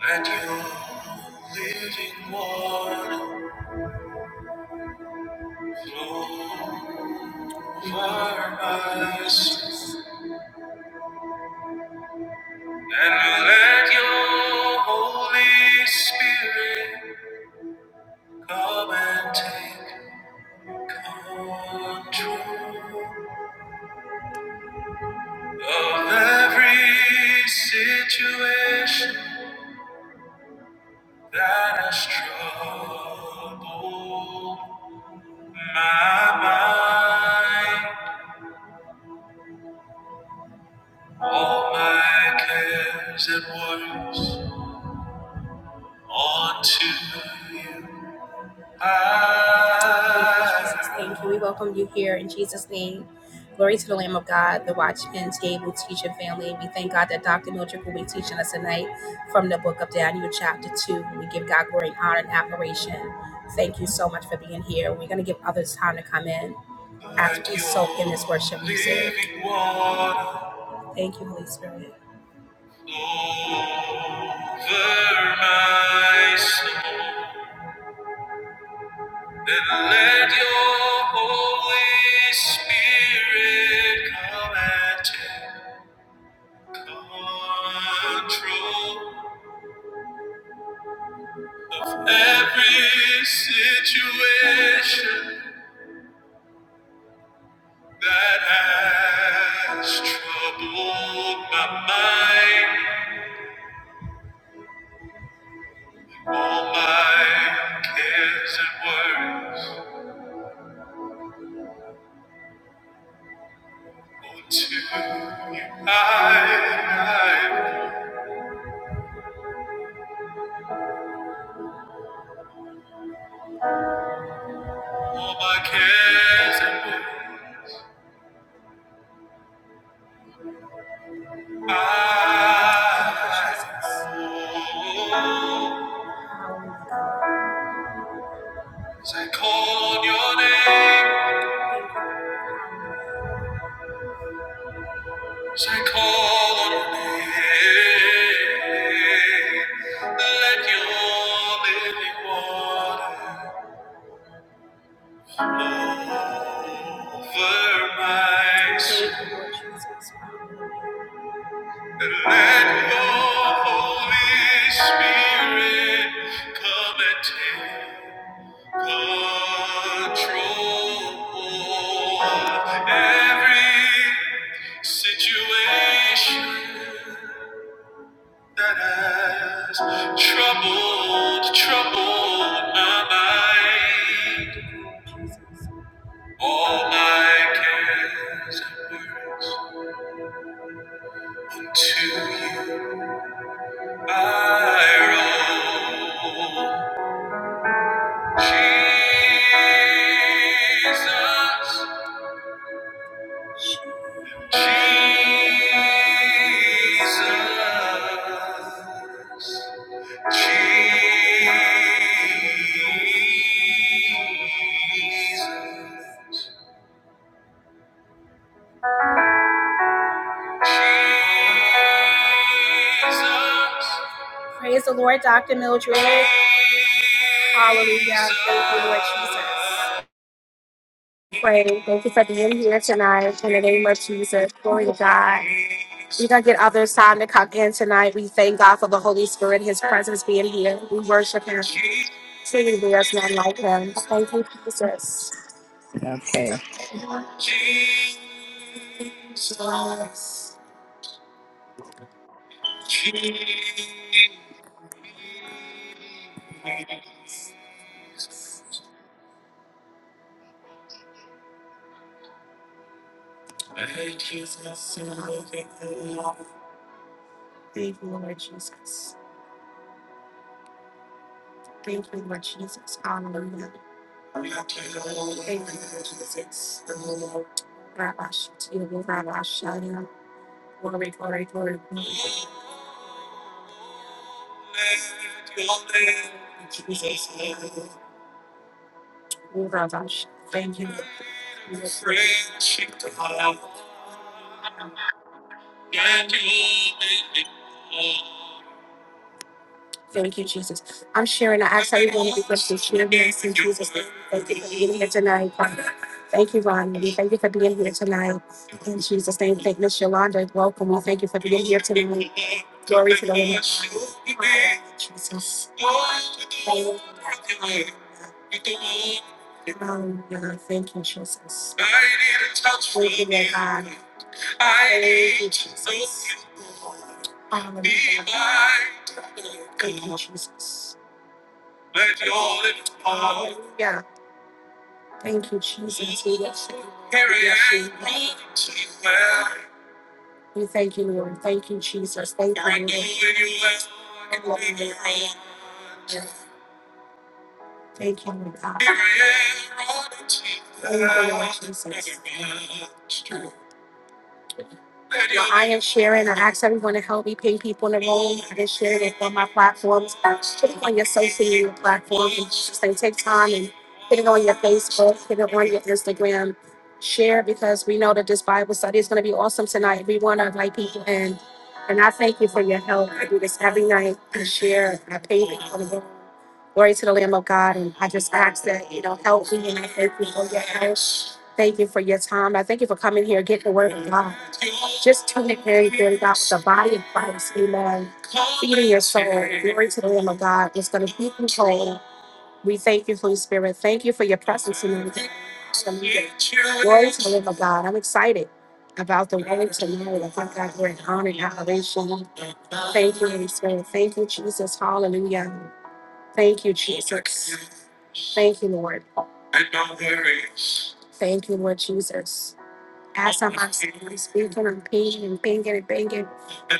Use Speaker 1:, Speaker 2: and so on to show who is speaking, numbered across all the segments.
Speaker 1: Let your living water flow over us, and let your Holy Spirit come and take control of every situation that has troubled my mind. All my cares and worries onto you. I In Jesus' name, can we welcome you here in Jesus' name? Glory to the Lamb of God, the Watchman Table teaching family. We thank God that Dr. Mildred will be teaching us tonight from the book of Daniel, chapter 2. We give God glory and honor and admiration. Thank you so much for being here. We're going to give others time to come in after we soak in this worship music. Thank you, Holy Spirit. Over my soul, and let your Holy Spirit come and take control every situation that has troubled my mind, all my cares and worries. Unto you I, I All my cares and burdens I hold. As I call on your name, as I call on your name, let your living water over my soul. Let your Holy Spirit come and take control of every situation that has troubled, troubled my mind. All my cares and worries unto you I roll. Jesus, Jesus, Jesus, Jesus. Praise the Lord, Dr. Mildred. Hallelujah. Thank you, Lord Jesus. pray. Thank you for being here tonight in the name of Jesus. Glory to God. We're going to get others time to come in tonight. We thank God for the Holy Spirit, His presence being here. We worship Him. Truly, there is none like Him. Thank you, Jesus.
Speaker 2: Okay.
Speaker 1: Thank you, Lord Jesus. Thank you, Lord Jesus. Hallelujah. Amen, Jesus. Rabash, Tibu, Rabash, Shana. Glory, glory, glory. glory. In Jesus' name. Ooh, Rabash, Thank you. We are free. Thank you, Jesus. I'm sharing. I ask everyone to be blessed and share this in Jesus' name. Thank you for being here tonight, Father. Thank you, Ron. We thank you for being here tonight. In Jesus' name, thank Miss Yolanda. Welcome. We thank you for being here tonight. Glory to the Lord. Hallelujah, Jesus. Hallelujah. Hallelujah. Thank you, Jesus. Thank you, Lord God. I need to be by. Let your lips fall. Yeah. Thank you, Jesus. We bless you. We bless you. We thank you, Lord. Thank you, Jesus. Thank you, Lord. anywhere you, Lord. Thank you, Lord God. Thank you, Lord Jesus. Well, I am sharing. I ask everyone to help me ping people in the room. I can share it on my platforms, Put on your social media platforms. And just like, take time and put it on your Facebook, put it on your Instagram. Share because we know that this Bible study is going to be awesome tonight. We want to invite people in. And I thank you for your help. I do this every night. I share. I pay people. in the room. Glory to the Lamb of God. And I just ask that, you know, help me and I thank you for your help. Thank you for your time. I thank you for coming here, getting the word of God. Just turn it very good about the body of Christ. Amen. Feeding your soul. Glory to the Lamb of God. It's going to be controlled. We thank you, Holy Spirit. Thank you for your presence in the Hallelujah. Glory to the Lamb of God. I'm excited about the word tonight. I thank God for an honor and adoration. Thank you, Holy Spirit. Thank you, Jesus. Hallelujah. Thank you, Jesus. Thank you, Lord. Thank you, Lord Jesus. As I'm constantly speaking and pinging and pinging and pinging,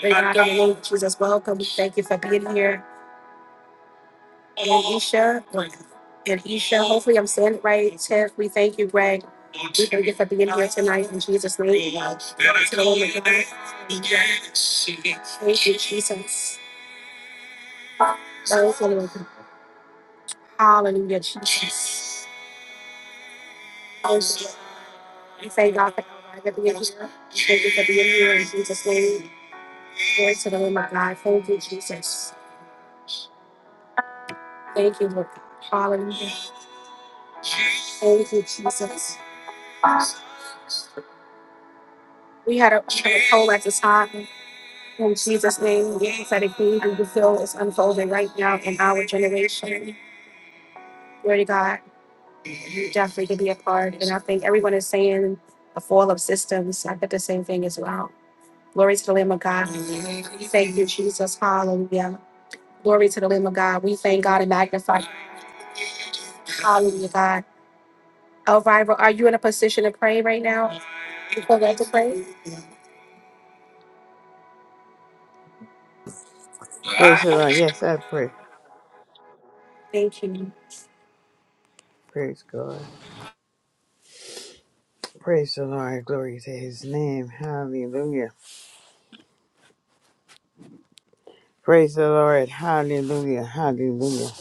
Speaker 1: we God in the name of Jesus, welcome. Thank you for being here. And Isha, and Isha, hopefully I'm saying it right. Tiff, we thank you, Greg. We thank you for being here tonight in Jesus' name. Glory to the Lord, God. Thank you, Jesus. Hallelujah, Jesus. Hallelujah. We thank God for the being here. thank you for being here in Jesus' name. Glory to the Lamb of God. Thank you, Jesus. Thank you, Lord. Hallelujah. Thank you, Jesus. We had a, we had a poll at the time. In Jesus' name, the prophetic kingdom we feel is unfolding right now in our generation. Glory to God. You definitely could be a part. And I think everyone is saying the fall of systems. I did the same thing as well. Glory to the Lamb of God. Thank you, Jesus. Hallelujah. Glory to the Lamb of God. We thank God and magnify. Hallelujah, God. Elvira, are you in a position to pray right now? You feel led to pray?
Speaker 3: Praise the Lord. Yes, I pray.
Speaker 1: Thank you.
Speaker 3: Praise God. Praise the Lord. Glory to his name. Hallelujah. Praise the Lord. Hallelujah. Hallelujah.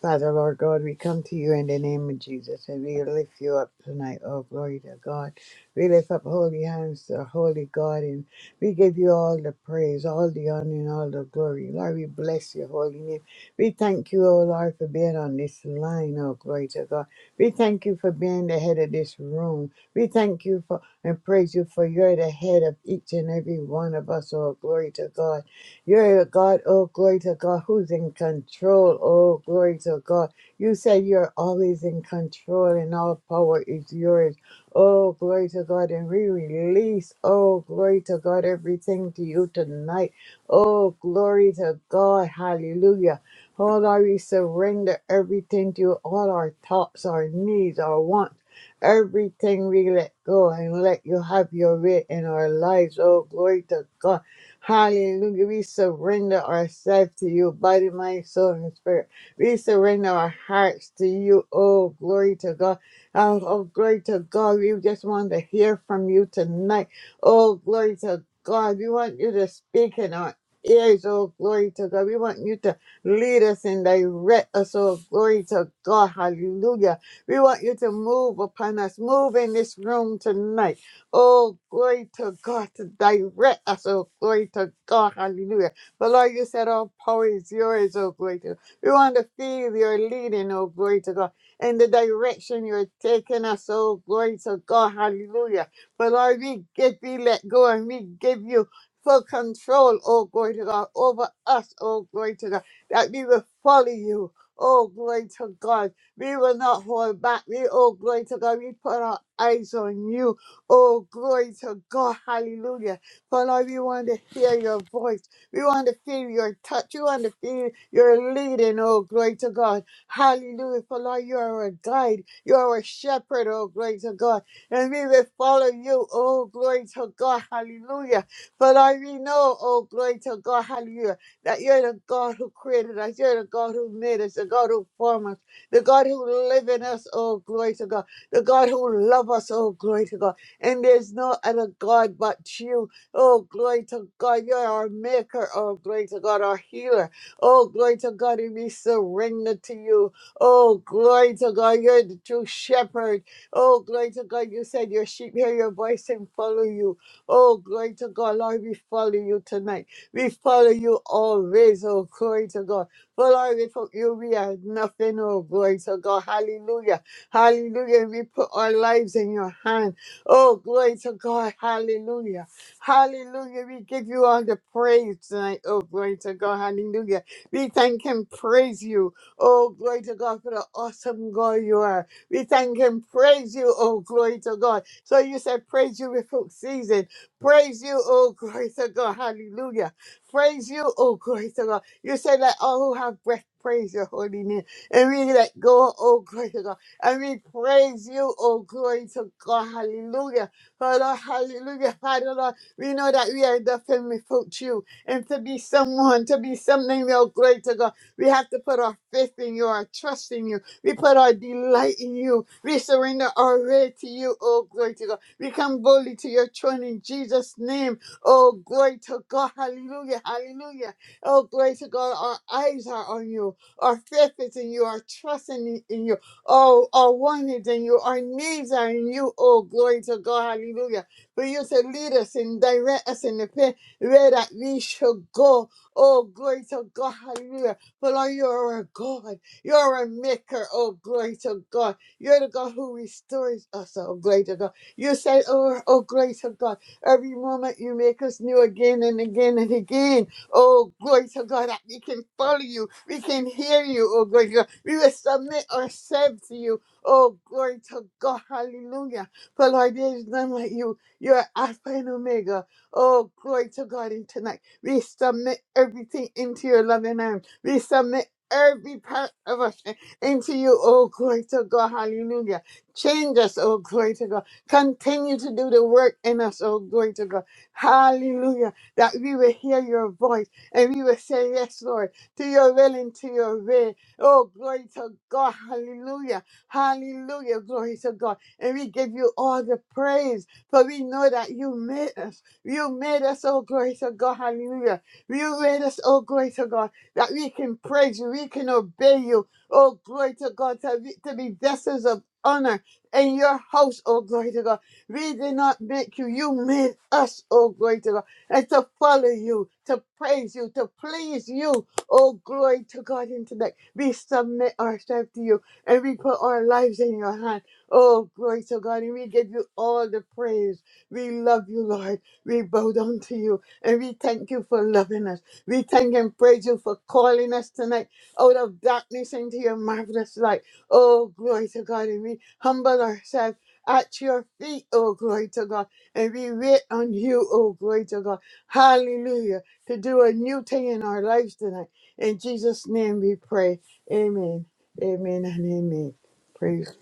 Speaker 3: Father, Lord God, we come to you in the name of Jesus and we lift you up tonight. Oh, glory to God. We lift up holy hands to holy God and we give you all the praise, all the honor, and all the glory. Lord, we bless your holy name. We thank you, oh Lord, for being on this line. Oh, glory to God. We thank you for being the head of this room. We thank you for and praise you for you're the head of each and every one of us. Oh, glory to God. You're a God, oh glory to God, who's in control, oh glory to God. You say you're always in control and all power is yours. Oh glory to God. And we release, oh glory to God, everything to you tonight. Oh glory to God. Hallelujah. Oh Lord, we surrender everything to you, all our thoughts, our needs, our wants. Everything we let go and let you have your way in our lives. Oh, glory to God. Hallelujah. We surrender ourselves to you, body, mind, soul, and spirit. We surrender our hearts to you. Oh, glory to God. Oh, oh, glory to God. We just want to hear from you tonight. Oh, glory to God. We want you to speak in our ears. Oh, glory to God. We want you to lead us and direct us. Oh, glory to God. Hallelujah. We want you to move upon us. Move in this room tonight. Oh, glory to God to direct us. Oh, glory to God. Hallelujah. But Lord, you said all power is yours. Oh, glory to God. We want to feel your leading. Oh, glory to God. In the direction you're taking us. Oh, glory to God. Hallelujah. But Lord, we give we let go and we give you full control. Oh, glory to God. Over us. Oh, glory to God. That we will follow you. Oh, glory to God. We will not hold back. We, oh, glory to God. We put our eyes on you. Oh, glory to God. Hallelujah. For Lord, we want to hear your voice. We want to feel your touch. We want to feel your leading. Oh, glory to God. Hallelujah. For Lord, you are a guide. You are a shepherd. Oh, glory to God. And we will follow you. Oh, glory to God. Hallelujah. For Lord, we know, oh, glory to God. Hallelujah. That you're the God who created us. You're the God who made us. The God who formed us. The God who lives in us. Oh, glory to God. The God who loves us. Oh, glory to God and there's no other God but you. Oh, glory to God, you're our maker. Oh, glory to God, our healer. Oh, glory to God, and we surrender to you. Oh, glory to God, you're the true shepherd. Oh, glory to God, you said your sheep hear your voice and follow you. Oh, glory to God, Lord, we follow you tonight. We follow you always. Oh, glory to God. For Lord, without you, we are nothing. Oh, glory to God. Hallelujah. Hallelujah. We put our lives in your hand. Oh, glory to God. Hallelujah. Hallelujah. We give you all the praise tonight. Oh, glory to God. Hallelujah. We thank and praise you. Oh, glory to God for the awesome God you are. We thank and praise you. Oh, glory to God. So you said, praise you without season. Praise you. Oh, glory to God. Hallelujah. Praise you. Oh, glory to God. You said, let all who have breath praise your holy name. And we let go. Oh, glory to God. And we praise you, oh glory to God. Hallelujah. Father, hallelujah. Father, Lord, we know that we are nothing without you. And to be someone, to be something, oh glory to God, we have to put our faith in you, our trust in you. We put our delight in you. We surrender our way to you, oh glory to God. We come boldly to your throne in Jesus' name. Oh glory to God. Hallelujah. Hallelujah. Oh glory to God. Our eyes are on you. Our faith is in you. Our trust in, in you oh, are wanted in you, our needs are in you. Oh, glory to God, hallelujah. For you to lead us and direct us in the path where that we should go. Oh, glory to God, hallelujah. For Lord, you are a God, you are a maker, oh, glory to God. You're the God who restores us, oh, glory to God. You said, oh, oh, glory to God, every moment you make us new again and again and again. Oh, glory to God that we can follow you. We can hear you. Oh, glory to God. We will submit ourselves to you. Oh, glory to God. Hallelujah. For Lord, there is none like you. You are Alpha and Omega. Oh, glory to God. And tonight, we submit everything into your loving arms. We submit every part of us into you. Oh, glory to God. Hallelujah. Change us. Oh, glory to God. Continue to do the work in us. Oh, glory to God. Hallelujah that we will hear your voice and we will say, Yes, Lord, to your will and to your way. Oh, glory to God. Hallelujah. Hallelujah. Glory to God. And we give you all the praise, for we know that you made us. You made us, oh, glory to God. Hallelujah. You made us, oh, glory to God, that we can praise you, we can obey you. Oh, glory to God, to be, to be vessels of honor in your house, oh, glory to God. We did not make you. You made us, oh, glory to God and to follow you, to praise you, to please you. Oh, glory to God in tonight. We submit ourselves to you and we put our lives in your hand. Oh, glory to God. And we give you all the praise. We love you, Lord. We bow down to you and we thank you for loving us. We thank and praise you for calling us tonight out of darkness into your marvelous light. Oh, glory to God. And we humble ourselves at your feet, oh, glory to God. And we wait on you, oh, glory to God. Hallelujah. To do a new thing in our lives tonight. In Jesus' name we pray. Amen. Amen and amen. Praise.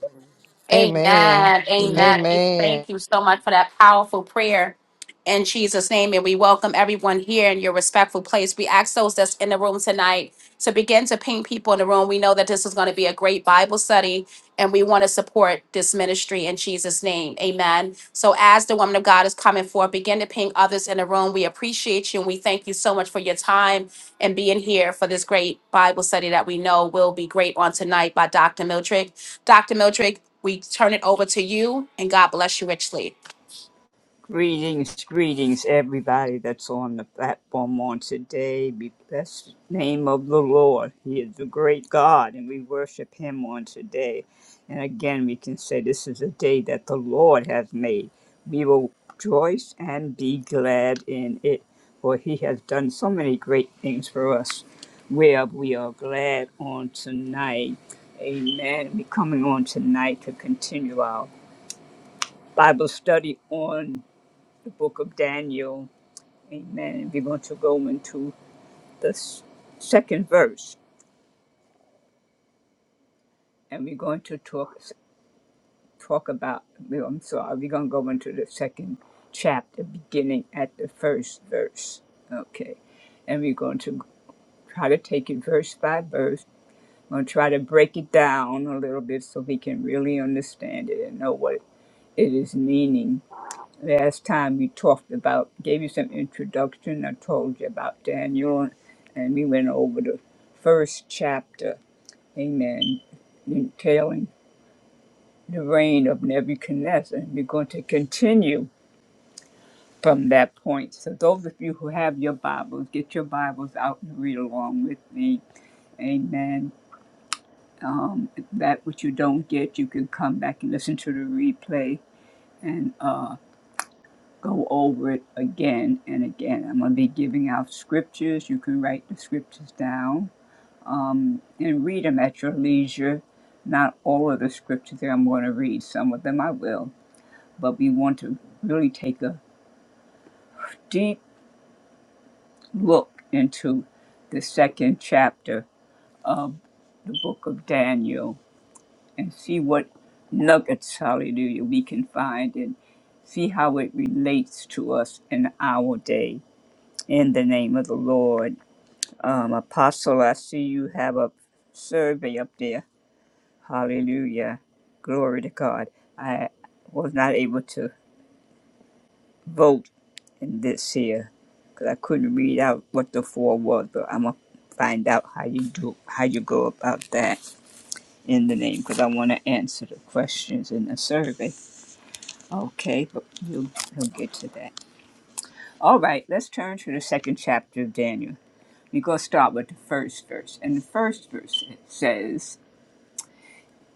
Speaker 1: Amen.
Speaker 4: Amen.
Speaker 3: Amen.
Speaker 1: Amen. We
Speaker 4: Amen.
Speaker 1: thank you so much for that powerful prayer in Jesus' name. And we welcome everyone here in your respectful place. We ask those that's in the room tonight to begin to ping people in the room. We know that this is going to be a great Bible study, and we want to support this ministry in Jesus' name. Amen. So, as the woman of God is coming forth, begin to ping others in the room. We appreciate you, and we thank you so much for your time and being here for this great Bible study that we know will be great on tonight by Dr. Miltrick. Dr. Mildred, we turn it over to you and God bless you richly.
Speaker 2: Greetings, greetings, everybody that's on the platform on today. Be blessed, the name of the Lord. He is the great God, and we worship Him on today. And again, we can say this is a day that the Lord has made. We will rejoice and be glad in it, for He has done so many great things for us. Where we are glad on tonight. Amen. We're coming on tonight to continue our Bible study on. the book of Daniel. Amen. And we're going to go into the second verse, and we're going to talk talk about. I'm sorry. We're going to go into the second chapter, beginning at the first verse. Okay, and we're going to try to take it verse by verse. I'm going to try to break it down a little bit so we can really understand it and know what it is meaning Last time we talked about, gave you some introduction. I told you about Daniel, and we went over the first chapter. Amen. Entailing the reign of Nebuchadnezzar. And we're going to continue from that point. So, those of you who have your Bibles, get your Bibles out and read along with me. Amen. Um, that which you don't get, you can come back and listen to the replay. And uh, go over it again and again. I'm going to be giving out scriptures. You can write the scriptures down and read them at your leisure. Not all of the scriptures that I'm going to read, some of them I will, but we want to really take a deep look into the second chapter of the book of Daniel and see what nuggets, hallelujah, we can find and see how it relates to us in our day. In the name of the Lord. Um, Apostle, I see you have a survey up there. Hallelujah. Glory to God. I was not able to vote in this here because I couldn't read out what the four was, but I'm going to find out how you do, how you go about that in the name because I want to answer the questions in the survey. Okay, but you'll, you'll get to that. All right, let's turn to the second chapter of Daniel. We're going to start with the first verse. And the first verse says,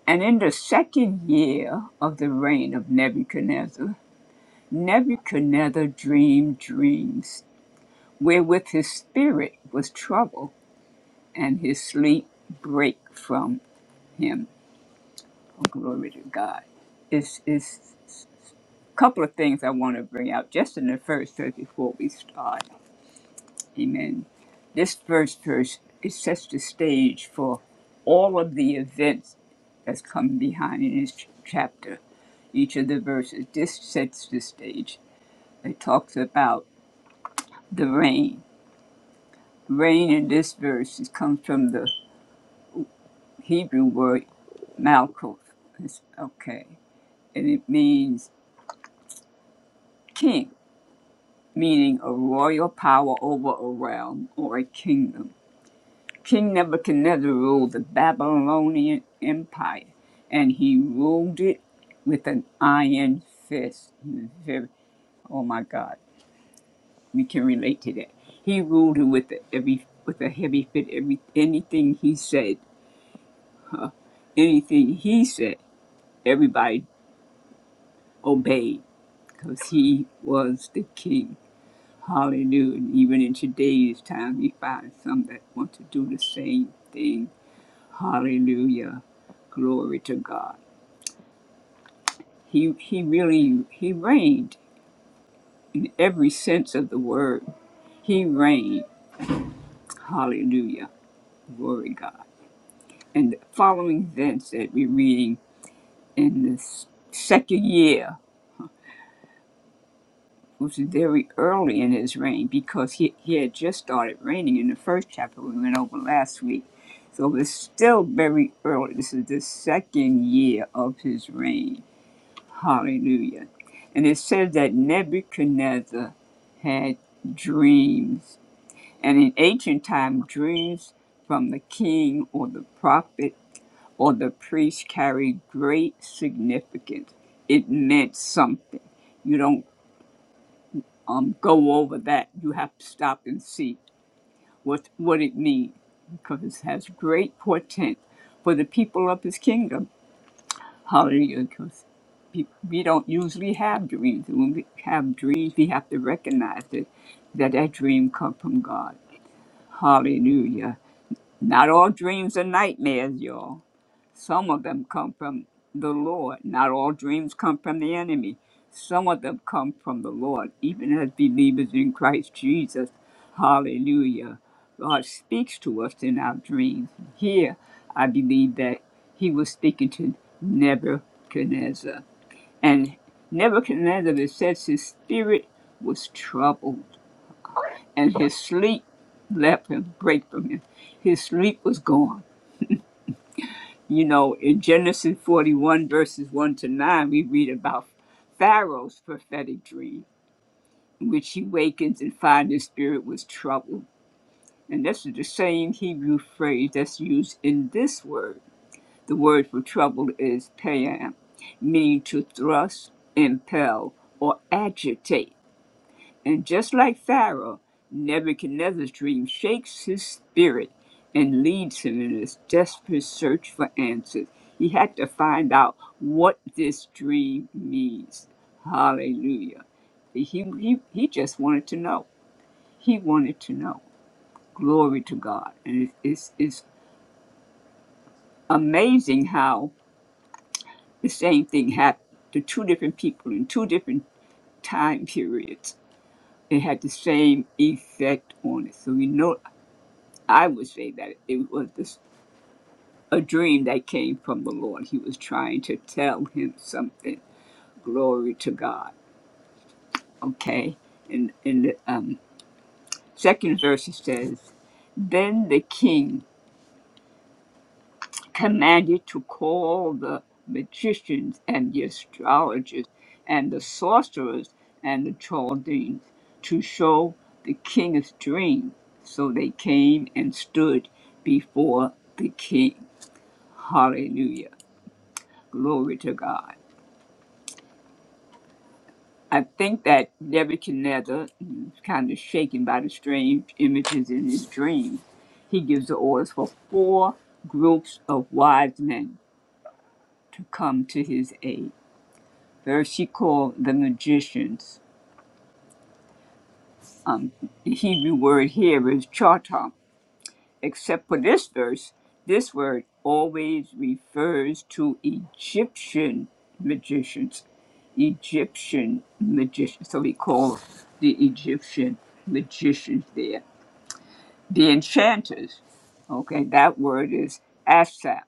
Speaker 2: And in the second year of the reign of Nebuchadnezzar, Nebuchadnezzar dreamed dreams wherewith his spirit was troubled, and his sleep brake from him. Oh, glory to God. It's, it's a couple of things I want to bring out just in the first verse before we start. Amen. This first verse it sets the stage for all of the events that's come behind in this ch- chapter. Each of the verses this sets the stage. It talks about the rain. Rain in this verse is comes from the Hebrew word Malkuth. It's- okay, and it means king, meaning a royal power over a realm or a kingdom King Nebuchadnezzar ruled the Babylonian Empire, and he ruled it with an iron fist. Very- Oh my God, we can relate to that. He ruled it with a, every with a heavy fit. Every anything he said, anything he said, everybody obeyed because he was the king. Hallelujah. And even in today's time, we find some that want to do the same thing. Hallelujah. Glory to God. He he really he reigned in every sense of the word. He reigned. Hallelujah. Glory God. And following thence that we're reading in this second year was very early in his reign because he, he had just started reigning in the first chapter we went over last week. So it's still very early. This is the second year of his reign. Hallelujah. And it says that Nebuchadnezzar had dreams And in ancient time, dreams from the king or the prophet or the priest carried great significance. It meant something. You don't um, go over that. You have to stop and see what what it means because it has great portent for the people of his kingdom. Hallelujah. Because pe- we don't usually have dreams. And when we have dreams, we have to recognize it, that that dream come from God. Hallelujah. Not all dreams are nightmares, y'all. Some of them come from the Lord. Not all dreams come from the enemy. Some of them come from the Lord, even as believers in Christ Jesus. Hallelujah. God speaks to us in our dreams. Here, I believe that he was speaking to Nebuchadnezzar. And Nebuchadnezzar, it says his spirit was troubled, and his sleep left him, break from him. His sleep was gone You know, in Genesis 41, verses 1 to 9, we read about Pharaoh's prophetic dream, in which he wakens and finds his spirit was troubled. And this is the same Hebrew phrase that's used in this word. The word for trouble is payam, meaning to thrust, impel, or agitate. And just like Pharaoh, Nebuchadnezzar's dream shakes his spirit and leads him in his desperate search for answers. He had to find out what this dream means. Hallelujah. He, he, he just wanted to know. He wanted to know. Glory to God. And it's, it's, it's amazing how the same thing happened to two different people in two different time periods. It had the same effect on it. So we know I would say that it was this, a dream that came from the Lord. He was trying to tell him something. Glory to God. Okay. And in the um, second verse it says, Then the king commanded to call the magicians and the astrologers and the sorcerers and the Chaldeans to show the king his dream. So they came and stood before the king. Hallelujah Glory to God. I think that Nebuchadnezzar is kind of shaken by the strange images in his dream. He gives the orders for four groups of wise men to come to his aid. First, he called the magicians. Um, the Hebrew word here is charter. Except for this verse, this word always refers to Egyptian magicians. Egyptian magicians. So we call the Egyptian magicians there the enchanters. Okay, that word is asap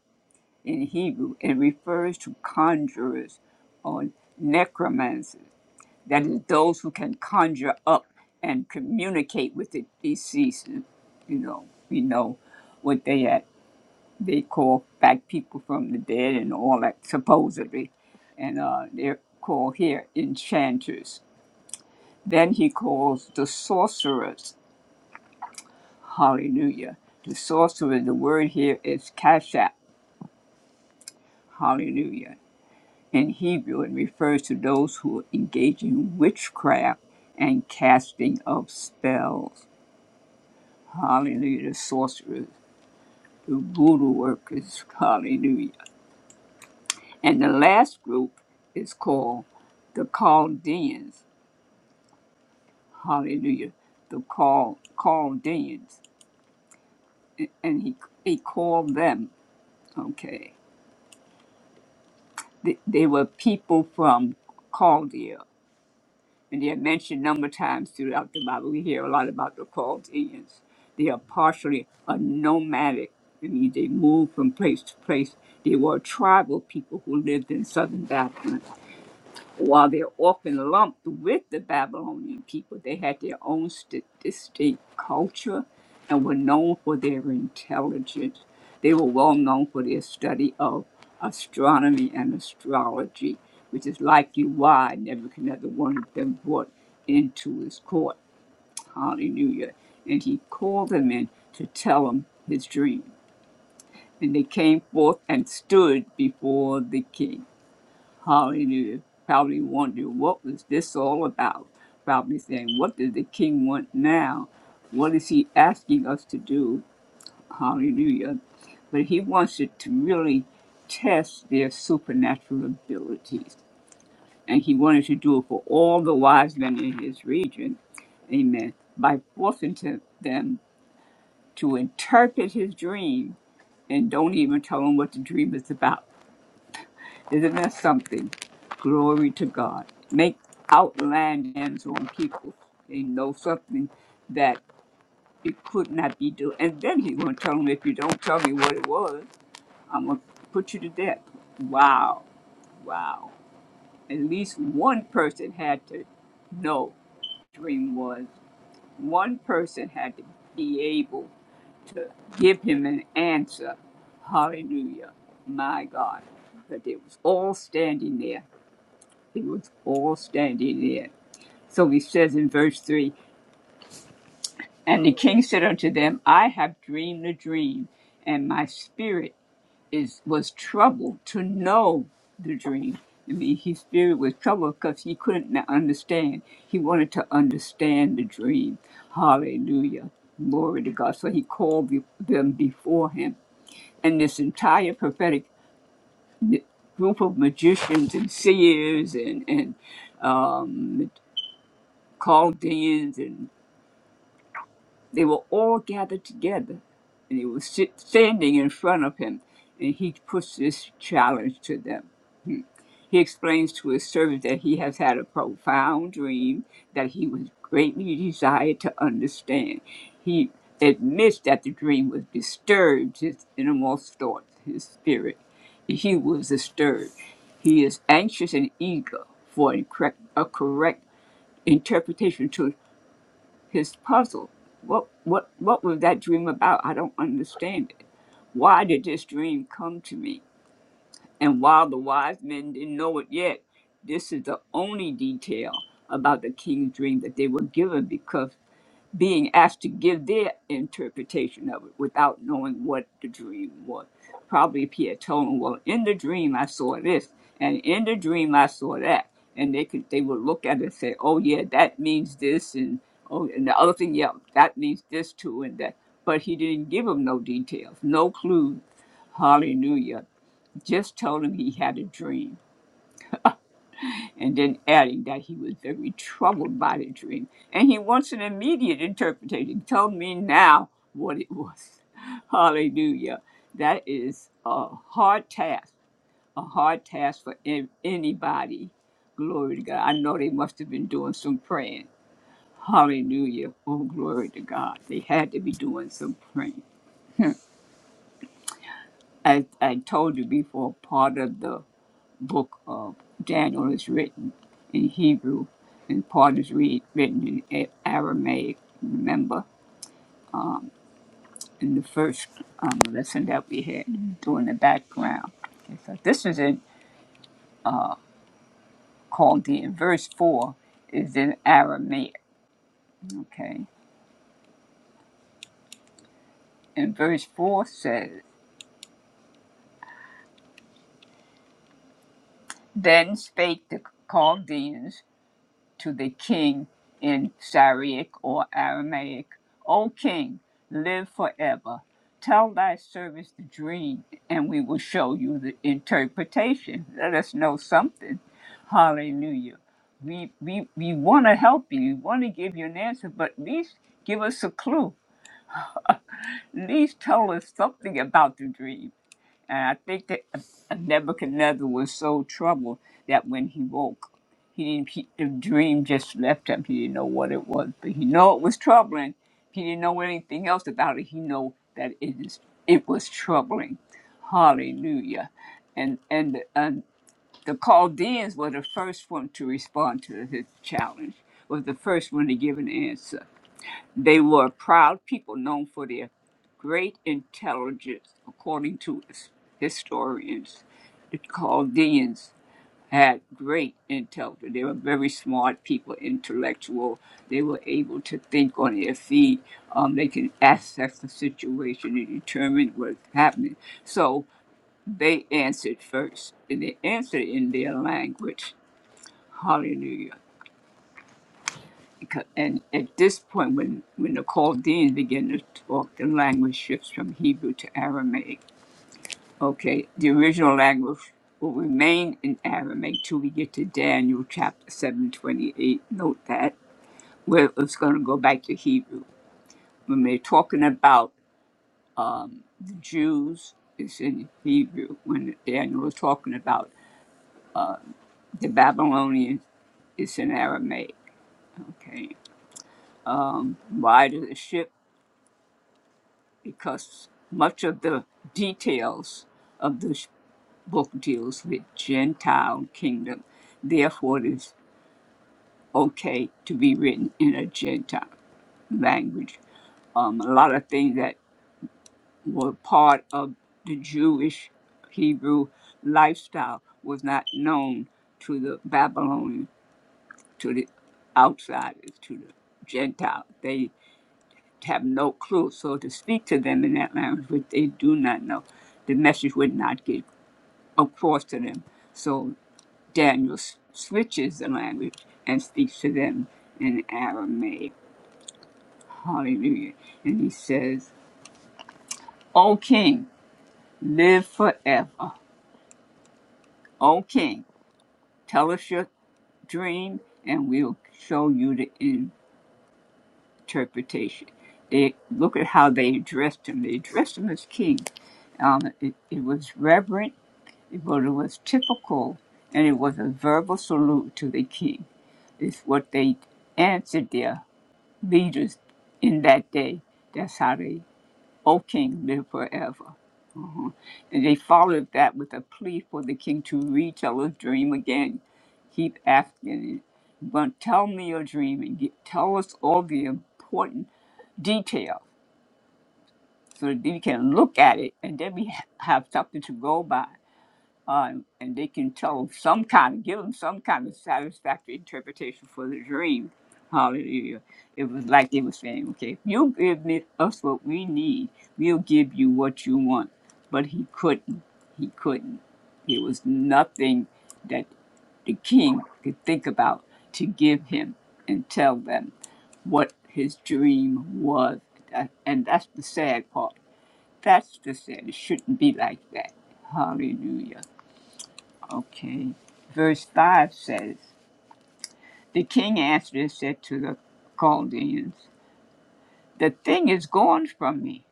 Speaker 2: in Hebrew and refers to conjurers or necromancers. That is, those who can conjure up and communicate with the deceased. You know, we know what they are they call back people from the dead and all that supposedly and uh, they're called here enchanters then he calls the sorcerers hallelujah the sorcerer the word here is kashap hallelujah in hebrew it refers to those who engage in witchcraft and casting of spells hallelujah the sorcerers the voodoo workers hallelujah And the last group is called the Chaldeans. Hallelujah. The Chal- Chaldeans. A- And he, he called them, okay. They, they were people from Chaldea. And they're mentioned a number of times throughout the Bible. We hear a lot about the Chaldeans. They are partially a nomadic. I mean, they moved from place to place. They were tribal people who lived in southern Babylon While they're often lumped with the Babylonian people, they had their own sti- distinct culture and were known for their intelligence. They were well known for their study of astronomy and astrology, which is likely why Nebuchadnezzar wanted them brought into his court. Hallelujah. And he called them in to tell him his dream. And they came forth and stood before the king. Hallelujah. Probably wondering what was this all about. Probably saying, what does the king want now? What is he asking us to do? Hallelujah. But he wants it to really test their supernatural abilities. And he wanted to do it for all the wise men in his region. Amen. By forcing to them to interpret his dream and don't even tell him what the dream is about Isn't that something? Glory to God. Make outland hands on people. They know something that it could not be done. And then he's going to tell them, if you don't tell me what it was, I'm going to put you to death. Wow. Wow. At least one person had to know what the dream was. One person had to be able to give him an answer. Hallelujah. My God. But they was all standing there He was all standing there. So he says in verse 3 And the king said unto them, I have dreamed a dream, and my spirit is was troubled to know the dream. I mean, his spirit was troubled because he couldn't n- understand. He wanted to understand the dream. Hallelujah. Glory to God. So he called be- them before him. And this entire prophetic n- group of magicians and seers and, and um. Called the Chaldeans, and they were all gathered together, and he was sit, standing in front of him, and he puts this challenge to them. He explains to his servant that he has had a profound dream that he was greatly desired to understand. He admits that the dream was disturbed his innermost thoughts, his spirit. He was disturbed. He is anxious and eager for a correct, a correct interpretation to his puzzle. What what what was that dream about? I don't understand it. Why did this dream come to me? And while the wise men didn't know it yet, this is the only detail about the king's dream that they were given because being asked to give their interpretation of it without knowing what the dream was. Probably if he had told them, well, in the dream I saw this, and in the dream I saw that, and they could they would look at it and say, oh yeah, that means this, and oh, and the other thing, yeah, that means this too, and that. But he didn't give them no details, no clues. Hallelujah! Just told him he had a dream and then adding that he was very troubled by the dream, and he wants an immediate interpretation. Tell me now what it was. Hallelujah. That is a hard task, a hard task for an- anybody. Glory to God. I know they must have been doing some praying. Hallelujah. Oh, glory to God. They had to be doing some praying. As I told you before, part of the book of Daniel is written in Hebrew, and part is read, written in Aramaic. Remember in the first um, lesson that we had doing the background. Okay, so this is in Chaldean. Verse four is in Aramaic. Okay, and verse four says, "Then spake the Chaldeans." to the king in Syriac or Aramaic, O king, live forever. Tell thy servants the dream, and we will show you the interpretation. Let us know something. Hallelujah. We, we, we want to help you. We want to give you an answer, but at least give us a clue. At least tell us something about the dream. And I think that Nebuchadnezzar was so troubled that when he woke, he didn't. He, the dream just left him. He didn't know what it was, but he knew it was troubling. He didn't know anything else about it. He knew that it is. It was troubling. Hallelujah. And and and the Chaldeans were the first one to respond to his challenge. Was the first one to give an answer they were a proud people known for their great intelligence, according to his- historians. The Chaldeans had great intelligence. They were very smart people, intellectual. They were able to think on their feet. Um, they can assess the situation and determine what's happening. So they answered first, and they answered in their language. Hallelujah. Because- And at this point, when, when the Chaldeans began to talk, the language shifts from Hebrew to Aramaic. Okay, the original language will remain in Aramaic till we get to Daniel chapter 728. Note that, where it's going to go back to Hebrew. When they're talking about the Jews, it's in Hebrew. When Daniel was talking about the Babylonians, it's in Aramaic. Okay, why does it shift? because much of the details of this book deals with Gentile kingdom. Therefore, it is okay to be written in a Gentile language. Um, a lot of things that were part of the Jewish Hebrew lifestyle was not known to the Babylonians, to the outsiders, to the Gentile. They have no clue. So to speak to them in that language, which they do not know, the message would not get across to them. So Daniel s- switches the language and speaks to them in Aramaic. Hallelujah. And he says, O king, live forever. O king, tell us your dream and we'll show you the interpretation. They look at how they addressed him. They addressed him as king. Um, it, it was reverent It was typical, and it was a verbal salute to the king. It's what they answered their leaders in that day. That's how they, O king, live forever. And they followed that with a plea for the king to retell his dream again. Keep asking it. But tell me your dream and get, tell us all the important details so that we can look at it and then we ha- have something to go by um, and they can tell some kind of give them some kind of satisfactory interpretation for the dream. Hallelujah! It was like they were saying, "Okay, if you give me, us what we need, we'll give you what you want." But he couldn't. He couldn't. There was nothing that the king could think about to give him and tell them what his dream was. That- And that's the sad part. That's the sad. It shouldn't be like that. Hallelujah. Okay. Verse 5 says, The king answered and said to the Chaldeans, The thing is gone from me.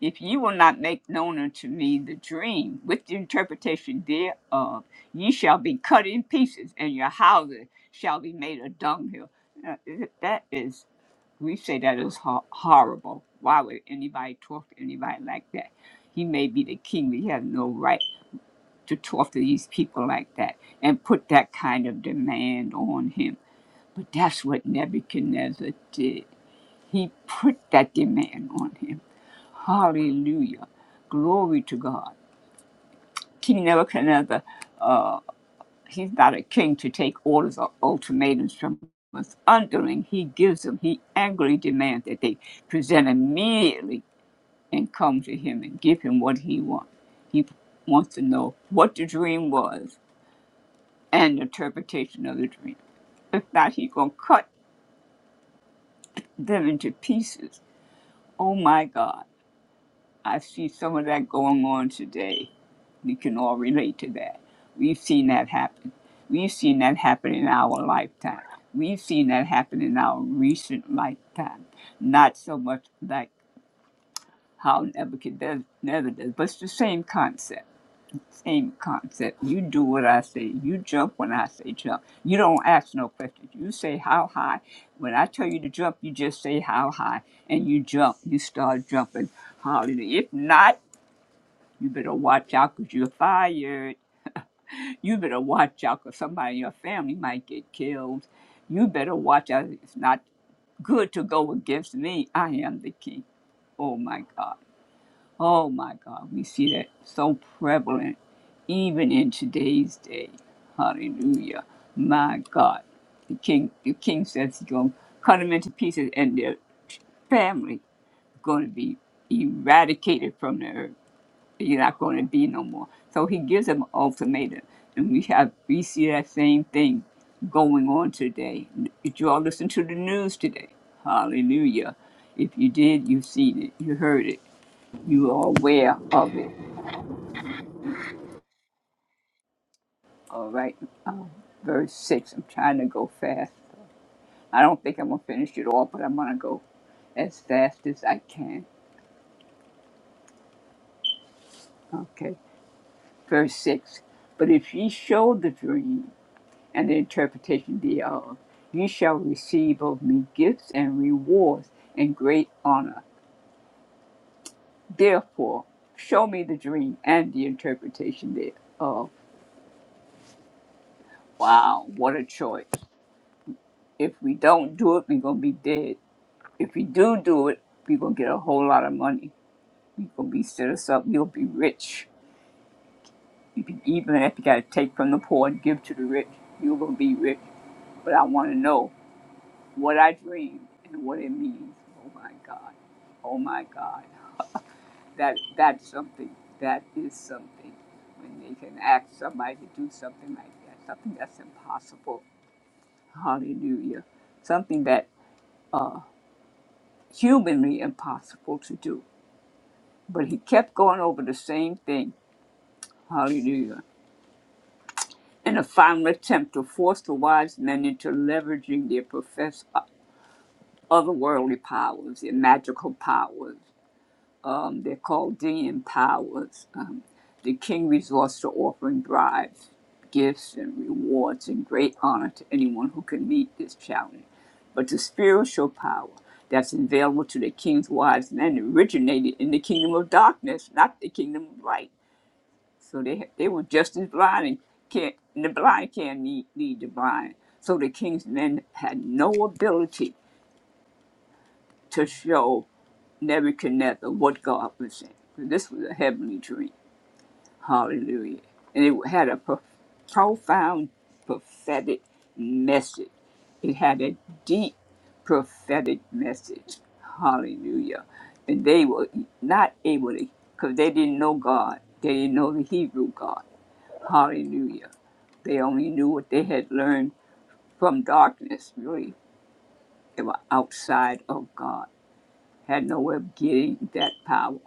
Speaker 2: If you will not make known unto me the dream with the interpretation thereof, ye shall be cut in pieces, and your houses shall be made a dunghill. Now, That is, we say that is ho- horrible. Why would anybody talk to anybody like that? He may be the king, but he has no right. to talk to these people like that and put that kind of demand on him. But that's what Nebuchadnezzar did. He put that demand on him. Hallelujah. Glory to God. King Nebuchadnezzar, uh, he's not a king to take orders or ultimatums from us. Underling, he gives them, he angrily demands that they present immediately and come to him and give him what he wants. He wants to know what the dream was and interpretation of the dream. If not, he's gonna cut them into pieces. Oh my God. I see some of that going on today. We can all relate to that. We've seen that happen. We've seen that happen in our lifetime. We've seen that happen in our recent lifetime. Not so much like how Nebuchadnezzar does, but it's the same concept Same concept. You do what I say. You jump when I say jump. You don't ask no questions. You say how high. When I tell you to jump, you just say how high and you jump. You start jumping. Hallelujah. If not, you better watch out because you're fired. You better watch out because somebody in your family might get killed. You better watch out. It's not good to go against me. I am the king. Oh my God. Oh my God, we see that so prevalent even in today's day. Hallelujah. My God. The king the king says he's gonna cut them into pieces and their family going to be eradicated from the earth. You're not going to be no more. So he gives them an ultimatum, and we have we see that same thing going on today. Did you all listen to the news today? Hallelujah! If you did, you've seen it, you heard it. You are aware of it. All right. Um, verse 6. I'm trying to go fast. I don't think I'm going to finish it all, but I'm going to go as fast as I can. Okay. Verse 6. But if ye show the dream and the interpretation thereof, ye shall receive of me gifts and rewards and great honor. Therefore, show me the dream and the interpretation thereof. Wow, what a choice. If we don't do it, we're going to be dead. If we do do it, we're gonna get a whole lot of money. We're gonna be set us up. You'll be rich. You can, even if you gotta take from the poor and give to the rich, you're gonna be rich. But I want to know what I dream and what it means. Oh my God. Oh my God. That that's something. That is something. When they can ask somebody to do something like that, something that's impossible. Hallelujah. Something that humanly impossible to do. But he kept going over the same thing Hallelujah. In a final attempt to force the wise men into leveraging their professed o- otherworldly powers, their magical powers, um, their Chaldean powers, um, the king resorts to offering bribes, gifts, and rewards in great honor to anyone who can meet this challenge. But the spiritual power that's available to the king's wise men originated in the kingdom of darkness, not the kingdom of light So they they were just as blind and can't and the blind can't lead, lead the blind. So the king's men had no ability to show Nebuchadnezzar what God was saying. So this was a heavenly dream. Hallelujah. And it had a pro- profound prophetic message. It had a deep prophetic message. Hallelujah. And they were not able to, because they didn't know God. They didn't know the Hebrew God. Hallelujah. They only knew what they had learned from darkness, really. They were outside of God, had no way of getting that power.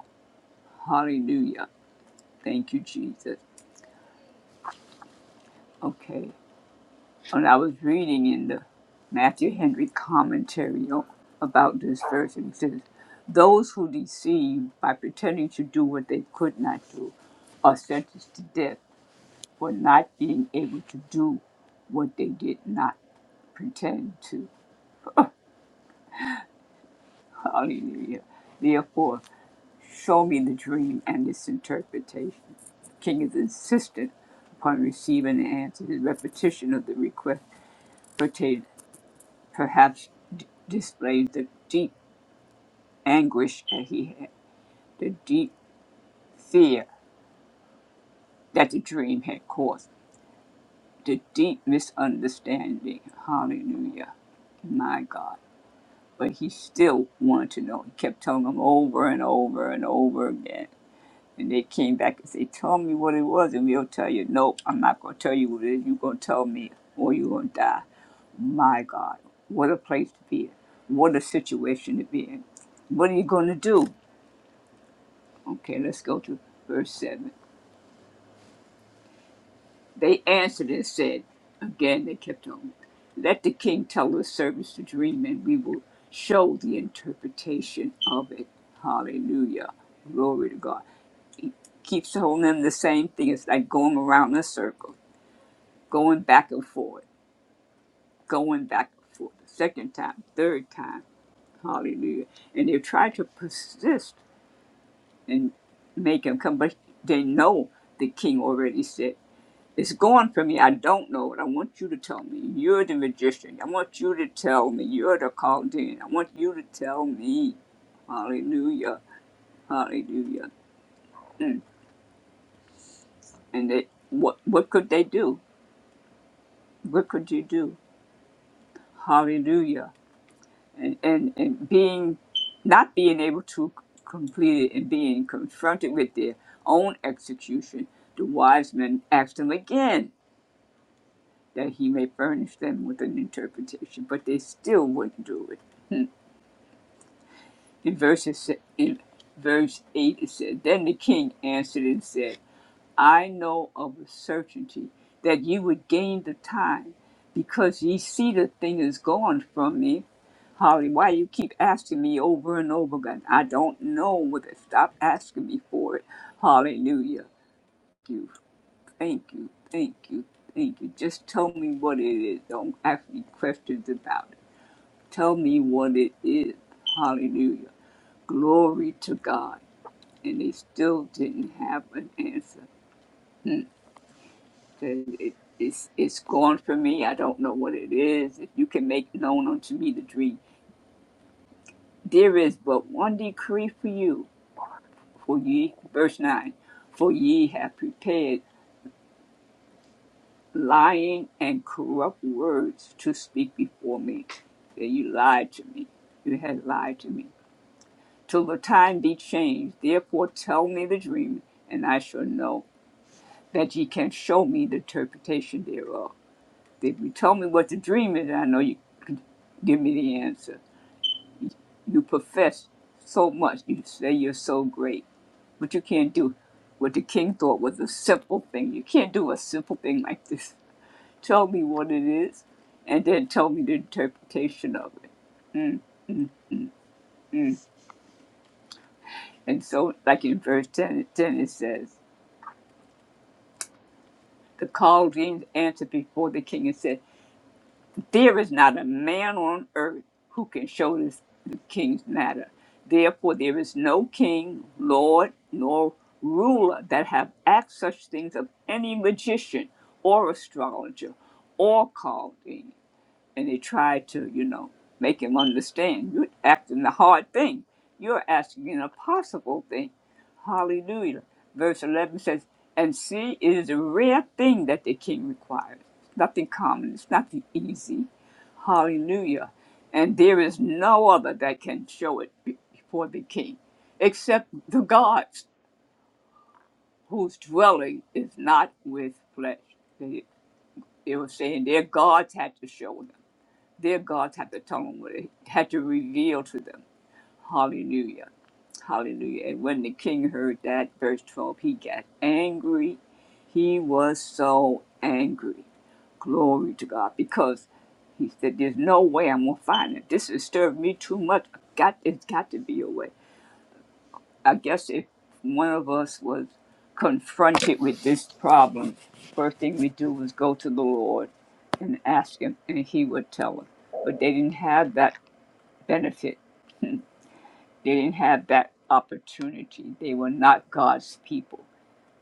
Speaker 2: Hallelujah. Thank you, Jesus. Okay. And I was reading in the Matthew Henry commentary o- about this verse, and it says, Those who deceive by pretending to do what they could not do are sentenced to death for not being able to do what they did not pretend to. Hallelujah. Therefore, show me the dream and its interpretation. The king is insistent upon receiving the answer. His repetition of the request pertain, perhaps d- displayed the deep anguish that he had, the deep fear that the dream had caused, the deep misunderstanding. Hallelujah. My God. But he still wanted to know. He kept telling him over and over and over again And they came back and said, Tell me what it was. And we'll tell you, No, I'm not going to tell you what it is. You're going to tell me or you're going to die. My God, what a place to be in. What a situation to be in. What are you going to do? Okay, let's go to verse 7. They answered and said, Again, they kept on. Let the king tell his servants the dream, and we will show the interpretation of it. Hallelujah. Glory to God. Keeps telling them the same thing. It's like going around in a circle going back and forth, going back and forth, the second time, third time. Hallelujah. And they try to persist and make him come, but they know the king already said, It's gone from me. I don't know it. I want you to tell me. You're the magician. I want you to tell me. You're the Chaldean. I want you to tell me. Hallelujah. Hallelujah. Mm. And they, what, what could they do? What could you do? Hallelujah. and, and, and being not being able to complete it and being confronted with their own execution, the wise men asked him again that he may furnish them with an interpretation, but they still wouldn't do it. In verse, in verse 8, it said, Then the king answered and said, I know of a certainty that ye would gain the time, because ye see the thing is gone from me. Holly, why you keep asking me over and over again? I don't know what whether stop asking me for it. Hallelujah. you, thank you, thank you, thank you. Just tell me what it is. Don't ask me questions about it. Tell me what it is. Hallelujah. Glory to God. And they still didn't have an answer. And it- it's, it's gone from me. I don't know what it is. If you can make known unto me the dream. There is but one decree for you, for ye, verse 9, for ye have prepared lying and corrupt words to speak before me. That you lied to me. You had lied to me. Till the time be changed, therefore tell me the dream, and I shall know that ye can show me the interpretation thereof. If you tell me what the dream is, I know you can give me the answer. You profess so much, you say you're so great, but you can't do what the king thought was a simple thing. You can't do a simple thing like this. Tell me what it is, and then tell me the interpretation of it. And so, like in verse 10, it- says, The Chaldeans answered before the king and said, There is not a man on earth who can show this the king's matter. Therefore, there is no king, lord, nor ruler that have asked such things of any magician or astrologer or Chaldean and they try to, you know, make him understand. You're acting the hard thing. You're asking an impossible thing. Hallelujah. Verse 11 says, And see, it is a rare thing that the king requires. Nothing common, it's nothing easy. Hallelujah. And there is no other that can show it be- before the king, except the gods whose dwelling is not with flesh. They, they were saying their gods had to show them their gods had to tell them what it had to reveal to them. Hallelujah. Hallelujah. And when the king heard that, verse 12, he got angry. He was so angry. Glory to God. Because he said, There's no way I'm gonna find it. This has disturbed me too much. Got it's got to be a way. I guess if one of us was confronted with this problem, first thing we do was go to the Lord and ask Him, and He would tell us. But they didn't have that benefit. They didn't have that opportunity. They were not God's people.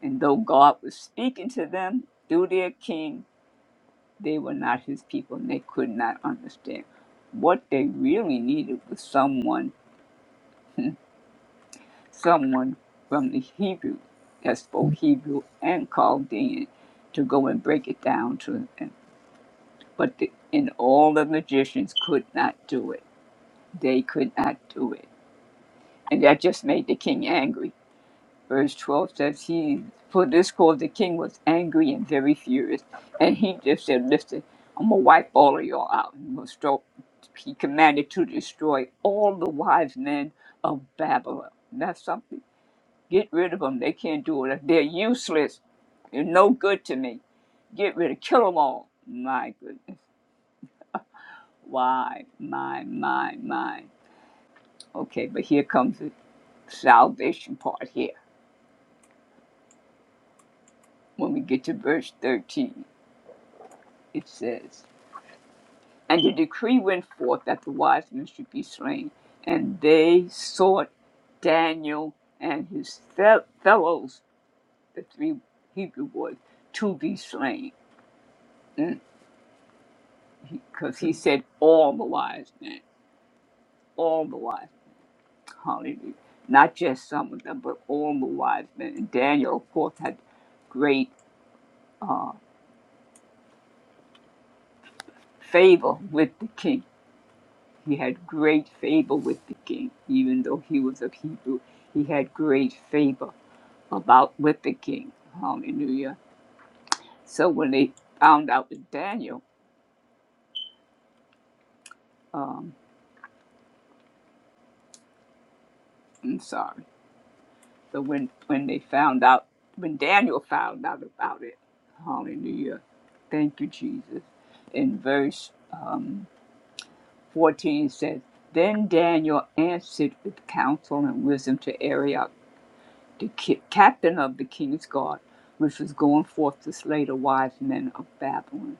Speaker 2: And though God was speaking to them through their king, they were not His people, and they could not understand. What they really needed was someone someone from the Hebrew that spoke Hebrew and Chaldean to go and break it down to them. But the, and all the magicians could not do it. They could not do it. And that just made the king angry. Verse 12 says, he, For this cause the king was angry and very furious. And he just said, Listen, I'm going to wipe all of y'all out. I'm gonna stro- he commanded to destroy all the wise men of Babylon. That's something. Get rid of them. They can't do it. They're useless. They're no good to me. Get rid of, kill them all. My goodness. Why? My, my, my. Okay, but here comes the salvation part here. When we get to verse 13, it says, And the decree went forth that the wise men should be slain, and they sought Daniel and his fel- fellows, the three Hebrew boys, to be slain. Mm. because he said all the wise men, all the wise, hallelujah, not just some of them, but all the wise men. And Daniel, of course, had great uh, favor with the king. He had great favor with the king, even though he was a Hebrew. He had great favor about with the king, hallelujah. So when they found out that Daniel, um, I'm sorry. So when when they found out, when Daniel found out about it, Hallelujah, thank you, Jesus. In verse um, fourteen says, then Daniel answered with counsel and wisdom to Arioch, the ki- captain of the king's guard, which was going forth to slay the wise men of Babylon.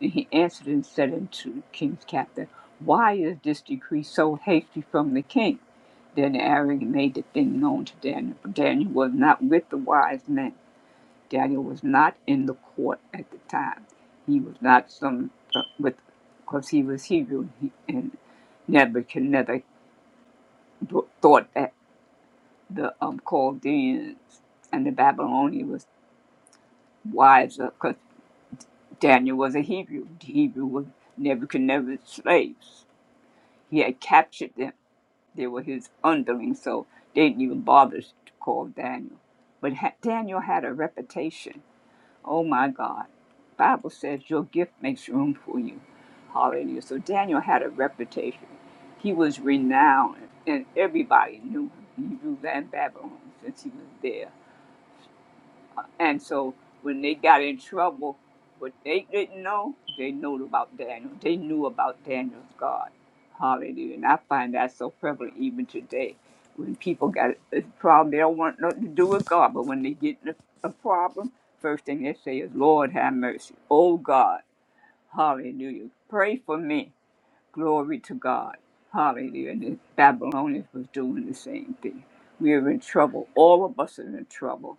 Speaker 2: And he answered and said unto the king's captain, Why is this decree so hasty from the king? Then Aaron made the thing known to Daniel. for Daniel was not with the wise men. Daniel was not in the court at the time. He was not some uh, with, because he was Hebrew, he, and Nebuchadnezzar thought that the um, Chaldeans and the Babylonians was wiser, because Daniel was a Hebrew. The Hebrew was Nebuchadnezzar's slaves. He had captured them. They were his underlings, so they didn't even bother to call Daniel. But ha- Daniel had a reputation. Oh my God. Bible says your gift makes room for you. Hallelujah. So Daniel had a reputation. He was renowned, and everybody knew him, Hebrews and Babylon, since he was there. And so when they got in trouble, what they didn't know, they knew about Daniel. They knew about Daniel's God. Hallelujah. And I find that so prevalent even today. When people got a problem, they don't want nothing to do with God. But when they get in a, a problem, first thing they say is, Lord, have mercy. Oh, God. Hallelujah. Pray for me. Glory to God. Hallelujah. And the Babylonians was doing the same thing. We are in trouble. All of us are in trouble.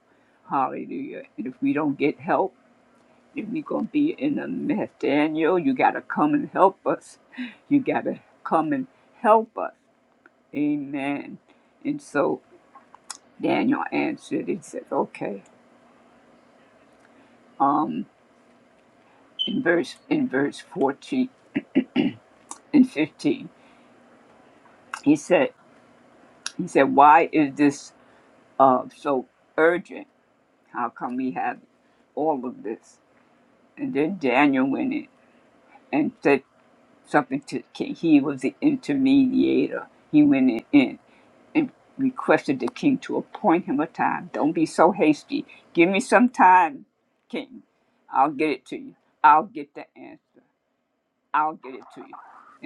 Speaker 2: Hallelujah. And if we don't get help, then we're going to be in a mess. Daniel, you got to come and help us. You got to come and help us. Amen. And so Daniel answered and said, okay. Um, in verse in verse 14 and 15, he said, he said, why is this uh, so urgent? How come we have all of this? And then Daniel went in and said something to the king. He was the intermediator. He went in in and requested the king to appoint him a time. Don't be so hasty. Give me some time, king. I'll get it to you. I'll get the answer. I'll get it to you.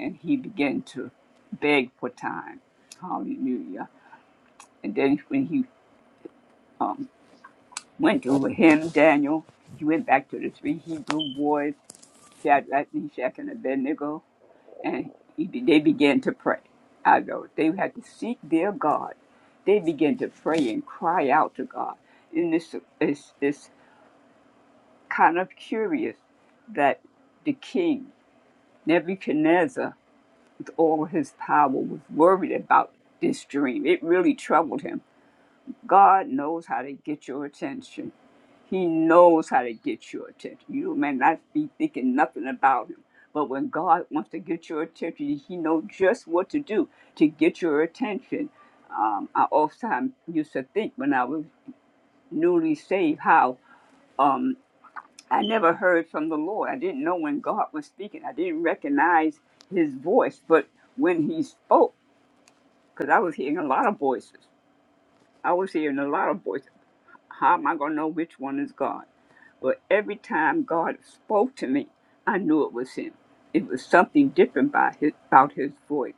Speaker 2: And he began to beg for time. Hallelujah. And then when he um, went over him, Daniel, he went back to the three Hebrew boys Shadrach, Meshach, and Abednego, and he, they began to pray. I know they had to seek their God. They began to pray and cry out to God. And this is it's kind of curious that the king Nebuchadnezzar, with all his power, was worried about this dream. It really troubled him God knows how to get your attention. He knows how to get your attention. You may not be thinking nothing about him, but when God wants to get your attention, he knows just what to do to get your attention. Um, I often used to think when I was newly saved how um, I never heard from the Lord. I didn't know when God was speaking. I didn't recognize His voice, but when He spoke, because I was hearing a lot of voices. I was hearing a lot of voices. How am I going to know which one is God? But every time God spoke to me, I knew it was Him. It was something different by his, about His voice.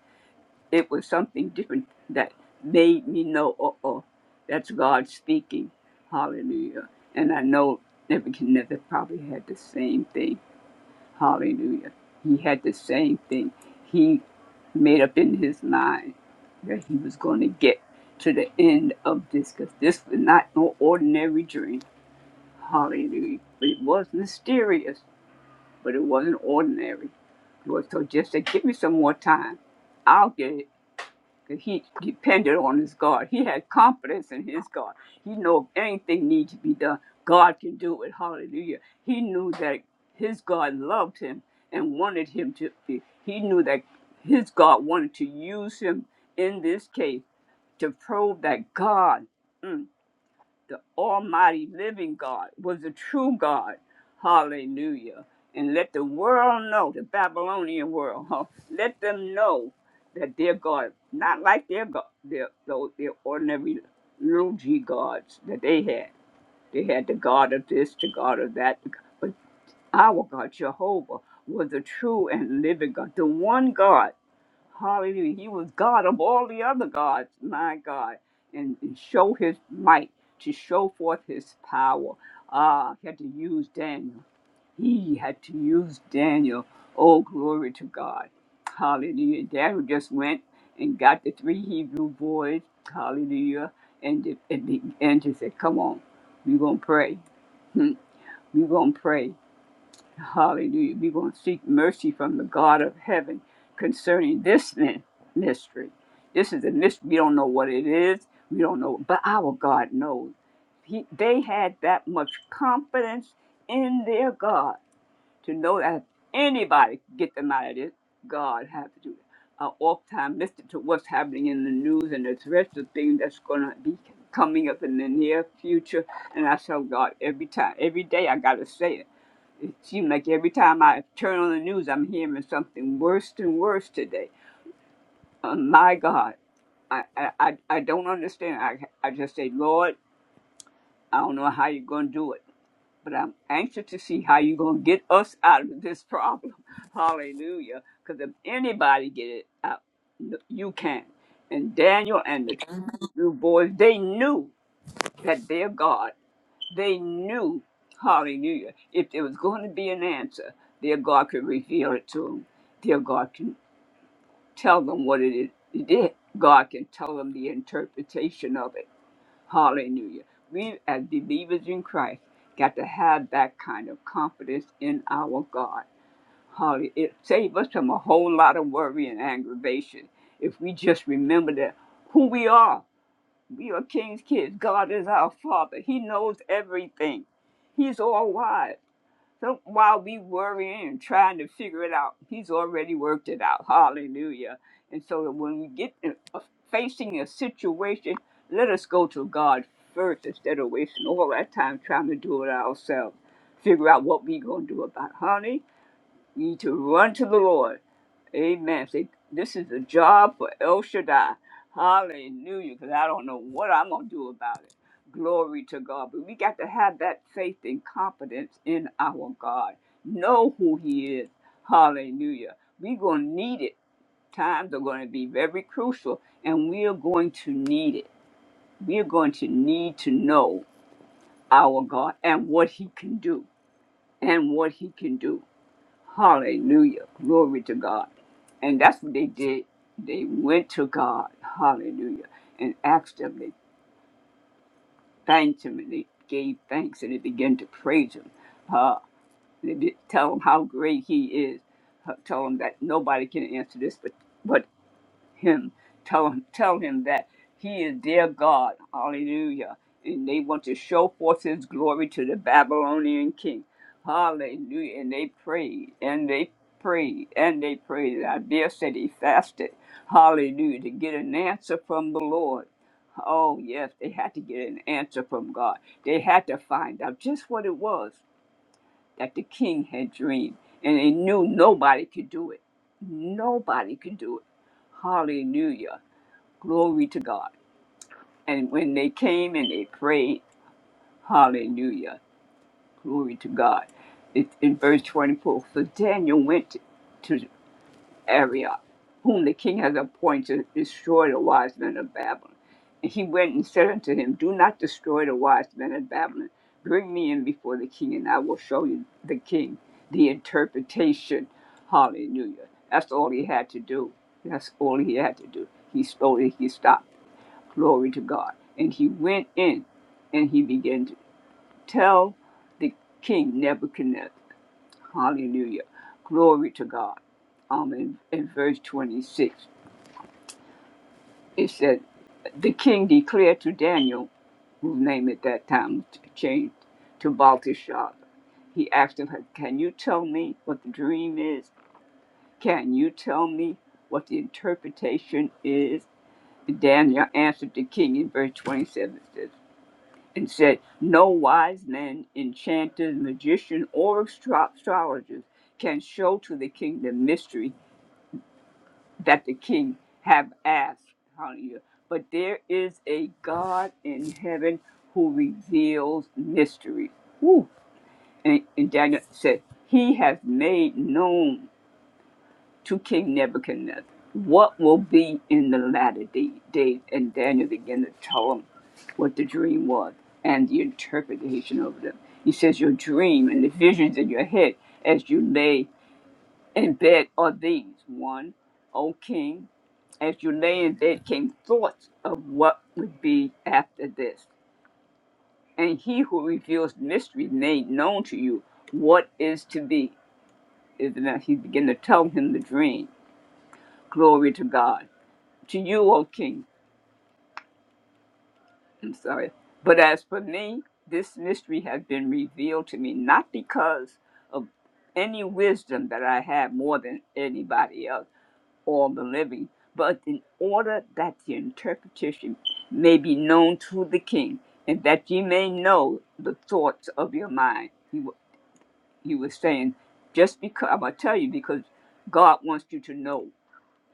Speaker 2: It was something different that made me know, uh oh, that's God speaking. Hallelujah. And I know Nebuchadnezzar probably had the same thing. Hallelujah. He had the same thing. He made up in his mind that he was going to get to the end of this because this was not no ordinary dream Hallelujah. But it was mysterious, but it wasn't ordinary. Lord, so just say, give me some more time. I'll get it. 'Cause he depended on his God. He had confidence in his God. He knew if anything needs to be done, God can do it. Hallelujah. He knew that his God loved him and wanted him to be. He knew that his God wanted to use him in this case to prove that God. mm, the Almighty Living God was the true God. Hallelujah. And let the world know, the Babylonian world, huh? let them know that their God, not like their God, their, those, their ordinary little g gods that they had. They had the God of this, the God of that. But our God, Jehovah, was the true and living God, the one God. Hallelujah. He was God of all the other gods, my God, and, and show his might to show forth his power. Ah, he had to use Daniel. He had to use Daniel. Oh, glory to God. Hallelujah. Daniel just went and got the three Hebrew boys. Hallelujah. And, and, and just said, Come on, we're going to pray. Hmm, We're going to pray. Hallelujah. We're going to seek mercy from the God of heaven concerning this mi- mystery. This is a mystery. We don't know what it is. We don't know, but our God knows. He, they had that much confidence in their God to know that if anybody could get them out of this, God had to do it. I oft-time listen to what's happening in the news and the rest of things that's going to be coming up in the near future. And I tell God every time, every day, I got to say it. It seemed like every time I turn on the news, I'm hearing something worse and worse today. Uh, my God, I, I, I I don't understand. I, I just say, Lord, I don't know how you're going to do it, but I'm anxious to see how you're going to get us out of this problem. Hallelujah. Because if anybody get it out, n- you can. And Daniel and the two boys, they knew that their God. They knew, hallelujah, if there was going to be an answer, their God could reveal it to them. Their God can tell them what it is. Their God can tell them the interpretation of it. Hallelujah. We, as believers in Christ, got to have that kind of confidence in our God. Holly, it saves us from a whole lot of worry and aggravation if we just remember that who we are we are king's kids. God is our father. He knows everything. He's all wise. So while we worrying and trying to figure it out, he's already worked it out. Hallelujah. And so when we get in, uh, facing a situation, let us go to God first instead of wasting all that time trying to do it ourselves. Figure out what we going to do about it. Honey, we need to run to the Lord. Amen. See, this is a job for El Shaddai. Hallelujah. Because I don't know what I'm going to do about it. Glory to God. But we got to have that faith and confidence in our God. Know who He is. Hallelujah. We're going to need it. Times are going to be very crucial, and we are going to need it. We are going to need to know our God and what He can do. And what He can do. Hallelujah. Glory to God. And that's what they did. They went to God, hallelujah, and asked Him. They thanked Him and they gave thanks and they began to praise Him. Uh, they did tell Him how great He is. Uh, tell Him that nobody can answer this but, but him, tell him, tell him that he is their God. Hallelujah. And they want to show forth his glory to the Babylonian king. Hallelujah. And they prayed and they prayed and they prayed. Isaiah said he fasted. Hallelujah. To get an answer from the Lord. Oh, yes, they had to get an answer from God. They had to find out just what it was that the king had dreamed, and he knew nobody could do it. Nobody could do it. Hallelujah. Glory to God. And when they came and they prayed, hallelujah. Glory to God. It, in verse 24, so Daniel went to. Arioch, whom the king has appointed to destroy the wise men of Babylon. And he went and said unto him, Do not destroy the wise men of Babylon. Bring me in before the king, and I will show you the king the interpretation. Hallelujah. That's all he had to do. That's all he had to do. He slowly he stopped. Glory to God. And he went in and he began to tell the king Nebuchadnezzar. Hallelujah. Glory to God. Um, in, in verse 26, it said, The king declared to Daniel, whose name at that time was changed to Belteshazzar, he asked him, Can you tell me what the dream is? Can you tell me what the interpretation is? Daniel answered the king in verse 27 says, and said, No wise man, enchanter, magician, or astro- astrologer can show to the king the mystery that the king have asked. Hallelujah. But there is a God in heaven who reveals mysteries. Woo. And, and Daniel said, He has made known to King Nebuchadnezzar what will be in the latter day, days. And Daniel began to tell him what the dream was and the interpretation of them. He says, Your dream and the visions in your head as you lay in bed are these one, O king, as you lay in bed came thoughts of what would be after this. And he who reveals mystery made known to you what is to be. Is now he began to tell him the dream. Glory to God. To you, O king, I'm sorry. But as for me, this mystery has been revealed to me not because of any wisdom that I have more than anybody else or the living, but in order that the interpretation may be known to the king, and that ye may know the thoughts of your mind. He, wa- he was saying, just because, I'm going to tell you, because God wants you to know.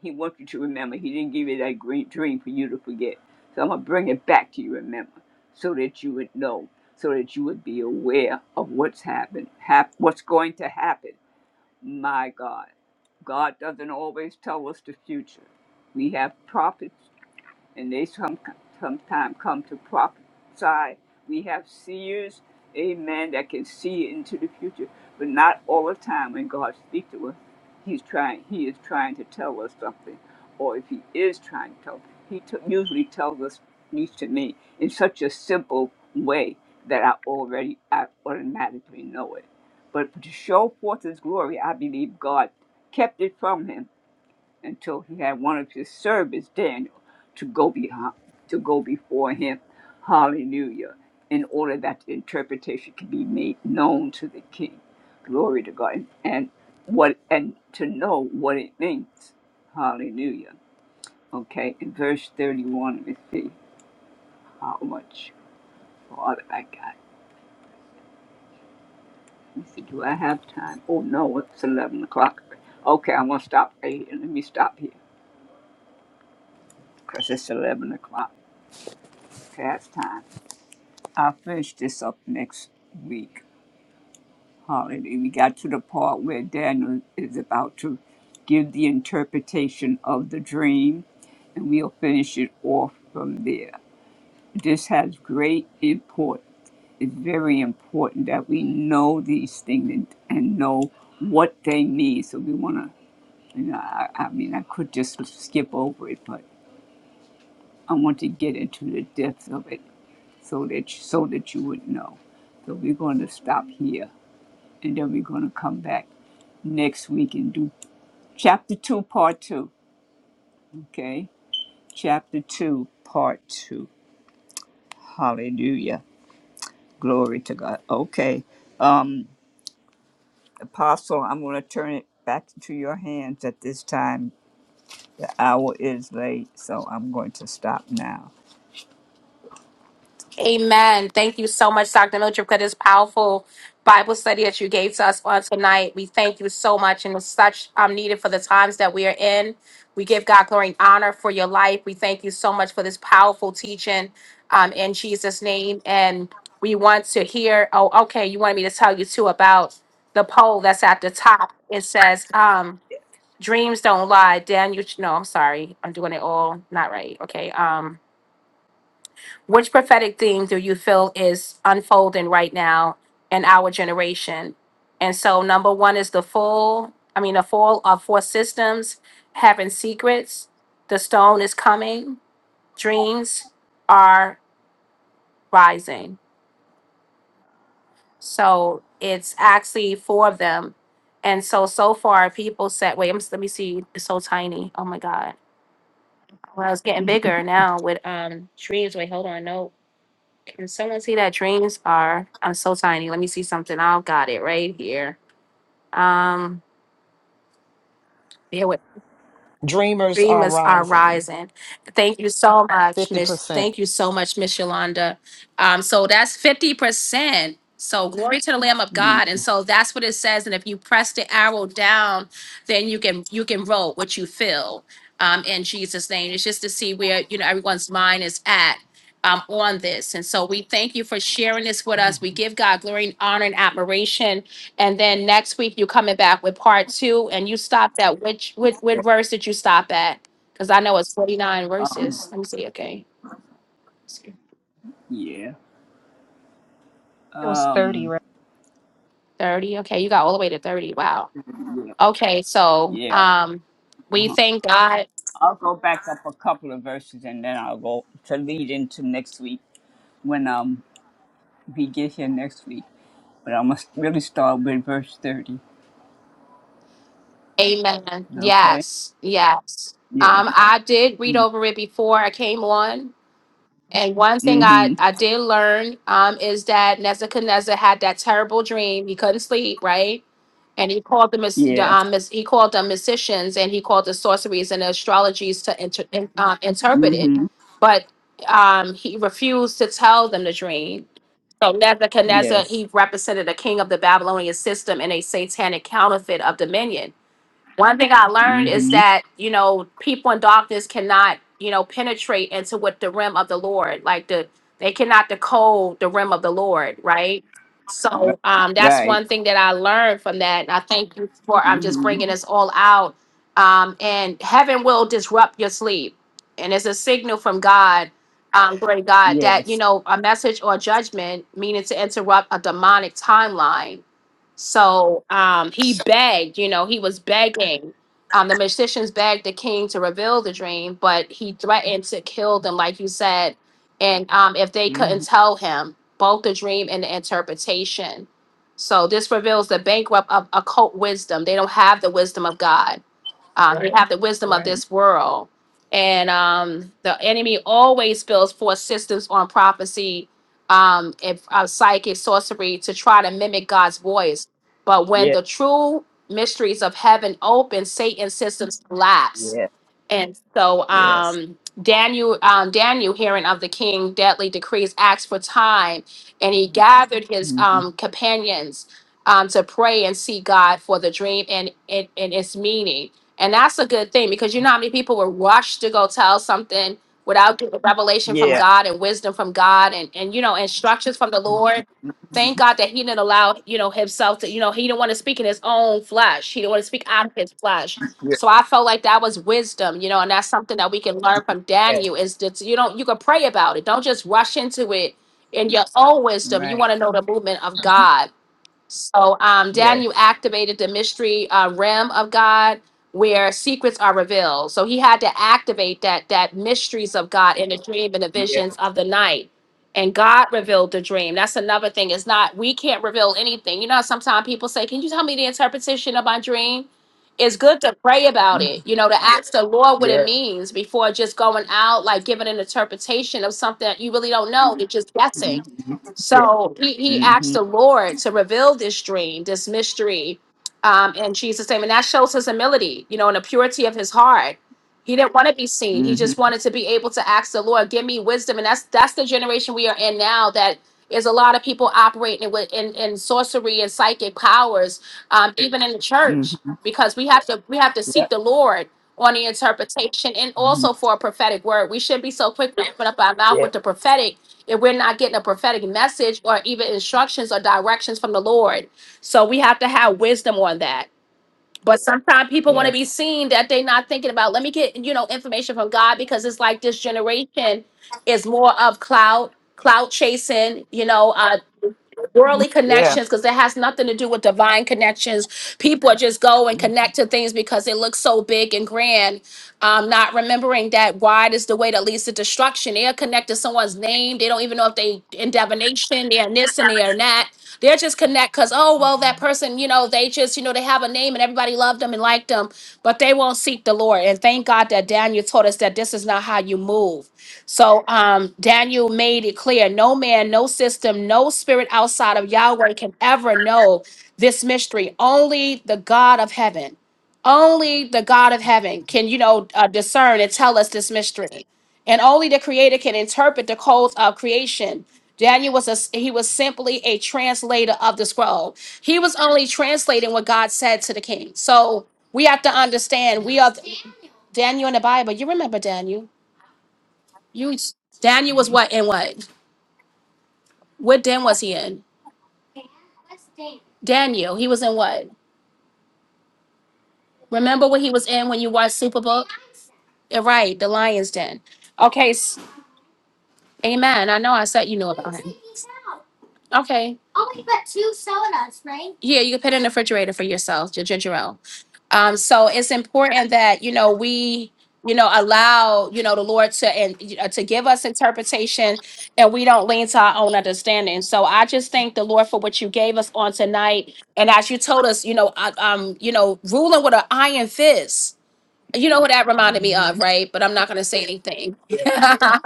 Speaker 2: He wants you to remember. He didn't give you that great dream for you to forget. So I'm going to bring it back to you, remember, so that you would know, so that you would be aware of what's happened, hap- what's going to happen my God, God doesn't always tell us the future. We have prophets and they some, sometimes come to prophesy. We have seers, amen, that can see into the future, but not all the time when God speaks to us. He's trying, he is trying to tell us something, or if he is trying to tell, he t- usually tells us, at least to me, in such a simple way that I already, I automatically know it. But to show forth his glory, I believe God kept it from him until he had one of his servants, Daniel, to go behind, to go before him. Hallelujah. In order that the interpretation can be made known to the king. Glory to God. And what and to know what it means. Hallelujah. Okay, in verse 31, let me see how much farther I got. Let me see, do I have time? Oh no, it's 11 o'clock. Okay, I'm going to stop right here. Let me stop here because it's 11 o'clock. Past time. I'll finish this up next week. Holiday. We got to the part where Daniel is about to give the interpretation of the dream, and we'll finish it off from there. This has great import. It's very important that we know these things and, and know what they mean. So we want to, you know, I, I mean, I could just skip over it, but. I want to get into the depths of it so that so that you would know. So we're going to stop here and then we're going to come back next week and do chapter 2 part 2, okay? Chapter 2 part 2. Hallelujah. Glory to God. Okay. Um apostle, I'm going to turn it back to your hands at this time. The hour is late, so I'm going to stop now.
Speaker 1: Amen. Thank you so much, Dr. Mildred, for this powerful Bible study that you gave to us on tonight. We thank you so much and it's such um, needed for the times that we are in. We give God glory and honor for your life. We thank you so much for this powerful teaching um, in Jesus' name. And we want to hear, oh, okay, you wanted me to tell you too about the poll that's at the top. It says, um, Dreams don't lie. Daniel, no, I'm sorry. I'm doing it all not right. Okay. Um, which prophetic theme do you feel is unfolding right now in our generation? And so, number one is the fall. I mean, the fall of four systems having secrets. The stone is coming. Dreams are rising. So it's actually four of them. And so, so far, people said, "Wait, I'm, let me see. It's so tiny. Oh my god." Well, it's getting bigger now with um dreams. Wait, hold on. No, can someone see that dreams are? I'm so tiny. Let me see something. I've got it right here. Um, yeah.
Speaker 4: Dreamers are
Speaker 1: Dreamers are
Speaker 4: rising
Speaker 1: rising. Thank you so much, Miss.
Speaker 4: 50%.
Speaker 1: Thank you so much, Miss Yolanda. Um, so that's fifty percent. So glory to the Lamb of
Speaker 2: Mm,
Speaker 1: God, and so that's what it says. And if you press the arrow down, then you can you can roll what you feel um, in Jesus' name. It's just to see where you know everyone's mind is at um, on this, and so we thank you for sharing this with us. We give God glory and honor and admiration and then next week you're coming back with part two, and you stopped at which which, which
Speaker 2: yeah.
Speaker 1: verse did you stop at? Because I know it's 49
Speaker 2: Um
Speaker 1: verses. Let me see. Okay,
Speaker 2: yeah.
Speaker 5: It was 30,
Speaker 2: Um
Speaker 5: right?
Speaker 1: 30. Okay, you got all the way to 30. Wow.
Speaker 2: yeah.
Speaker 1: Okay, so
Speaker 2: Yeah.
Speaker 1: um,
Speaker 2: uh-huh.
Speaker 1: we thank God.
Speaker 2: I'll go back up a couple of verses and then I'll go to lead into next week when um we get here next week. But I must really start with verse thirty.
Speaker 1: Amen.
Speaker 2: Okay.
Speaker 1: Yes, yes.
Speaker 2: Yes.
Speaker 1: Um, I did read
Speaker 2: Mm-hmm.
Speaker 1: over it before I came on And one thing I,
Speaker 2: Mm-hmm.
Speaker 1: I did learn um, is that Nebuchadnezzar had that terrible dream. He couldn't sleep, right? And he called the, mys- the
Speaker 2: Yeah.
Speaker 1: um, mys- he called the musicians and he called the sorceries and the astrologies to inter- in, um, interpret it,
Speaker 2: Mm-hmm.
Speaker 1: but um, he refused to tell them the dream. So Nebuchadnezzar
Speaker 2: Yes.
Speaker 1: he represented the king of the Babylonian system and a satanic counterfeit of dominion one thing I learned is
Speaker 2: Mm-hmm.
Speaker 1: that, you know, people in darkness cannot, you know, penetrate into what the rim of the Lord, like the they cannot decode the rim of the Lord, right?
Speaker 2: Right.
Speaker 1: So um, that's
Speaker 2: Right.
Speaker 1: one thing that I learned from that. And I thank you for I'm just bringing
Speaker 2: Mm-hmm.
Speaker 1: this all out. Um, and heaven will disrupt your sleep. And it's a signal from God, um, great God, that, you
Speaker 2: Yes.
Speaker 1: know, a message or judgment meaning to interrupt a demonic timeline so um, he begged, you know, he was begging. Um, the magicians begged the king to reveal the dream, but he threatened to kill them, like you said. And um, if they
Speaker 2: Mm-hmm.
Speaker 1: couldn't tell him both the dream and the interpretation. So this reveals the bankrupt of occult wisdom. They don't have the wisdom of God um, they Right. have the wisdom of
Speaker 2: Right.
Speaker 1: this world. And um, the enemy always builds forth systems on prophecy, um, if uh, psychic sorcery to try to mimic God's voice. But when
Speaker 2: Yeah.
Speaker 1: the true mysteries of heaven open, Satan's systems collapse
Speaker 2: Yeah.
Speaker 1: and so
Speaker 2: Yes.
Speaker 1: um, Daniel, um, Daniel, hearing of the king, deadly decrees, asked for time, and he gathered his
Speaker 2: Mm-hmm.
Speaker 1: um, companions um, to pray and see God for the dream and, and and its meaning. And that's a good thing because you know how many people were rushed to go tell something without getting revelation from
Speaker 2: Yeah.
Speaker 1: God and wisdom from God and and you know instructions from the Lord.
Speaker 2: Mm-hmm.
Speaker 1: Thank God that he didn't allow you know himself to you know he didn't want to speak in his own flesh. He didn't want to speak out of his flesh
Speaker 2: Yeah.
Speaker 1: so I felt like that was wisdom, you know, and that's something that we can learn from
Speaker 2: Yes.
Speaker 1: Daniel is that you don't you can pray about it. Don't just rush into it in your own wisdom. You
Speaker 2: Right.
Speaker 1: want to know the movement of God. So, um, Dan, you
Speaker 2: Yes.
Speaker 1: activated the mystery uh, realm of God where secrets are revealed. So he had to activate that that mysteries of God in the dream and the
Speaker 2: Yes.
Speaker 1: visions of the night. And God revealed the dream. That's another thing. It's not we can't reveal anything. You know, how sometimes people say, "Can you tell me the interpretation of my dream?" It's good to pray about it.
Speaker 2: Mhm.
Speaker 1: You know, to ask the Lord what it
Speaker 2: Yes.
Speaker 1: means before just going out like giving an interpretation of something that you really don't know. You're just guessing
Speaker 2: Mm-hmm. Yes.
Speaker 1: so he, he asked
Speaker 2: Mm-hmm.
Speaker 1: the Lord to reveal this dream, this mystery, um, in Jesus' name. And that shows his humility, you know, and the purity of his heart. He didn't want to be seen. He
Speaker 2: Mm-hmm.
Speaker 1: just wanted to be able to ask the Lord, give me wisdom. And that's that's the generation we are in now that is a lot of people operating with in, in sorcery and psychic powers, um, even in the
Speaker 2: Mm-hmm.
Speaker 1: church, because we have to we have to
Speaker 2: Yeah.
Speaker 1: seek the Lord on the interpretation and
Speaker 2: Mm-hmm.
Speaker 1: also for a prophetic word. We shouldn't be so quick to open up our mouth
Speaker 2: Yeah.
Speaker 1: with the prophetic if we're not getting a prophetic message or even instructions or directions from the Lord. So we have to have wisdom on that. But sometimes people want to be
Speaker 2: Yes.
Speaker 1: seen that they're not thinking about, let me get, you know, information from God because it's like this generation is more of cloud, cloud chasing, you know, uh, worldly
Speaker 2: Yeah.
Speaker 1: connections because it has nothing to do with divine connections. People are just go and connect to things because it looks so big and grand. Um, not remembering that wide is the way that leads to destruction. They are connected to someone's name. They don't even know if they in divination, they are this and they are that. They're just connect because oh well that person, you know, they just, you know, they have a name and everybody loved them and liked them, but they won't seek the Lord. And thank God that Daniel told us that this is not how you move. So um, Daniel made it clear no man, no system, no spirit outside of Yahweh can ever know this mystery. Only the God of heaven, only the God of heaven can, you know, uh, discern and tell us this mystery. And only the creator can interpret the codes of creation. Daniel was a, he was simply a translator of the scroll. He was only translating what God said to the king. So we have to understand we are Daniel in the Bible. You remember Daniel. You Daniel was what in what? What den was he in? Daniel, he was in what? Remember what he was in when you watched Superbook? Yeah, Right, the lion's den. Okay, s- amen. I know I said you knew about him. Okay. Yeah, you can put it in the refrigerator for yourself, your ginger ale. Um, so it's important that you know we, you know, allow you know the Lord to and uh, to give us interpretation, and we don't lean to our own understanding. So I just thank the Lord for what you gave us on tonight, and as you told us, you know, uh, um, you know, ruling with an iron fist. You know what that reminded me
Speaker 2: Mm-hmm.
Speaker 1: of, right? But I'm not going to say anything.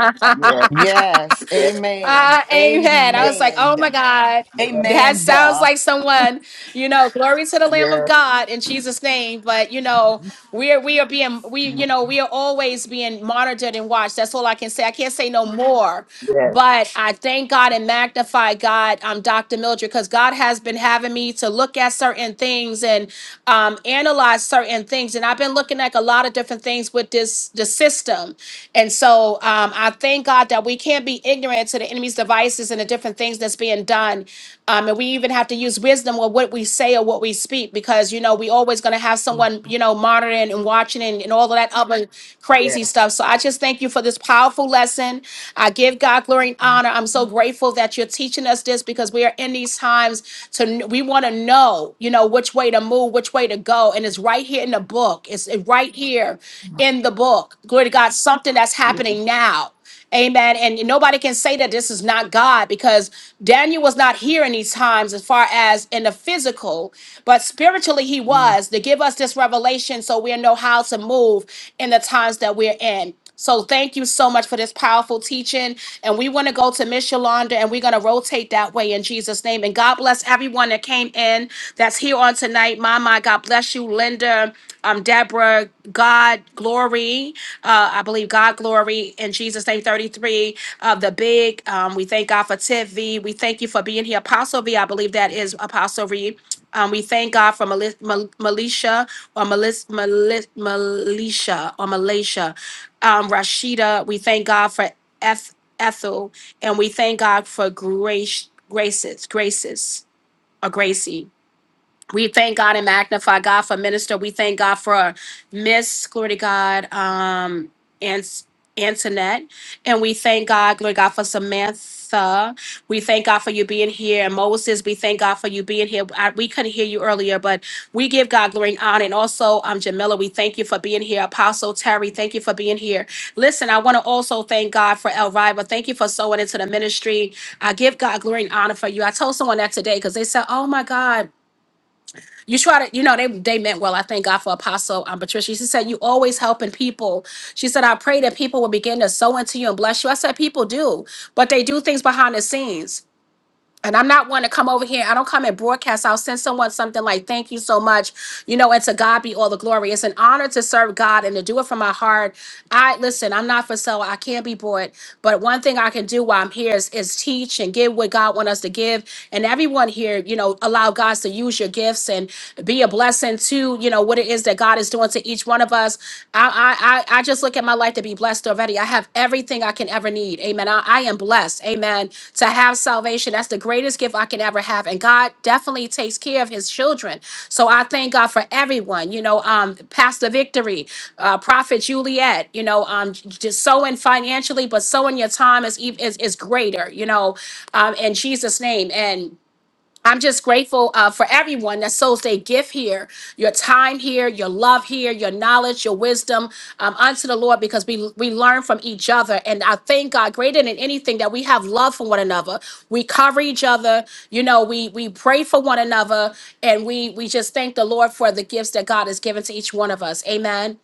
Speaker 2: Yes.
Speaker 4: Yes.
Speaker 2: Yeah.
Speaker 4: Amen.
Speaker 1: Uh, amen. I
Speaker 2: Yeah.
Speaker 1: was like, oh
Speaker 4: Amen.
Speaker 1: my God, that
Speaker 4: Amen.
Speaker 1: sounds like someone, you know, glory to the Lamb of
Speaker 2: Yeah.
Speaker 1: God in Jesus' name. But you know, we are we are being we,
Speaker 2: Mm.
Speaker 1: you know, we are always being monitored and watched. That's all I can say. I can't say no more.
Speaker 2: Yes.
Speaker 1: But I thank God and magnify God, um, Dr. Mildred, because God has been having me to look at certain things and um, analyze certain things. And I've been looking at a lot of different things with this the system. And so um, I thank God that we can't be ignorant to the enemy's devices and the different things that's being done. Um, and we even have to use wisdom with what we say or what we speak because, you know, we always going to have someone, you know, monitoring and watching and, and all of that other
Speaker 2: Yeah.
Speaker 1: crazy stuff. So I just thank you for this powerful lesson done. I give God glory and honor. I'm so grateful that you're teaching us this because we are in these times to we want to know, you know, which way to move, which way to go, and it's right here in the book. It's right here in the book. Glory to God, something that's
Speaker 2: Yeah.
Speaker 1: happening now. Amen. And nobody can say that this is not God because Daniel was not here in these times as far as in the physical, but spiritually he
Speaker 2: mm
Speaker 1: was to give us this revelation so we know how to move in the times that we're in. So thank you so much for this powerful teaching. And we want to go to Miss Yolanda and we're going to rotate that way in Jesus' name. And God bless everyone that came in that's here on tonight. Mama, God bless you. Linda, um, Deborah, God glory. Uh, I believe God glory in Jesus' name 33 of the big. Um, we thank God for Tiv V. We thank you for being here. Apostle V, I believe that is Apostle V. Um, we thank God for Mali- Mal- Malisha or Malis- Malis- Malisha or Malaysia um, Rashida. We thank God for Eth- Ethel, and we thank God for Grace, Graces, Graces, or Gracie. We thank God and magnify God for minister. We thank God for Miss, glory to God, um, and Antoinette. And we thank God, glory to God, for Samantha. We thank God for you being here. And Moses, we thank God for you being here. I, we couldn't hear you earlier, but we give God glory and honor. And also, um, Jamila, we thank you for being here. Apostle Terry, thank you for being here. Listen, I want to also thank God for Elvira. Thank you for sowing into the ministry. I give God glory and honor for you. I told someone that today because they said, oh my God you try to, you know, they they meant well. I thank God for Apostle um, Patricia. She said, You always helping people. She said, I pray that people will begin to sow into you and bless you. I said, People do, but they do things behind the scenes and I'm not one to come over here. I don't come and broadcast. I'll send someone something like, thank you so much. You know, and to God be all the glory. It's an honor to serve God and to do it from my heart. I listen, I'm not for sale. I can't be bought. But one thing I can do while I'm here is, is teach and give what God wants us to give. And everyone here, you know, allow God to use your gifts and be a blessing to, you know, what it is that God is doing to each one of us. I, I I just look at my life to be blessed already. I have everything I can ever need. Amen. I, I am blessed. Amen. To have salvation, that's the greatest gift I can ever have. And God definitely takes care of His children. So I thank God for everyone. You know, um, Pastor Victory, uh, Prophet Juliet. You know, um, j- just sowing financially, but sowing your time is ev- is is greater. You know, um, in Jesus' name. And I'm just grateful uh, for everyone that sows their gift here, your time here, your love here, your knowledge, your wisdom um, unto the Lord, because we we learn from each other. And I thank God, greater than anything, that we have love for one another. We cover each other. You know, we we pray for one another, and we we just thank the Lord for the gifts that God has given to each one of us. Amen.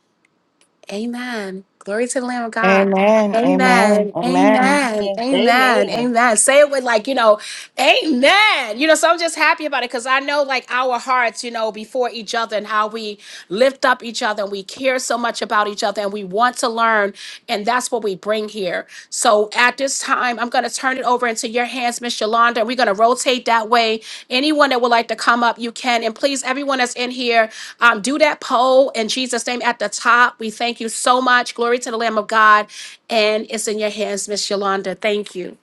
Speaker 1: Amen. Glory to the Lamb of God.
Speaker 6: Amen. Amen.
Speaker 1: Amen.
Speaker 6: Amen.
Speaker 1: Amen. Amen.
Speaker 4: Amen.
Speaker 1: Amen. Say it with like, you know, amen. You know, so I'm just happy about it because I know like our hearts, you know, before each other and how we lift up each other and we care so much about each other and we want to learn. And that's what we bring here. So at this time, I'm going to turn it over into your hands, Miss Yolanda. And We're going to rotate that way. Anyone that would like to come up, you can. And please, everyone that's in here, um, do that poll in Jesus' name at the top. We thank you so much. Glory to the Lamb of God. And it's in your hands, Miss Yolanda. Thank you.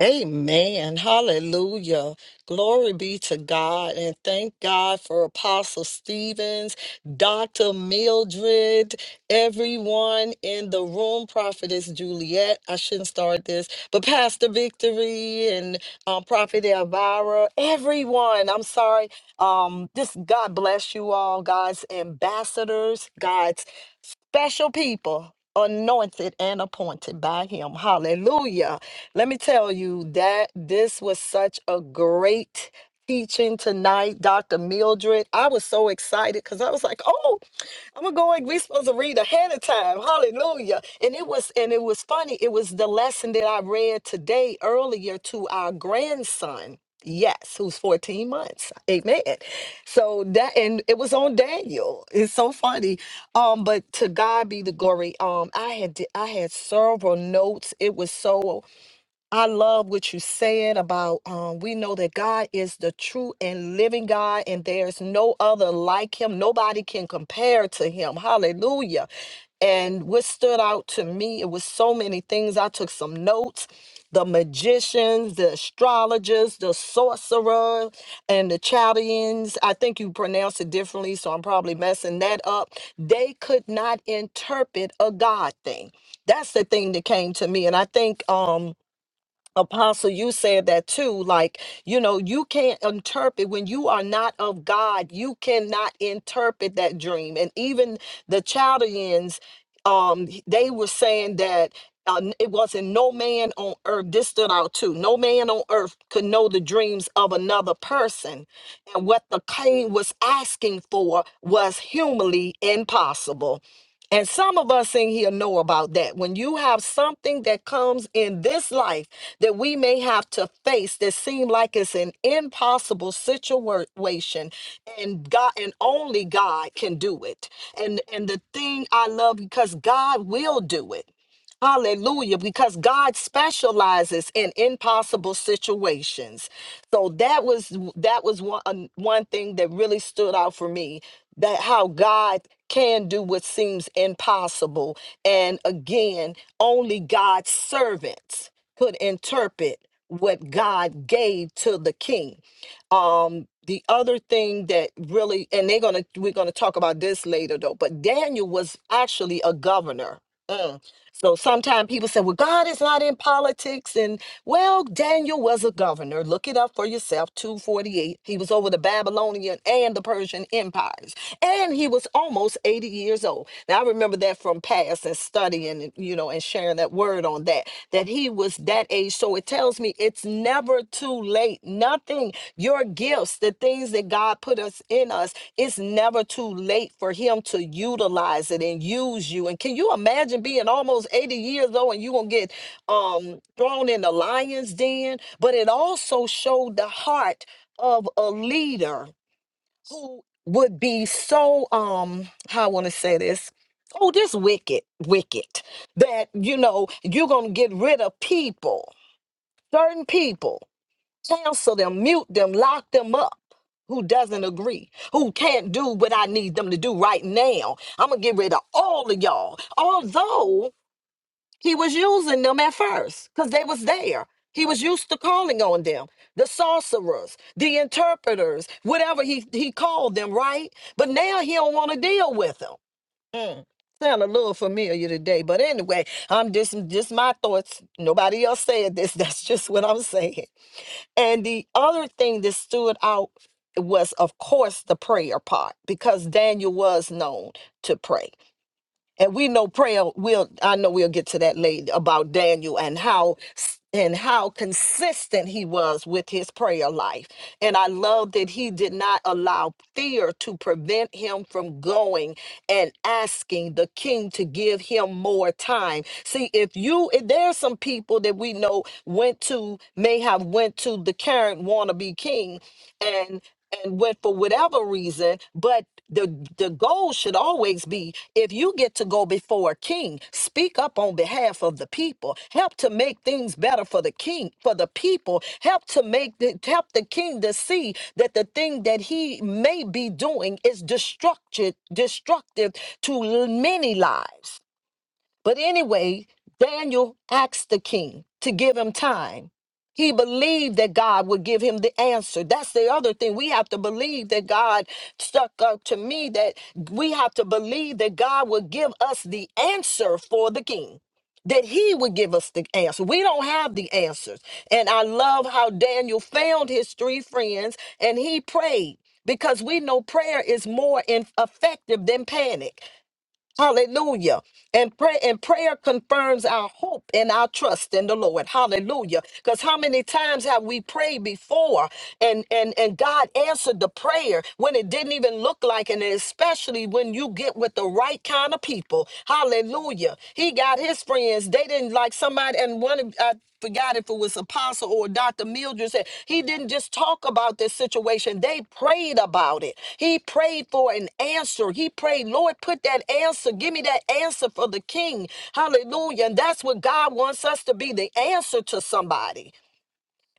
Speaker 4: Amen. Hallelujah. Glory be to God. And thank God for Apostle Stevens, Dr. Mildred, everyone in the room, Prophetess Juliet. I shouldn't start this, but Pastor Victory and um, Prophet Elvira, everyone. I'm sorry. Um, this God bless you all, God's ambassadors, God's special people anointed and appointed by him hallelujah let me tell you that this was such a great teaching tonight dr mildred i was so excited because i was like "Oh." I'm going. We supposed to read ahead of time. Hallelujah. And it was and it was funny. It was the lesson that I read today earlier to our grandson. Yes, who's 14 months. Amen. So that and it was on Daniel. It's so funny. Um, but to God be the glory. Um, I had di- I had several notes. It was so I love what you are saying about um, we know that God is the true and living God, and there's no other like him. Nobody can compare to him. Hallelujah. And what stood out to me, it was so many things. I took some notes. The magicians, the astrologers, the sorcerer, and the Chaldeans. I think you pronounce it differently, so I'm probably messing that up. They could not interpret a God thing. That's the thing that came to me. And I think um Apostle, you said that too. Like, you know, you can't interpret when you are not of God, you cannot interpret that dream. And even the Chaldeans, um, they were saying that uh, it wasn't no man on earth. This stood out too. No man on earth could know the dreams of another person. And what the king was asking for was humanly impossible. And some of us in here know about that. When you have something that comes in this life, that we may have to face that seem like it's an impossible situation and God and only God can do it. And and the thing I love because God will do it. Hallelujah, because God specializes in impossible situations. So that was that was one um, one thing that really stood out for me that how God can do what seems impossible. And again, only God's servants could interpret what God gave to the king. Um, the other thing that really, and they're gonna we're gonna talk about this later though, but Daniel was actually a governor. Mm. So sometimes people say, well, God is not in politics well, Daniel was a governor. Look it up for yourself. 248. He was over the Babylonian and the Persian empires. And he was almost 80 years old. Now, I remember that from past and studying, you know, and sharing that word on that, that he was that age. So it tells me it's never too late. Nothing, your gifts, the things that God put us in us, it's never too late for Him to utilize it and use you. And can you imagine being almost 80 years old and you're going to get um, thrown in the lion's den? But it also showed the heart of a leader who would be so, um, how I want to say this. Oh, this wicked, wicked, that you know, you're gonna get rid of people, certain people cancel them, mute them, lock them up. Who doesn't agree? Who can't do what I need them to do right now? I'm gonna get rid of all of y'all. Although he was using them at first, because they was there. He was used to calling on them, the sorcerers, the interpreters, whatever he, he called them, right? But now he don't want to deal with them. Mm. Sound a little familiar today, but anyway, I'm just just my thoughts. Nobody else said this. That's just what I'm saying. And the other thing that stood out was, of course, the prayer part because Daniel was known to pray and we know prayer will i know we'll get to that later about daniel and how and how consistent he was with his prayer life and i love that he did not allow fear to prevent him from going and asking the king to give him more time see if you if there are some people that we know went to may have went to the current wannabe king and and went for whatever reason, but the the goal should always be if you get to go before a king speak up on behalf of the people help to make things better for the king for the people help to make the help the king to see that the thing that he may be doing is destructive destructive to l- many lives but anyway, Daniel asked the king to give him time. He believed that God would give him the answer. That's the other thing. We have to believe that God stuck up to me, that we have to believe that God would give us the answer for the king, that he would give us the answer. We don't have the answers. And I love how Daniel found his three friends and he prayed because we know prayer is more in- effective than panic. Hallelujah. And pray and prayer confirms our hope and our trust in the Lord. Hallelujah. Because how many times have we prayed before and, and and God answered the prayer when it didn't even look like and especially when you get with the right kind of people. Hallelujah. He got his friends. They didn't like somebody and one of uh, forgot if it was Apostle or Dr. Mildred said, he didn't just talk about this situation. They prayed about it. He prayed for an answer. He prayed, Lord, put that answer. Give me that answer for the king. Hallelujah. And that's what God wants us to be the answer to somebody.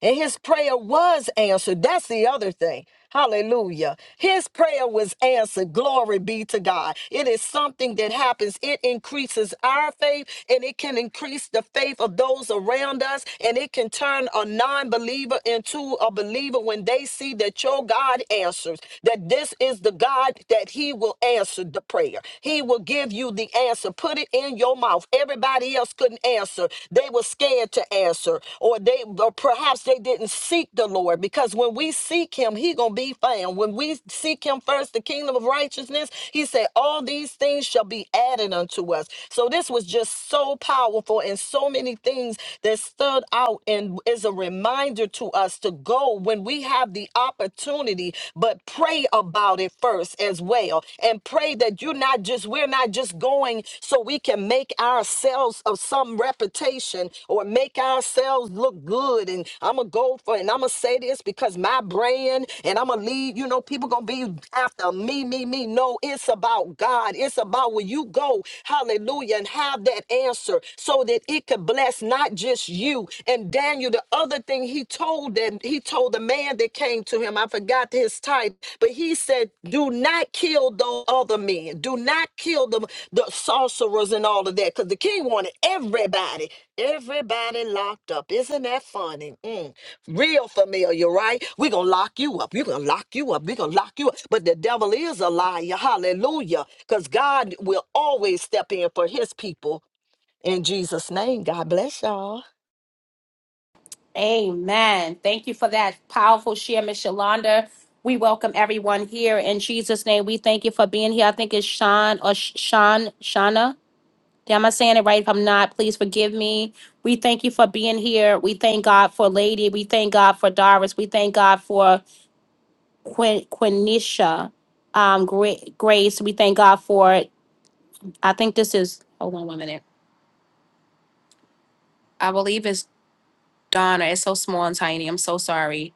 Speaker 4: And his prayer was answered. That's the other thing. Hallelujah. His prayer was answered. Glory be to God. It is something that happens. It increases our faith and it can increase the faith of those around us. And it can turn a non believer into a believer when they see that your God answers, that this is the God that he will answer the prayer. He will give you the answer. Put it in your mouth mouth. Everybody else couldn't answer. They were scared to answer, or they or perhaps they didn't seek the Lord because when we seek him, he gonna be found. When we seek him first, the kingdom of righteousness, he said, All these things shall be added unto us. So this was just so powerful and so many things that stood out and is a reminder to us to go when we have the opportunity, but pray about it first first as well and pray that you're not just, we're not just going so we can make ourselves of some reputation or make ourselves look good. And I'm going to go for And I'm going to say this because my brand and I'm going to lead, you know, people going to be after me, me, me. No, it's about God. It's about where you go. Hallelujah. And have that answer so that it could bless not just you. And Daniel, the other thing he told them he told the man that came to him i forgot his type but he said do not kill those other men do not kill the, the sorcerers and all of that because the king wanted everybody everybody locked up isn't that funny Mm. real familiar right we're gonna lock you up we're gonna lock you up we're gonna lock you up but the devil is a liar hallelujah because god will always step in for his people in jesus name god bless y'all
Speaker 1: Amen. Thank you for that powerful share, Miss Yolanda. We welcome everyone here in Jesus' name. We thank you for being here. I think it's Sean or Sh- Sean, Shauna. Am I saying it right? If I'm not, please forgive me. We thank you for being here. We thank God for Lady. We thank God for Doris. We thank God for Quin- Quinisha um, Gra- Grace. We thank God for, I think this is, hold on one minute. I believe it's Donna. It's so small and tiny. I'm so sorry.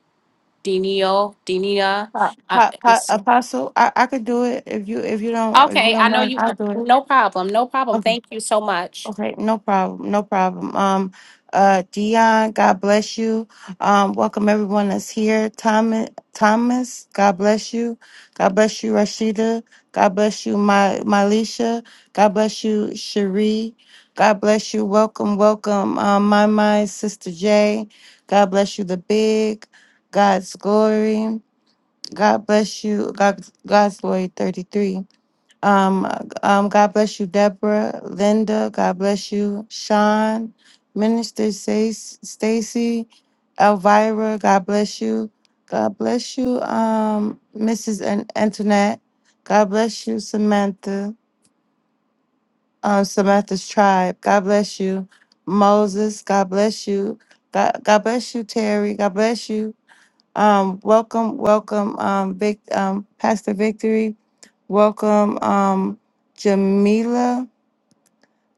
Speaker 1: Denio, Denia.
Speaker 6: Pa-
Speaker 1: Uh,
Speaker 6: pa- pa-
Speaker 1: it's-
Speaker 6: Apostle, I, I could do it if you if you don't if you
Speaker 1: okay, I
Speaker 6: don't
Speaker 1: know
Speaker 6: mind,
Speaker 1: you,
Speaker 6: I'll do it.
Speaker 1: no problem. No problem.
Speaker 6: Okay.
Speaker 1: Thank you so much.
Speaker 6: Okay, no problem, no problem. Um, uh, Dion, God bless you. Um, welcome everyone that's here. Thomas, Thomas, God bless you. God bless you, Rashida. God bless you, my Mylisha. God bless you, Cherie. God bless you. Welcome, welcome, um, my my sister Jay. God bless you, the big. God's glory. God bless you. God, God's glory, thirty three. Um, um, God bless you, Deborah, Linda. God bless you, Sean, Minister Stace- Stacy, Elvira. God bless you. God bless you, um, Mrs. An- Antoinette. God bless you, Samantha. Um, Samantha's tribe. God bless you, Moses. God bless you. God, God bless you, Terry. God bless you. Um, welcome, welcome, um, Vic, um, Pastor Victory. Welcome, um, Jamila.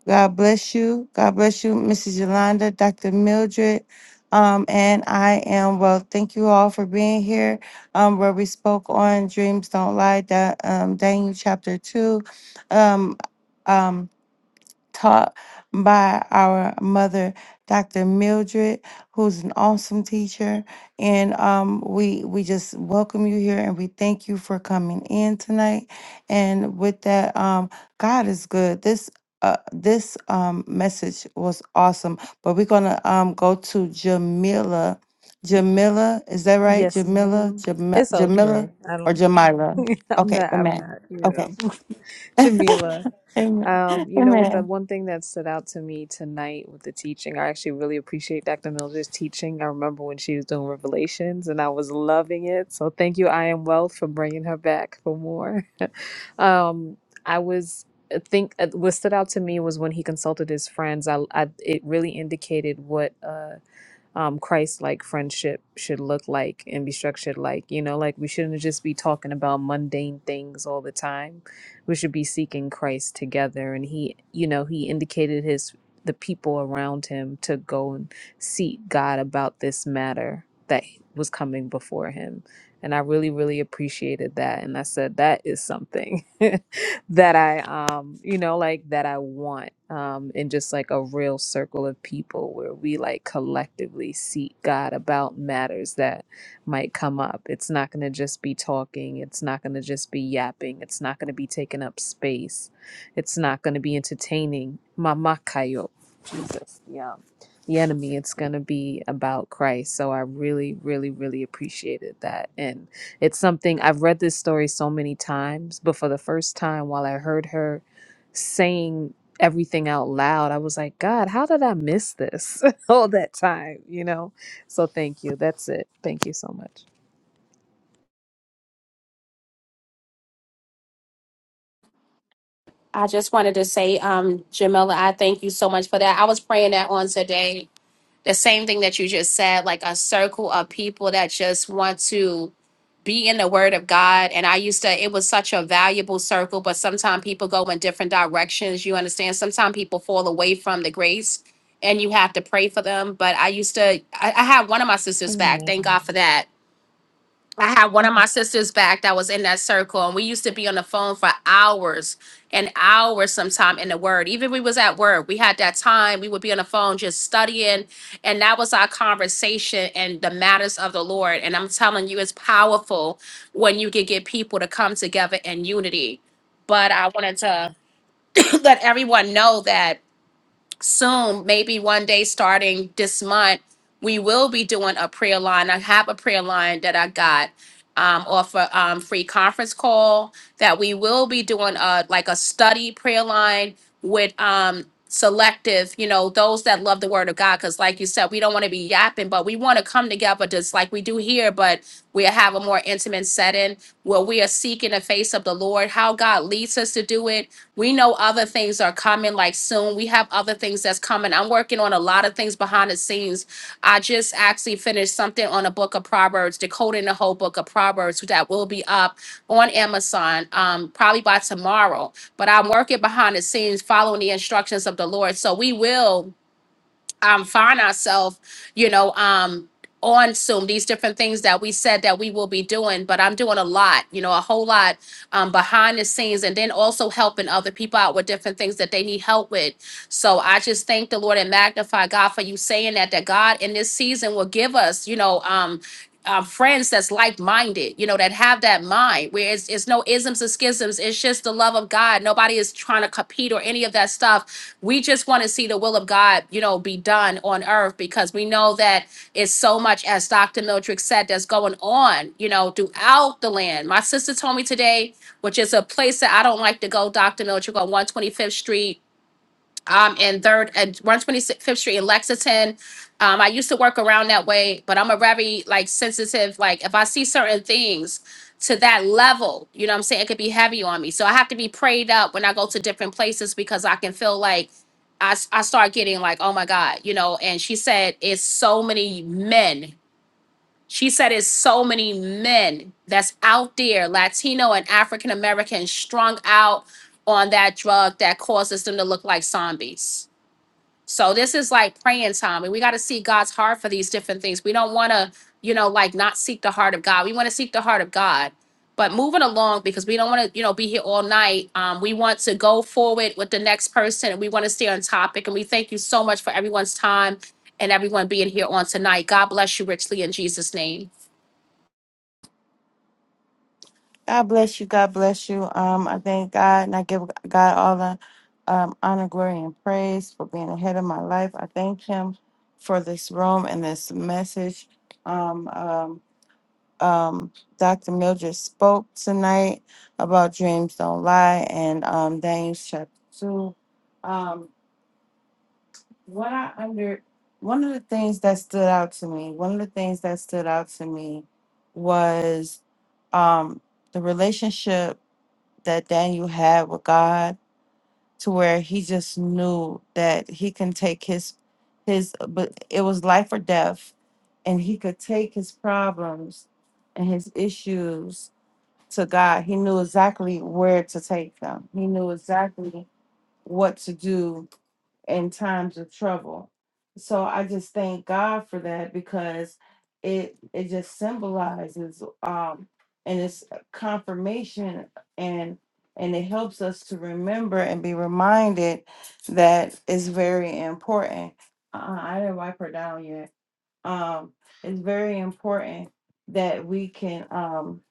Speaker 6: God bless you. God bless you, Mrs. Yolanda, Dr. Mildred. Um, and I am well. Thank you all for being here. Um, where we spoke on dreams don't lie, that um, Daniel chapter two. Um, um, taught by our mother, Dr. Mildred, who's an awesome teacher. And um, we we just welcome you here and we thank you for coming in tonight. And with that, um, God is good. This uh, this um, message was awesome. But we're gonna um, go to Jamila. Jamila, is that right?
Speaker 5: Yes,
Speaker 6: Jamila,
Speaker 5: ma'am.
Speaker 6: Jam-
Speaker 5: It's
Speaker 6: Jamila,
Speaker 5: okay. I
Speaker 6: or
Speaker 5: don't.
Speaker 6: Jamila?
Speaker 5: I'm
Speaker 6: Okay,
Speaker 5: not. I'm
Speaker 6: amen.
Speaker 5: not. You
Speaker 6: Okay,
Speaker 5: know, Jamila.
Speaker 6: amen.
Speaker 5: Um, you know what?
Speaker 6: Amen.
Speaker 5: The one thing that stood out to me tonight with the teaching, I actually really appreciate Dr. Mildred's teaching. I remember when she was doing Revelations, and I was loving it. So thank you, I am Wealth, for bringing her back for more. um, I was. I think uh, what stood out to me was when he consulted his friends. I, I it really indicated what. uh. um, Christ like friendship should look like and be structured like. You know, like we shouldn't just be talking about mundane things all the time. We should be seeking Christ together. And he, you know, he indicated his the people around him to go and seek God about this matter that was coming before him. And I really, really appreciated that. And I said, that is something. that I um you know like that I want um in just like a real circle of people where we like collectively seek God about matters that might come up. It's not going to just be talking, it's not going to just be yapping, it's not going to be taking up space. It's not going to be entertaining. Mama kayo. Jesus. Yeah. The enemy it's going to be about Christ. So I really really really appreciated that and. It's something I've read this story so many times, but for the first time, while I heard her saying everything out loud, I was like, God, how did I miss this all that time? You know? So thank you. That's it. Thank you so much.
Speaker 1: I just wanted to say, um, Jamila, I thank you so much for that. I was praying that on today the same thing that you just said, like a circle of people that just want to be in the word of God. And I used to, it was such a valuable circle, but sometimes people go in different directions. You understand? Sometimes people fall away from the grace and you have to pray for them. But I used to, I, I had one of my sisters back. Thank God for that I had one of my sisters back that was in that circle, and we used to be on the phone for hours and hours sometime in the word. Even we was at work, we had that time, we would be on the phone just studying, and that was our conversation and the matters of the Lord. And I'm telling you, it's powerful when you can get people to come together in unity. But I wanted to let everyone know that soon, maybe one day starting this month, we will be doing a prayer line. I have a prayer line that I got um, off a um, free conference call that we will be doing a like a study prayer line with um, selective, you know, those that love the Word of God. Because like you said, we don't want to be yapping, but we want to come together just like we do here, but we have a more intimate setting where we are seeking the face of the Lord, how God leads us to do it we know other things are coming like soon. We have other things that's coming. I'm working on a lot of things behind the scenes. I just actually finished something on a book of Proverbs, decoding the whole book of Proverbs that will be up on Amazon um, probably by tomorrow. But I'm working behind the scenes, following the instructions of the Lord. So we will um, find ourselves, you know, um, on Zoom, these different things that we said that we will be doing, but I'm doing a lot, you know, a whole lot um, behind the scenes and then also helping other people out with different things that they need help with. So I just thank the Lord and magnify God for you saying that, that God in this season will give us, you know, um, uh, friends that's like-minded you know that have that mind where it's, it's no isms or schisms it's just the love of god nobody is trying to compete or any of that stuff we just want to see the will of god you know be done on earth because we know that it's so much as dr mildred said that's going on you know throughout the land my sister told me today which is a place that i don't like to go dr mildred on 125th street um in third and 125th street in lexington um i used to work around that way but i'm a very like sensitive like if i see certain things to that level you know what i'm saying it could be heavy on me so i have to be prayed up when i go to different places because i can feel like i, s- I start getting like oh my god you know and she said it's so many men she said it's so many men that's out there latino and african american strung out on that drug that causes them to look like zombies so this is like praying time, and we got to see God's heart for these different things. We don't want to, you know, like not seek the heart of God. We want to seek the heart of God. But moving along because we don't want to, you know, be here all night. Um, we want to go forward with the next person, and we want to stay on topic. And we thank you so much for everyone's time and everyone being here on tonight. God bless you richly in Jesus' name.
Speaker 6: God bless you. God bless you. Um, I thank God and I give God all the um, honor, glory, and praise for being ahead of my life. I thank Him for this room and this message. Um, um, um, Dr. Mildred spoke tonight about dreams don't lie and um, Daniels chapter two. Um, what I under one of the things that stood out to me, one of the things that stood out to me was um, the relationship that Daniel had with God to where he just knew that he can take his his but it was life or death and he could take his problems and his issues to God. He knew exactly where to take them. He knew exactly what to do in times of trouble. So I just thank God for that because it it just symbolizes um and it's confirmation and and it helps us to remember and be reminded that it's very important. Uh, I didn't wipe her down yet. Um, it's very important that we can um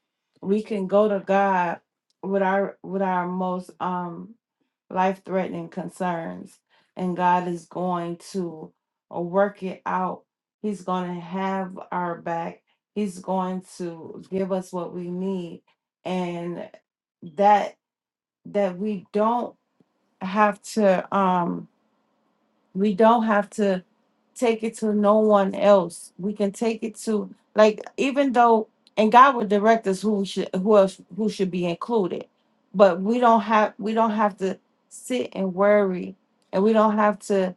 Speaker 6: we can go to God with our with our most um life threatening concerns, and God is going to uh, work it out. He's going to have our back, He's going to give us what we need, and that that we don't have to um we don't have to take it to no one else. We can take it to like even though and God will direct us who should who else who should be included. But we don't have we don't have to sit and worry and we don't have to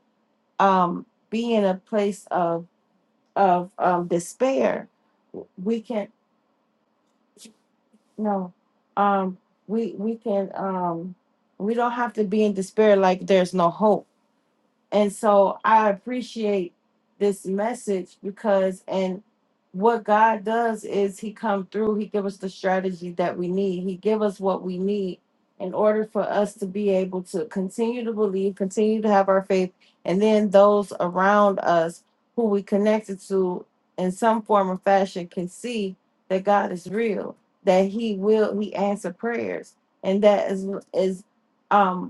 Speaker 6: um be in a place of of um despair. We can no um we we can um we don't have to be in despair like there's no hope And so I appreciate this message because and what God does is he come through, he give us the strategy that we need. He give us what we need in order for us to be able to continue to believe, continue to have our faith, and then those around us who we connected to in some form or fashion can see that God is real, that he will he answer prayers. And that is is um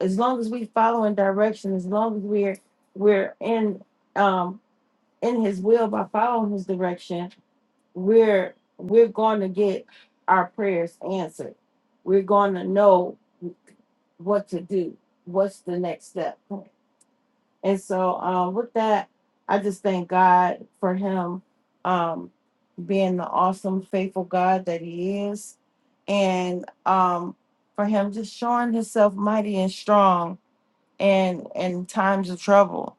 Speaker 6: as long as we following direction, as long as we're we're in um in his will by following his direction, we're we're going to get our prayers answered. We're going to know what to do. What's the next step? And so um with that, I just thank God for him um being the awesome faithful God that he is and um for him just showing himself mighty and strong and in times of trouble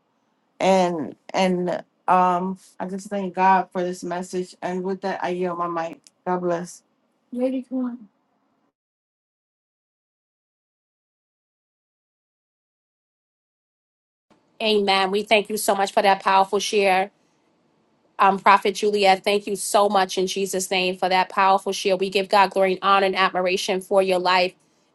Speaker 6: and and um i just thank god for this message and with that i yield my mic god bless lady come
Speaker 1: Amen. We thank you so much for that powerful share. um, Prophet Juliet, thank you so much in Jesus' name for that powerful share. We give God glory and honor and admiration for your life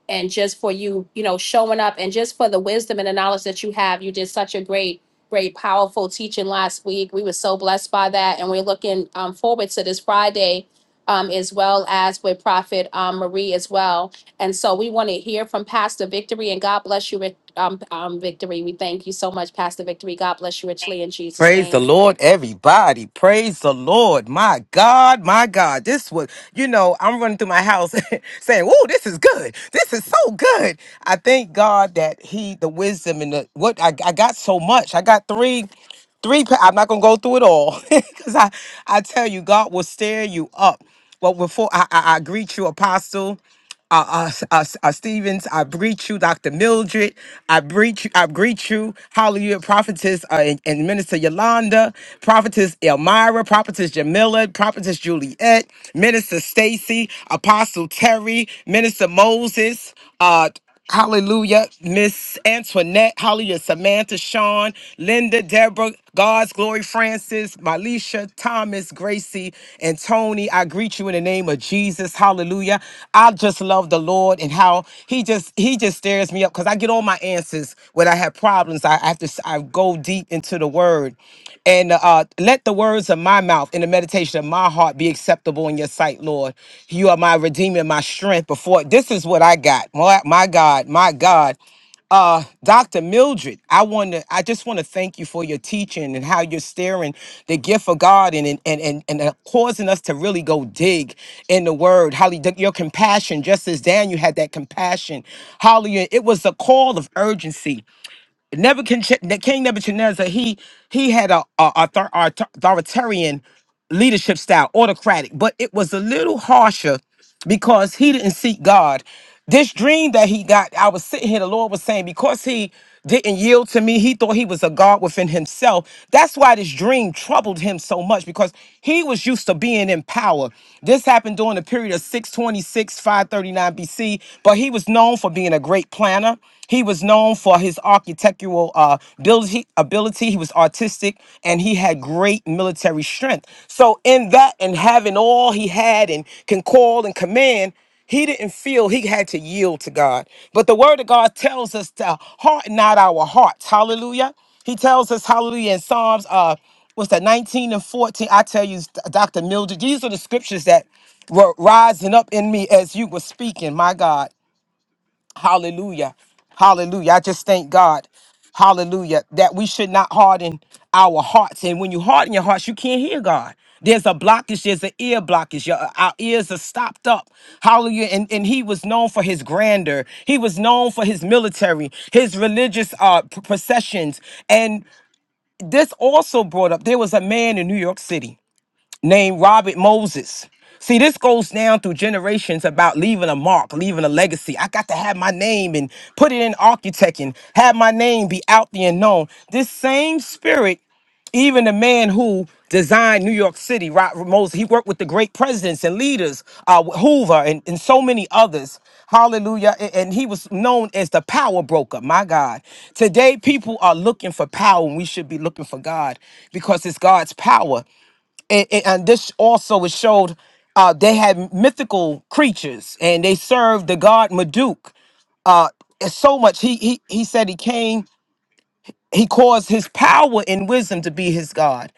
Speaker 1: and just for you, you know, showing up and just for the wisdom and the knowledge that you have. You did such a great, great, powerful teaching last week. We were so blessed by that. And we're looking um, forward to this Friday um, as well as with Prophet um, Marie as well. And so we want to hear from Pastor Victory and God bless you, Ric- um, um, Victory. We thank you so much, Pastor Victory. God bless you richly in Jesus'
Speaker 7: Praise the
Speaker 1: name.
Speaker 7: Lord, everybody. Praise the Lord. My God, my God. This was, you know, I'm running through my house saying, Whoa, this is good. This is so good. I thank God that He, the wisdom and the what I, I got so much. I got three, three. pa- I'm not gonna go through it all. Because I, I tell you, God will stir you up. Well, before I, I, I greet you, Apostle uh, uh, S- uh, S- uh, Stevens, I greet you, Dr. Mildred. I greet you, I greet you, Hallelujah, Prophetess uh, and, and Minister Yolanda, Prophetess Elmira, Prophetess Jamila, Prophetess Juliet, Minister Stacy, Apostle Terry, Minister Moses. Uh, Hallelujah. Miss Antoinette, hallelujah. Samantha, Sean, Linda, Deborah, God's glory, Francis, Malisha, Thomas, Gracie, and Tony. I greet you in the name of Jesus. Hallelujah. I just love the Lord and how he just he just stares fires me up because I get all my answers when I have problems. I, I have to s- I go deep into the word. And uh, uh, let the words of my mouth and the meditation of my heart be acceptable in your sight, Lord. You are my redeemer, my strength. Before this is what I got. My, my God, my God uh dr mildred i want to i just want to thank you for your teaching and how you're steering the gift of god and and and, and, and uh, causing us to really go dig in the word holly the- your compassion just as daniel had that compassion holly it was a call of urgency Nebuchadnezzar, King Nebuchadnezzar, he he had a, a author, author- authoritarian leadership style, autocratic, but it was a little harsher because he didn't seek God. This dream that he got, I was sitting here, the Lord was saying, because he didn't yield to me, he thought he was a God within himself. That's why this dream troubled him so much because he was used to being in power. This happened during the period of 626, 539 BC, but he was known for being a great planner. He was known for his architectural uh, ability, ability. He was artistic and he had great military strength. So, in that and having all he had and can call and command, he didn't feel he had to yield to God. But the word of God tells us to harden not our hearts. Hallelujah. He tells us, hallelujah, in Psalms, uh, what's that, 19 and 14. I tell you, Dr. Mildred, these are the scriptures that were rising up in me as you were speaking, my God. Hallelujah. Hallelujah. I just thank God. Hallelujah. That we should not harden our hearts. And when you harden your hearts, you can't hear God. There's a blockage, there's an ear blockage. Your, uh, our ears are stopped up. Hallelujah. And, and he was known for his grandeur. He was known for his military, his religious uh, p- processions. And this also brought up there was a man in New York City named Robert Moses. See, this goes down through generations about leaving a mark, leaving a legacy. I got to have my name and put it in architect have my name be out there and known. This same spirit, even the man who designed New York City, Robert Moses, he worked with the great presidents and leaders, uh, Hoover and, and so many others. Hallelujah. A- And he was known as the power broker. My God. Today, people are looking for power, and we should be looking for God because it's God's power and, and, and this also it showed uh, they had mythical creatures and they served the god Marduk. Uh, and so much he, he he said he came he caused his power and wisdom to be his god.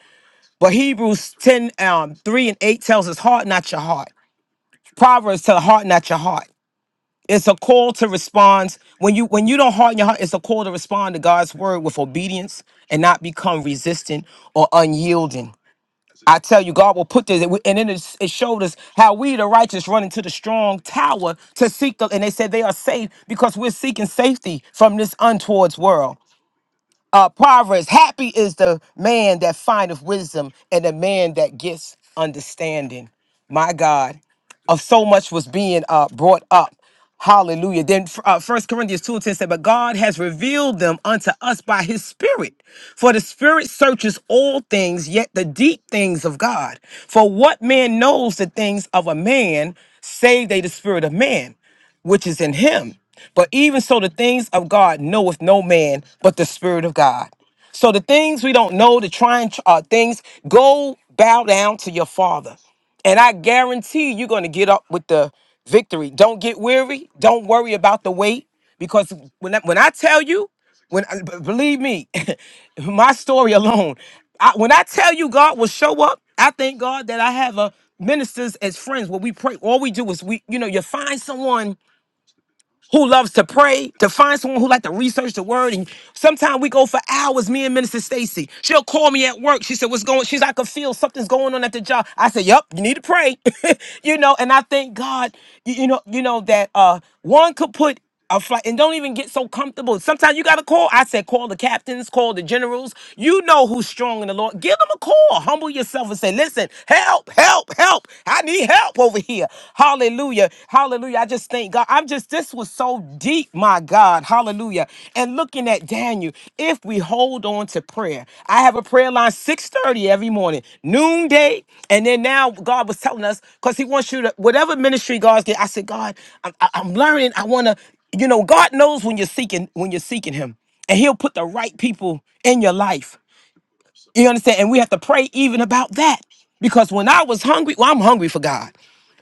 Speaker 7: But Hebrews 10 um, 3 and 8 tells us heart not your heart. Proverbs tell heart not your heart. It's a call to respond when you when you don't harden your heart. It's a call to respond to God's word with obedience and not become resistant or unyielding. I tell you, God will put this, and then it it showed us how we, the righteous, run into the strong tower to seek the, and they said they are safe because we're seeking safety from this untowards world uh, Proverbs, happy is the man that findeth wisdom and the man that gets understanding. My God, of so much was being uh, brought up. Hallelujah. Then uh, 1 Corinthians 2 and 10 said, But God has revealed them unto us by his Spirit. For the Spirit searches all things, yet the deep things of God. For what man knows the things of a man, save they the Spirit of man? which is in him. But even so, the things of God knoweth no man but the Spirit of God. So the things we don't know, the trying uh, things, go bow down to your Father. And I guarantee you're going to get up with the victory. Don't get weary. Don't worry about the wait, Because when I, when I tell you, when I- b- believe me, my story alone, I, when I tell you God will show up, I thank God that I have a ministers as friends where we pray. All we do is we, you know, you find someone who loves to pray, to find someone who like to research the word. And sometimes we go for hours, me and Minister Stacy. She'll call me at work. She said, What's going She's I could feel something's going on at the job. I said, Yep, you need to pray. you know, and I thank God, you, you know, you know, that uh one could put a flight and don't even get so comfortable. Sometimes you gotta call. I said, call the captains, call the generals. You know who's strong in the Lord. Give them a call. Humble yourself and say, listen, help, help, help. I need help over here. Hallelujah. Hallelujah. I just thank God. I'm just this was so deep, my God. Hallelujah. And looking at Daniel, if we hold on to prayer, I have a prayer line 6:30 every morning, noonday, and then now God was telling us because He wants you to whatever ministry God's get. I said, God, I'm, I- I'm learning. I want to. You know, God knows when you're seeking when you're seeking him, and he'll put the right people in your life. You understand? And we have to pray even about that. Because when I was hungry, well, I'm hungry for God.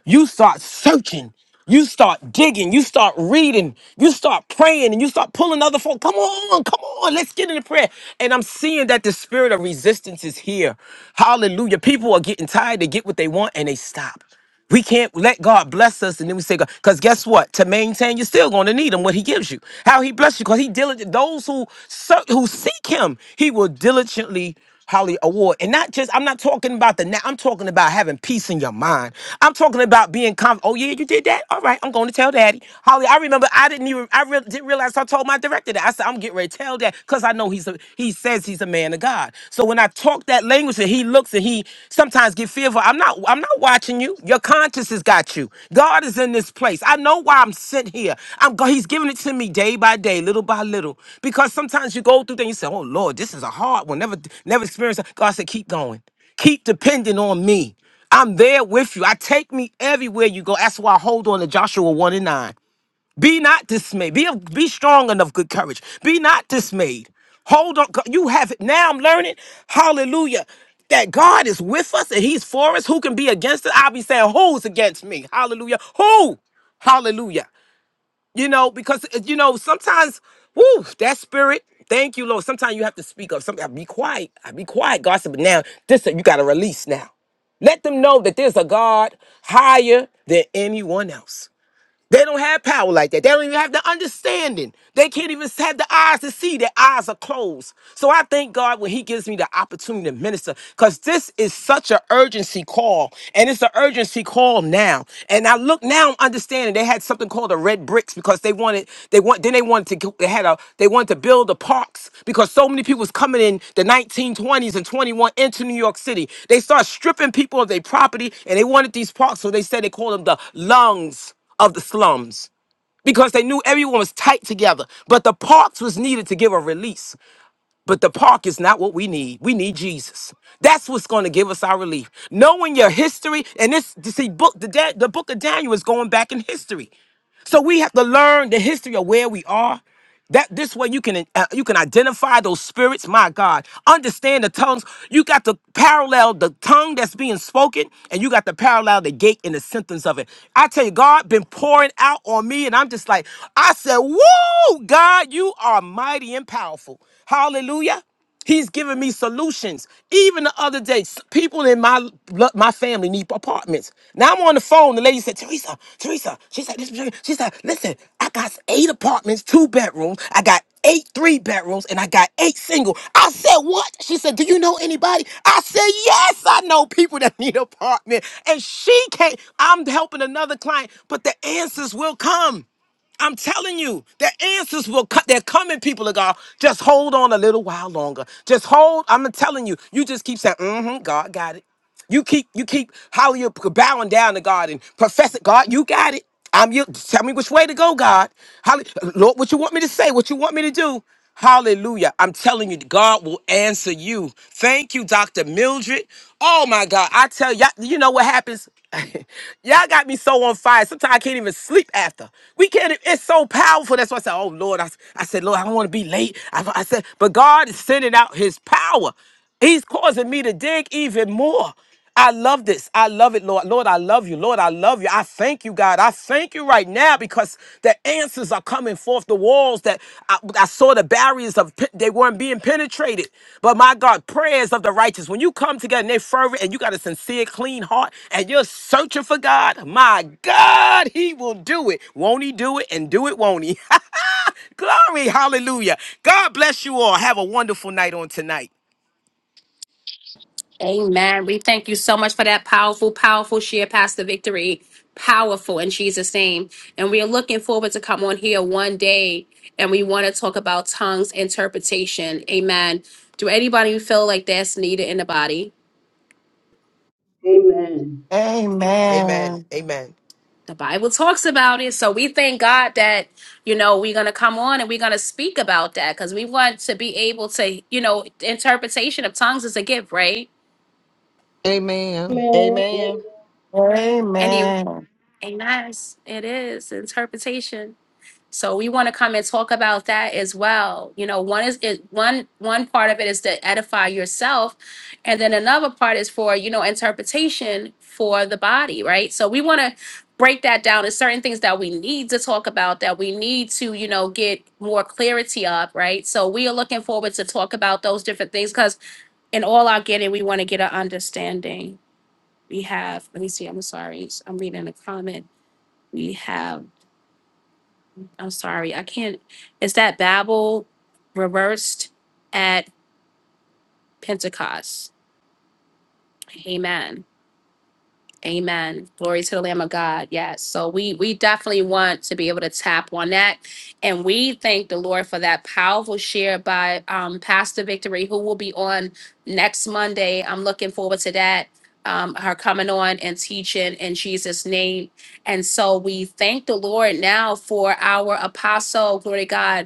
Speaker 7: You start searching, you start digging, you start reading, you start praying, and you start pulling other folk. Come on, come on, let's get into prayer. And I'm seeing that the spirit of resistance is here. Hallelujah. People are getting tired, they get what they want, and they stop. We can't let God bless us and then we say, because guess what? To maintain, you're still going to need Him, what He gives you. How He bless you, because He diligent, those who, ser- who seek Him, He will diligently Holly Award. And not just, I'm not talking about the now, I'm talking about having peace in your mind. I'm talking about being confident. Oh, yeah, you did that? All right, I'm going to tell daddy. Holly, I remember I didn't even, I re- didn't realize I told my director that. I said, I'm getting ready to tell that because I know he's a, he says he's a man of God. So when I talk that language and he looks and he sometimes get fearful, I'm not, I'm not watching you. Your conscience has got you. God is in this place. I know why I'm sent here. I'm go- He's giving it to me day by day, little by little. Because sometimes you go through things, you say, "Oh Lord, this is a hard one. Never, never experienced." that." God said, "Keep going. Keep depending on me. I'm there with you. I take me everywhere you go. That's why I hold on to Joshua one and nine. Be not dismayed. Be of, be strong enough, good courage. Be not dismayed. Hold on. God, You have it. Now I'm learning. Hallelujah. That God is with us and He's for us. Who can be against us? I'll be saying, Who's against me? Hallelujah. Who? Hallelujah. You know, because uh, you know, sometimes, whoo, that spirit. Thank you, Lord. Sometimes you have to speak up. Sometimes be quiet. I be quiet. God said, but now this you gotta release now. Let them know that there's a God higher than anyone else. They don't have power like that. They don't even have the understanding. They can't even have the eyes to see. Their eyes are closed. So I thank God when He gives me the opportunity to minister because this is such an urgency call. And it's an urgency call now. And I look now, I'm understanding they had something called the red bricks because they wanted, they want, then they wanted to, go- they had a, they wanted to build the parks because so many people was coming in the 1920s and 21 into New York City. They started stripping people of their property and they wanted these parks. So they said they called them the lungs of the slums because they knew everyone was tight together, but the parks was needed to give a release. But the park is not what we need. We need Jesus. That's what's going to give us our relief. Knowing your history, and this you see book the Da- the book of Daniel is going back in history, so we have to learn the history of where we are. That this way you can uh, you can identify those spirits. My God, understand the tongues. You got to parallel the tongue that's being spoken, and you got to parallel the gate and the sentence of it. I tell you, God been pouring out on me, and I'm just like, I said, "Whoa, God, you." you are mighty and powerful. Hallelujah. He's giving me solutions. Even the other day, s- people in my lo- my family need apartments. Now I'm on the phone. The lady said, "Teresa, Teresa." She said, this, "She said, listen, I got eight apartments, two bedrooms. I got eight three bedrooms, and I got eight single." I said, "What?" She said, "Do you know anybody?" I said, "Yes, I know people that need apartment." And she can't. I'm helping another client, but the answers will come. I'm telling you, the answers will cut. They're coming, people of God. Just hold on a little while longer. Just hold. I'm telling you, you just keep saying, mm-hmm, God got it. You keep, you keep, how you are bowing down to God and professing, God, you got it. I'm you. Tell me which way to go, God. How, Lord, what you want me to say? What you want me to do? Hallelujah. I'm telling you, God will answer you. Thank you, Dr. Mildred. Oh my God. I tell y'all, you know what happens? y'all got me so on fire. Sometimes I can't even sleep after. We can't, e, it's so powerful. That's why I said, oh Lord, I, I said, Lord, I don't want to be late. I I said, but God is sending out his power. He's causing me to dig even more. I love this. I love it, Lord. Lord, I love you. Lord, I love you. I thank you, God. I thank you right now because the answers are coming forth. The walls that I, I saw the barriers of pe- they weren't being penetrated. But my God, prayers of the righteous. When you come together and they fervent and you got a sincere, clean heart and you're searching for God, my God, He will do it. Won't He do it? And do it, won't He? Glory, hallelujah. God bless you all. Have a wonderful night on tonight.
Speaker 1: Amen. We thank you so much for that powerful, powerful share, Pastor Victory. Powerful in Jesus' name. And we are looking forward to come on here one day and we want to talk about tongues interpretation. Amen. Do anybody feel like that's needed in the body?
Speaker 8: Amen.
Speaker 7: Amen.
Speaker 6: amen
Speaker 7: Amen.
Speaker 1: The Bible talks about it. So we thank God that, you know, we're going to come on and we're going to speak about that because we want to be able to, you know, interpretation of tongues is a gift, right?
Speaker 4: Amen.
Speaker 8: Amen. Amen.
Speaker 4: amen
Speaker 1: And you,
Speaker 6: amen
Speaker 1: amen. It is interpretation. So we want to come and talk about that as well. You know, one is it one one part of it is to edify yourself, and then another part is for you know interpretation for the body, right? So we want to break that down. There's certain things that we need to talk about that we need to you know get more clarity of, right? So we are looking forward to talk about those different things because in all our getting, we want to get an understanding. We have. Let me see. I'm sorry. I'm reading a comment. We have. I'm sorry, I can't. Is that Babel reversed at Pentecost? Amen. Amen. Glory to the Lamb of God. Yes. So we we definitely want to be able to tap on that, and we thank the Lord for that powerful share by um, Pastor Victory, who will be on next Monday. I'm looking forward to that. Um, her coming on and teaching in Jesus' name. And so we thank the Lord now for our apostle, glory to God,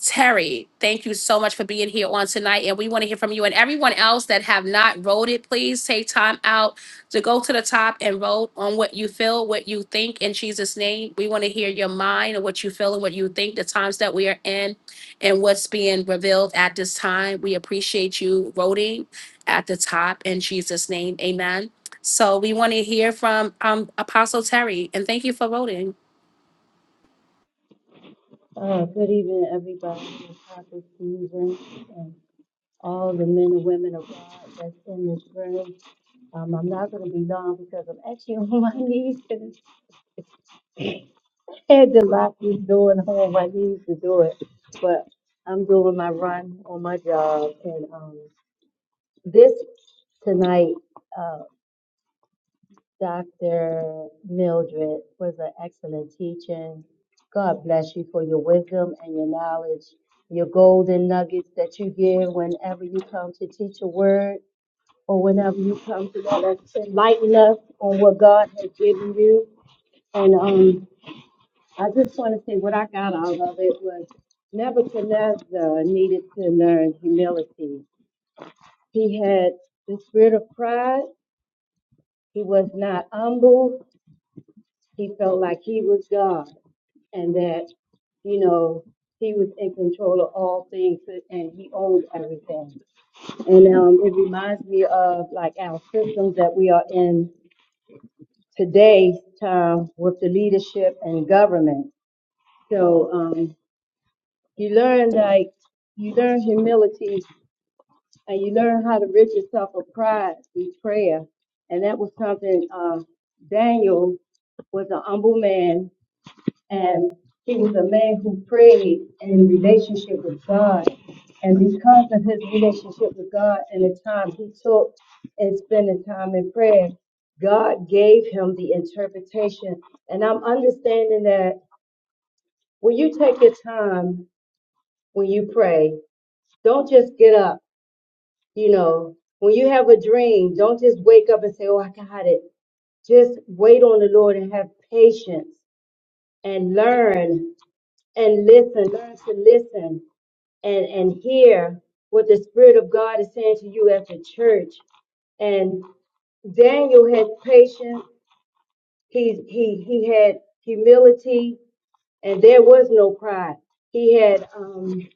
Speaker 1: Terry, thank you so much for being here on tonight. And we want to hear from you and everyone else that have not voted. Please take time out to go to the top and vote on what you feel, what you think in Jesus' name. We want to hear your mind and what you feel and what you think, the times that we are in and what's being revealed at this time. We appreciate you voting at the top in Jesus' name. Amen. So we want to hear from um, Apostle Terry and thank you for voting.
Speaker 8: Uh, good evening, everybody. Apostle Stephen and all the men and women of God that's in this room. Um, I'm not going to be long because I'm actually on my knees and I had to lock this door and I'm on my knees to do it. But I'm doing my run on my job. And um, this tonight. uh, Dr. Mildred was an excellent teacher. God bless you for your wisdom and your knowledge, your golden nuggets that you give whenever you come to teach a word or whenever you come to let us to enlighten us on what God has given you. And um, I just want to say what I got out of it was Nebuchadnezzar needed to learn humility. He had the spirit of pride. He was not humble. He felt like he was God. and that, you know, he was in control of all things and he owned everything. And um, it reminds me of like our systems that we are in today time with the leadership and government. So um, you learn like you learn humility and you learn how to rid yourself of pride through prayer. And that was something uh, Daniel was an humble man And he was a man who prayed in relationship with God. And because of his relationship with God and the time he took in spending time in prayer, God gave him the interpretation. And I'm understanding that when you take your time when you pray, don't just get up, you know, when you have a dream, don't just wake up and say, Oh, I got it. Just wait on the Lord and have patience and learn and listen, learn to listen and and hear what the spirit of god is saying to you at the church and daniel had patience he he he had humility and there was no pride he had um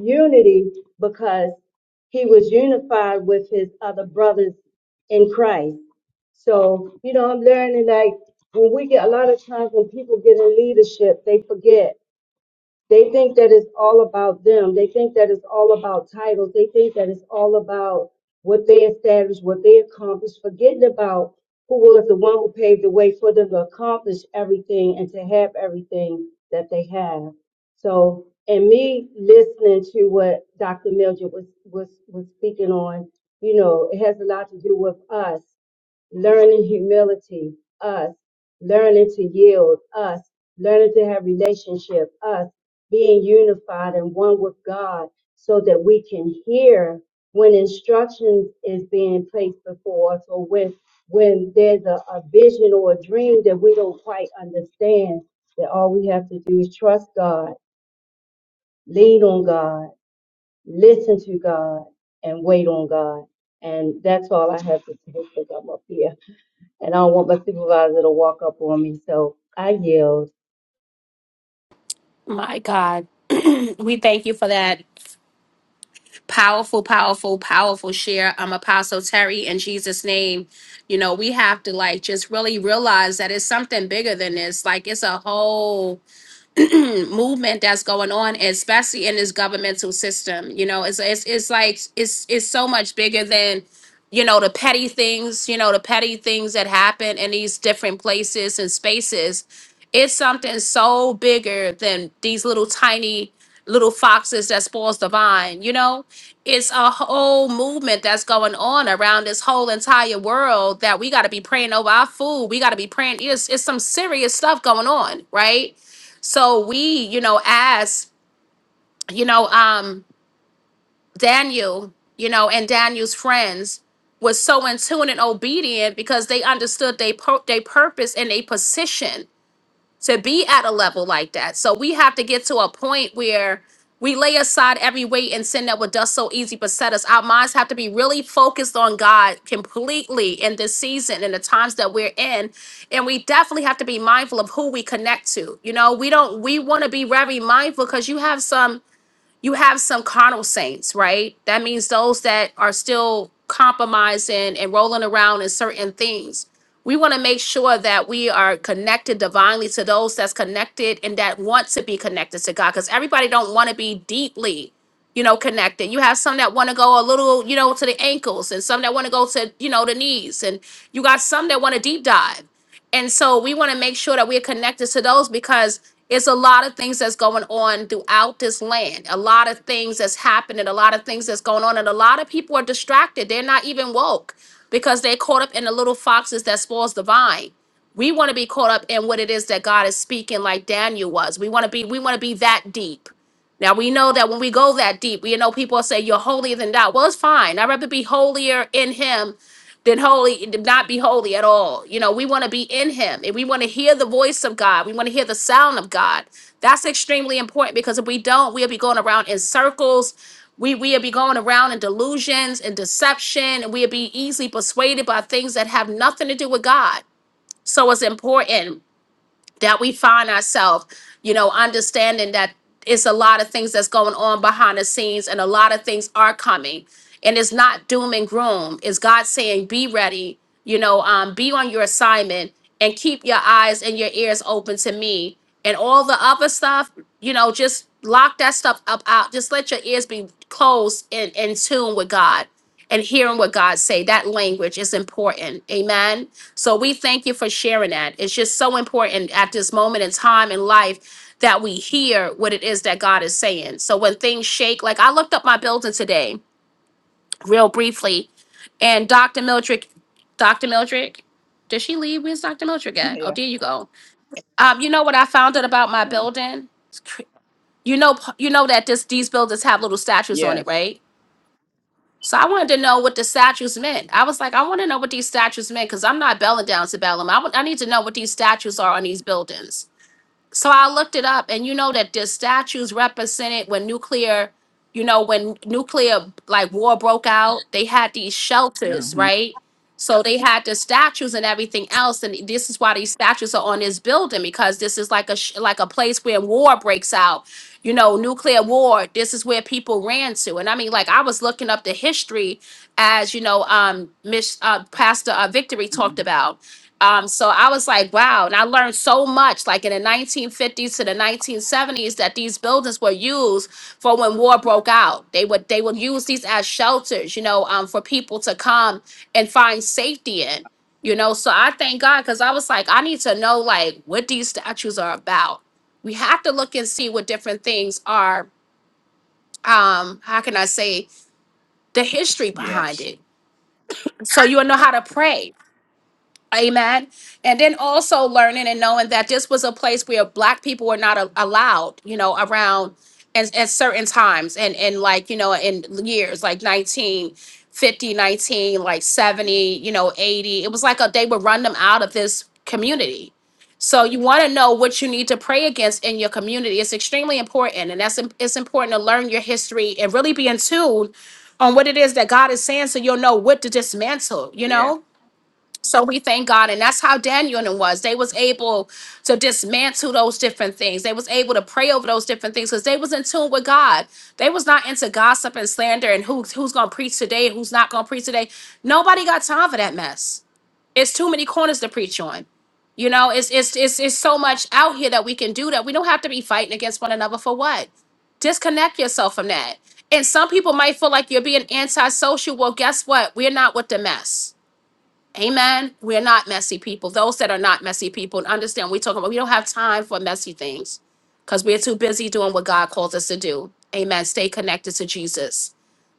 Speaker 8: unity because he was unified with his other brothers in christ so you know i'm learning like when we get a lot of times when people get in leadership they forget they think that it's all about them. They think that it's all about titles. They think that it's all about what they established, what they accomplished, forgetting about who was the one who paved the way for them to accomplish everything and to have everything that they have. So, and me listening to what Dr. Mildred was, was, was speaking on, you know, it has a lot to do with us learning humility, us, learning to yield, us, learning to have relationship, us, being unified and one with God so that we can hear when instruction is being placed before us or when when there's a, a vision or a dream that we don't quite understand, that all we have to do is trust God, lean on God, listen to God, and wait on God. And that's all I have to say because I'm up here and I don't want my supervisor to walk up on me, so I yelled.
Speaker 1: My God, we thank you for that Powerful, powerful, powerful share. I'm Apostle Terry in Jesus' name. You know, we have to like just really realize that it's something bigger than this. Like it's a whole certain movement that's going on, especially in this governmental system. You know, it's it's it's like it's it's so much bigger than you know the petty things. You know, the petty things that happen in these different places and spaces. It's something so bigger than these little tiny little foxes that spoils the vine. You know, it's a whole movement that's going on around this whole entire world that we got to be praying over our food. We got to be praying. It's, it's some serious stuff going on, right? So we, you know, as, you know, um, Daniel, you know, and Daniel's friends was so in tune and obedient because they understood their pur- they purpose and their position to be at a level like that. So we have to get to a point where we lay aside every weight and sin that would us so easy beset us. Our minds have to be really focused on God completely in this season and the times that we're in. And we definitely have to be mindful of who we connect to. You know, we don't we want to be very mindful because you have some you have some carnal saints, right? That means those that are still compromising and rolling around in certain things. We want to make sure that we are connected divinely to those that's connected and that want to be connected to God because everybody don't want to be deeply, you know, connected. You have some that want to go a little, you know, to the ankles and some that want to go to, you know, the knees and you got some that want to deep dive. And so we want to make sure that we're connected to those because it's a lot of things that's going on throughout this land. A lot of things that's happening, a lot of things that's going on, and a lot of people are distracted. They're not even woke because they're caught up in the little foxes that spoils the vine. We want to be caught up in what it is that God is speaking, like Daniel was. We want to be, we want to be that deep. Now we know that when we go that deep, we know people say you're holier than thou. Well, it's fine. I'd rather be holier in him than holy, than not be holy at all. You know, we want to be in him and we want to hear the voice of God. We want to hear the sound of God. That's extremely important because if we don't, we'll be going around in circles. We we'll be going around in delusions and deception, and we'll be easily persuaded by things that have nothing to do with God. So it's important that we find ourselves, you know, understanding that it's a lot of things that's going on behind the scenes and a lot of things are coming. And it's not doom and gloom. It's God saying, be ready, you know, um, be on your assignment and keep your eyes and your ears open to me. And all the other stuff, you know, just lock that stuff up out. Just let your ears be closed and in tune with God and hearing what God say. That language is important. Amen. So we thank you for sharing that. It's just so important at this moment in time in life that we hear what it is that God is saying. So when things shake, like I looked up my building today, real briefly, and Dr. Mildred, Dr. Mildred, did she leave? Where's Dr. Mildred at? Oh,
Speaker 2: Yeah.
Speaker 1: there you go. Um, you know what I found out about my
Speaker 2: Well,
Speaker 1: building? It's cr- You know, you know that this these buildings have little statues on it,
Speaker 2: yes.
Speaker 1: right? So I wanted to know what the statues meant. I was like, I want to know what these statues meant because I'm not belling down to Bellum. I want- I need to know what these statues are on these buildings. So I looked it up, and you know that the statues represented when nuclear, you know, when nuclear like war broke out, they had these shelters,
Speaker 2: Mm-hmm.
Speaker 1: right? So they had the statues and everything else, and this is why these statues are on this building because this is like a sh- like a place where war breaks out, you know, nuclear war. This is where people ran to, and I mean, like I was looking up the history, as you know, um, Miss uh, Pastor uh, Victory talked about. Um, so I was like, wow. And I learned so much, like in the 1950s to the 1970s, that these buildings were used for when war broke out. They would they would use these as shelters, you know, um, for people to come and find safety in. You know, so I thank God because I was like, I need to know like what these statues are about. We have to look and see what different things are. Um, how can I say the history behind
Speaker 2: Yes.
Speaker 1: it? So you'll know how to pray Amen. And then also learning and knowing that this was a place where black people were not a- allowed, you know, around at, at certain times and, and like, you know, in years like 1950, 19, like 70, you know, 80. It was like a, they would run them out of this
Speaker 2: Yes.
Speaker 1: community. So you want to know what you need to pray against in your community. It's extremely important. And that's, im- it's important to learn your history and really be in tune on what it is that God is saying so you'll know what to dismantle, you
Speaker 2: Yes.
Speaker 1: know? So we thank God, and that's how Daniel and them was. They was able to dismantle those different things. They was able to pray over those different things because they was in tune with God. They was not into gossip and slander and who who's gonna preach today and who's not gonna preach today. Nobody got time for that mess. It's too many corners to preach on. You know, it's it's it's it's so much out here that we can do that. We don't have to be fighting against one another for what? Disconnect yourself from that. And some people might feel like you're being antisocial. Well, guess what? We're not with the mess. Amen. We're not messy people. Those that are not messy people and understand we're talking about we don't have time for messy things because we're too busy doing what God calls us to do. Amen. Stay connected to Jesus.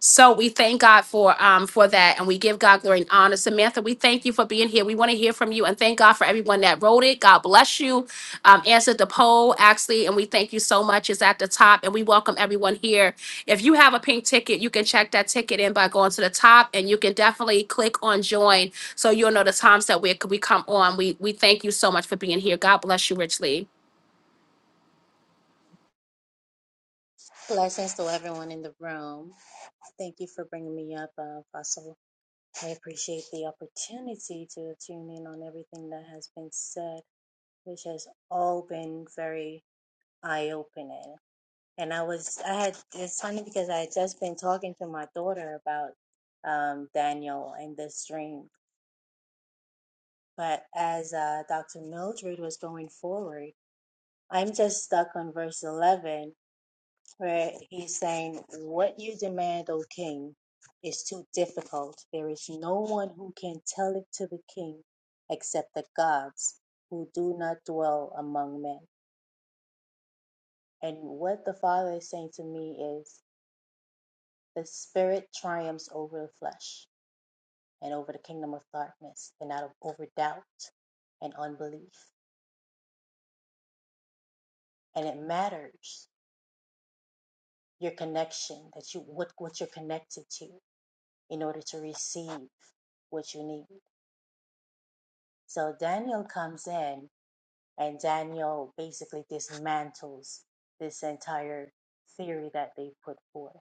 Speaker 1: So we thank God for um for that and we give God glory and honor. Samantha, we thank you for being here. We want to hear from you and thank God for everyone that wrote it. God bless you. Um, answered the poll actually, and we thank you so much. It's at the top, and we welcome everyone here. If you have a pink ticket, you can check that ticket in by going to the top, and you can definitely click on join so you'll know the times that we we come on. We we thank you so much for being here. God bless you richly.
Speaker 9: Blessings to everyone in the room. Thank you for bringing me up, uh, Apostle. I appreciate the opportunity to tune in on everything that has been said, which has all been very eye-opening. And I was, I had, it's funny because I had just been talking to my daughter about um, Daniel and this dream. But as uh, Dr. Mildred was going forward, I'm just stuck on verse 11 where he's saying, What you demand, O king, is too difficult. There is no one who can tell it to the king except the gods who do not dwell among men. And what the Father is saying to me is, The spirit triumphs over the flesh and over the kingdom of darkness and out of over doubt and unbelief. And it matters your connection that you what, what you're connected to in order to receive what you need. So Daniel comes in, and Daniel basically dismantles this entire theory that they put forth.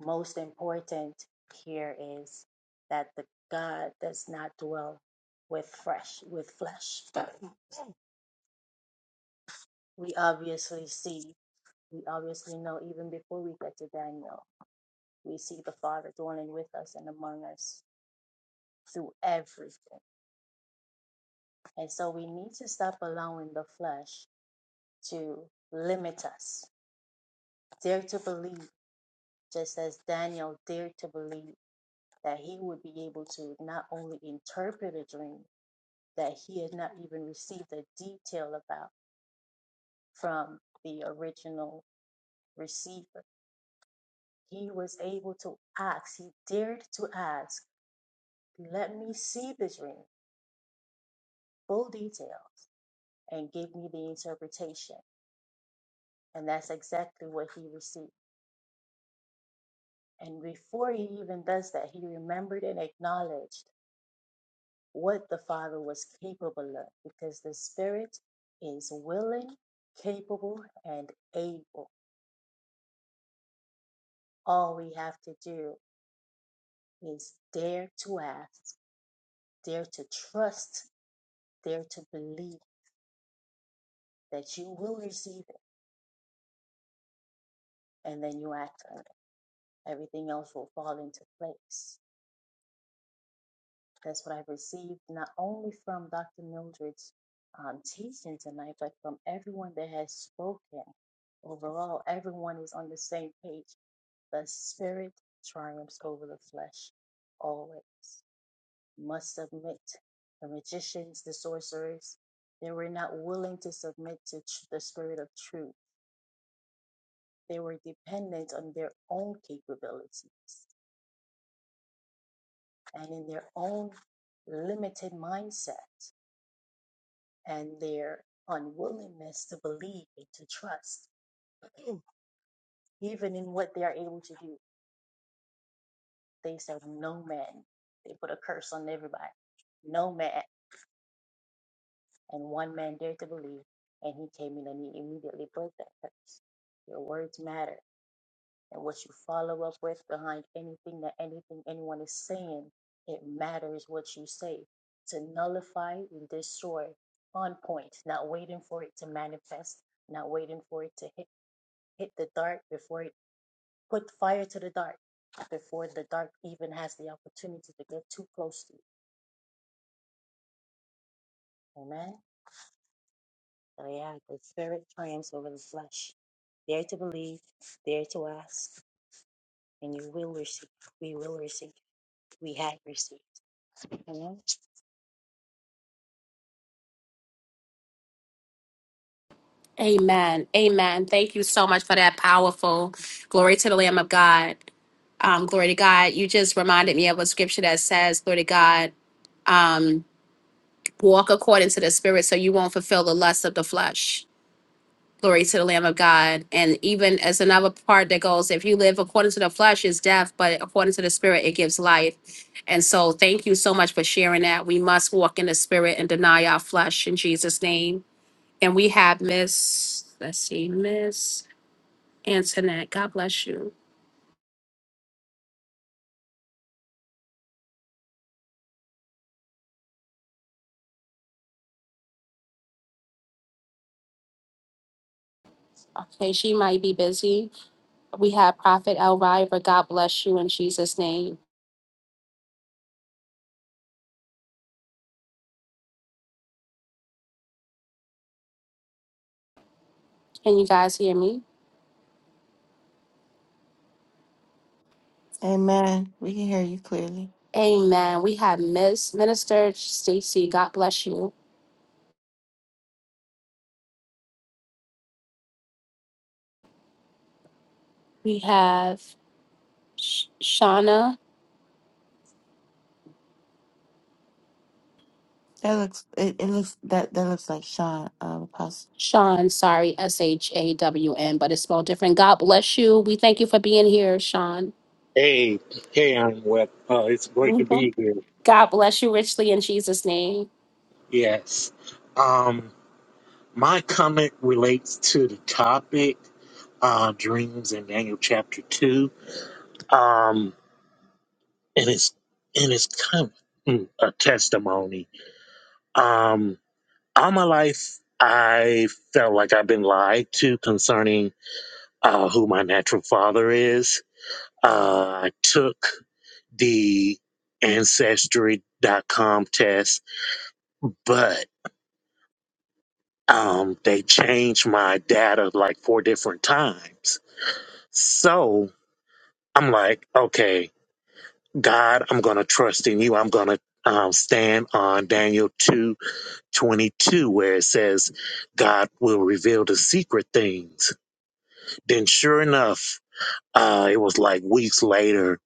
Speaker 9: Most important here is that the God does not dwell with fresh with flesh. We obviously see, we obviously know even before we get to Daniel, we see the Father dwelling with us and among us through everything. And so we need to stop allowing the flesh to limit us Dare to believe, just as Daniel dared to believe that he would be able to not only interpret a dream that he had not even received a detail about from the original receiver, he was able to ask, he dared to ask, let me see the dream, full details, and give me the interpretation. And that's exactly what he received. And before he even does that, he remembered and acknowledged. what the Father was capable of because the Spirit is willing, capable, and able. All we have to do is dare to ask, dare to trust, dare to believe that you will receive it, and then you act on it. Everything else will fall into place. That's what I've received not only from Dr. Mildred's um, teaching tonight, but from everyone that has spoken overall everyone is on the same page The spirit triumphs over the flesh always. Must submit. The magicians, the sorcerers, they were not willing to submit to tr- the spirit of truth. They were dependent on their own capabilities and in their own limited mindset and their unwillingness to believe and to trust, even in what they are able to do. They said, No man. They put a curse on everybody. No man. And one man dared to believe, and he came in and he immediately broke that curse. Your words matter. And what you follow up with behind anything that anything anyone is saying, it matters what you say. To nullify and destroy on point, not waiting for it to manifest, not waiting for it to hit hit the dark before it put fire to the dark, before the dark even has the opportunity to get too close to you. Amen. I am the spirit triumphs over the flesh. Dare to believe, dare to ask, and you will receive. We will receive. We have received. Amen.
Speaker 1: Amen. Amen. Thank you so much for that powerful glory to the Lamb of God. Um, glory to God. You just reminded me of a scripture that says, glory to God, um, walk according to the spirit so you won't fulfill the lust of the flesh. Glory to the Lamb of God. And even as another part that goes, if you live according to the flesh, is death, but according to the spirit, it gives life. And so thank you so much for sharing that. We must walk in the spirit and deny our flesh in Jesus' name. And we have Miss, let's see, Miss Antoinette. God bless you. Okay, she might be busy. We have Prophet Elvira. God bless you in Jesus' name. Can you guys hear me?
Speaker 6: amen we can hear you clearly
Speaker 1: Amen. We have Miss Minister Stacy. God bless you. We have Sh- Shauna.
Speaker 6: that looks it, it looks that that looks like sean um apostle
Speaker 1: Sean, sorry, S H A W N, but it's spelled different. God bless you. We thank you for being here, Sean.
Speaker 10: Hey, hey, I'm Web. Uh, it's great to
Speaker 1: Mhm.
Speaker 10: be here.
Speaker 1: God bless you richly in Jesus' name.
Speaker 10: Yes. Um, my comment relates to the topic, uh, dreams in Daniel chapter two. Um, and it's, and it's kind of mm, a testimony. Um, all my life, I felt like I've been lied to concerning, uh, who my natural father is. Uh, I took the ancestry.com test, but um, they changed my data like four different times. So I'm like, okay, God, I'm going to trust in you. I'm going to um, stand on Daniel two twenty two, where it says, God will reveal the secret things. Then, sure enough, uh, it was like weeks later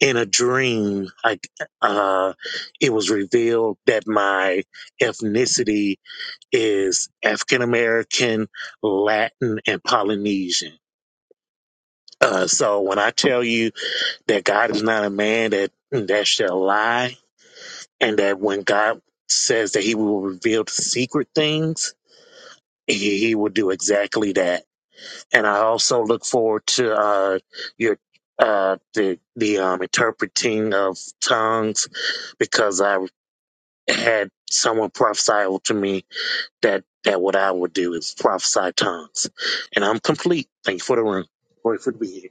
Speaker 10: in a dream, like uh, it was revealed that my ethnicity is African American, Latin, and Polynesian. Uh, so when I tell you that God is not a man that that shall lie, and that when God says that He will reveal the secret things, He, he will do exactly that. And I also look forward to uh, your uh, the the um, interpreting of tongues because I had someone prophesy to me that that what I would do is prophesy tongues. And I'm complete. Thank you for the room. Grateful to be here.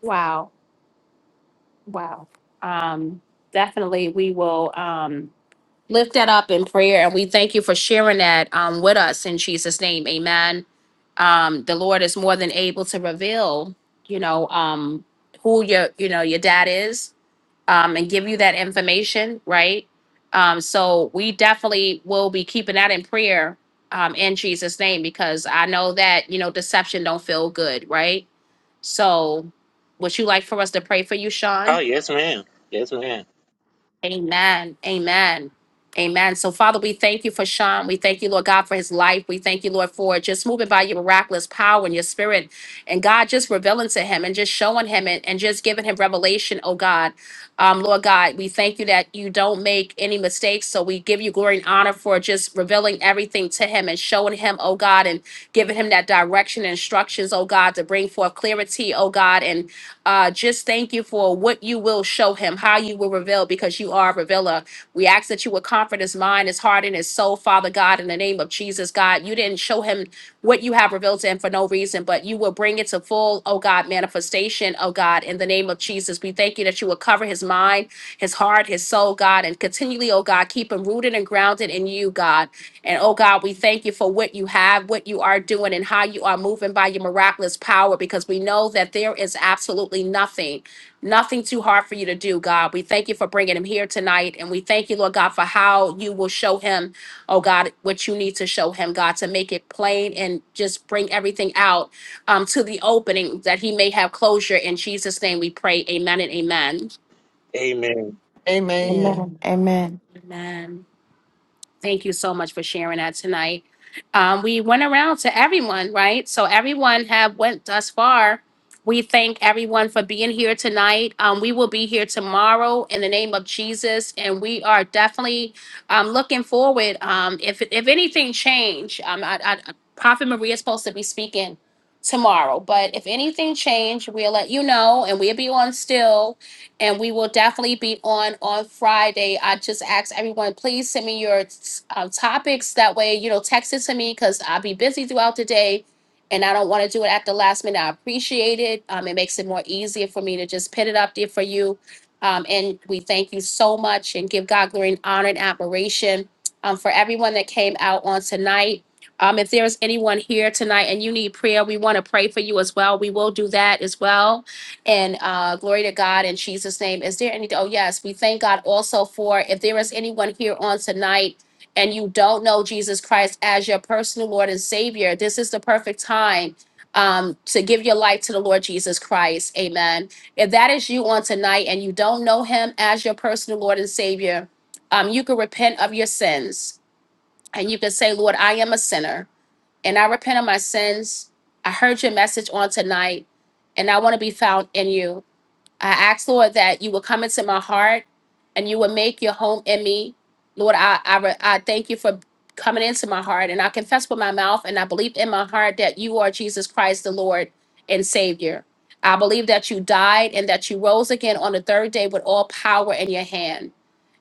Speaker 1: Wow. Wow. Um, definitely we will um lift that up in prayer and we thank you for sharing that um, with us in jesus name amen um, the lord is more than able to reveal you know um, who your you know your dad is um, and give you that information right um, so we definitely will be keeping that in prayer um, in jesus name because i know that you know deception don't feel good right so would you like for us to pray for you sean
Speaker 10: Oh yes, ma'am. Yes, ma'am.
Speaker 1: Amen. Amen. Amen. So, Father, we thank you for Sean. We thank you, Lord God, for his life. We thank you, Lord, for just moving by your miraculous power and your spirit. And God, just revealing to him and just showing him and, and just giving him revelation, oh God. Um, Lord God, we thank you that you don't make any mistakes. So we give you glory and honor for just revealing everything to him and showing him, oh God, and giving him that direction and instructions, oh God, to bring forth clarity, oh God, and uh, just thank you for what you will show him, how you will reveal, because you are a revealer. We ask that you would comfort his mind, his heart, and his soul, Father God, in the name of Jesus, God. You didn't show him what you have revealed to him for no reason, but you will bring it to full, oh God, manifestation, oh God, in the name of Jesus. We thank you that you will cover his mind, his heart, his soul, God, and continually, oh God, keep him rooted and grounded in you, God. And oh God, we thank you for what you have, what you are doing, and how you are moving by your miraculous power because we know that there is absolutely nothing, nothing too hard for you to do, God. We thank you for bringing him here tonight. And we thank you, Lord God, for how you will show him, oh God, what you need to show him, God, to make it plain and just bring everything out um, to the opening that he may have closure. In Jesus' name we pray. Amen and amen.
Speaker 10: Amen. Amen.
Speaker 4: Amen.
Speaker 6: amen amen
Speaker 1: Amen. Thank you so much for sharing that tonight. Um, we went around to everyone, right? So everyone have went thus far. We thank everyone for being here tonight. Um, we will be here tomorrow in the name of Jesus, and we are definitely um, looking forward. Um, if if anything change, um, I, I, Prophet Maria is supposed to be speaking tomorrow, but if anything change, we'll let you know, and we'll be on still and we will definitely be on on Friday. I just ask everyone, please send me your um, topics. That way, you know, text it to me because I'll be busy throughout the day, and I don't want to do it at the last minute. I appreciate it. Um, it makes it more easier for me to just put it up there for you. Um, and we thank you so much and give God glory and honor and admiration um, for everyone that came out on tonight. Um, if there's anyone here tonight and you need prayer, we want to pray for you as well. We will do that as well and uh, glory to God in Jesus' name. Is there any? Oh, yes. We thank God also for if there is anyone here on tonight and you don't know Jesus Christ as your personal Lord and Savior, this is the perfect time um, to give your life to the Lord Jesus Christ. Amen. If that is you on tonight and you don't know Him as your personal Lord and Savior, um, you can repent of your sins and you can say, Lord, I am a sinner and I repent of my sins. I heard your message on tonight and I want to be found in you. I ask, Lord, that you will come into my heart and you will make your home in me. Lord, I, I, re- I thank you for coming into my heart. And I confess with my mouth and I believe in my heart that you are Jesus Christ, the Lord and Savior. I believe that you died and that you rose again on the third day with all power in your hand.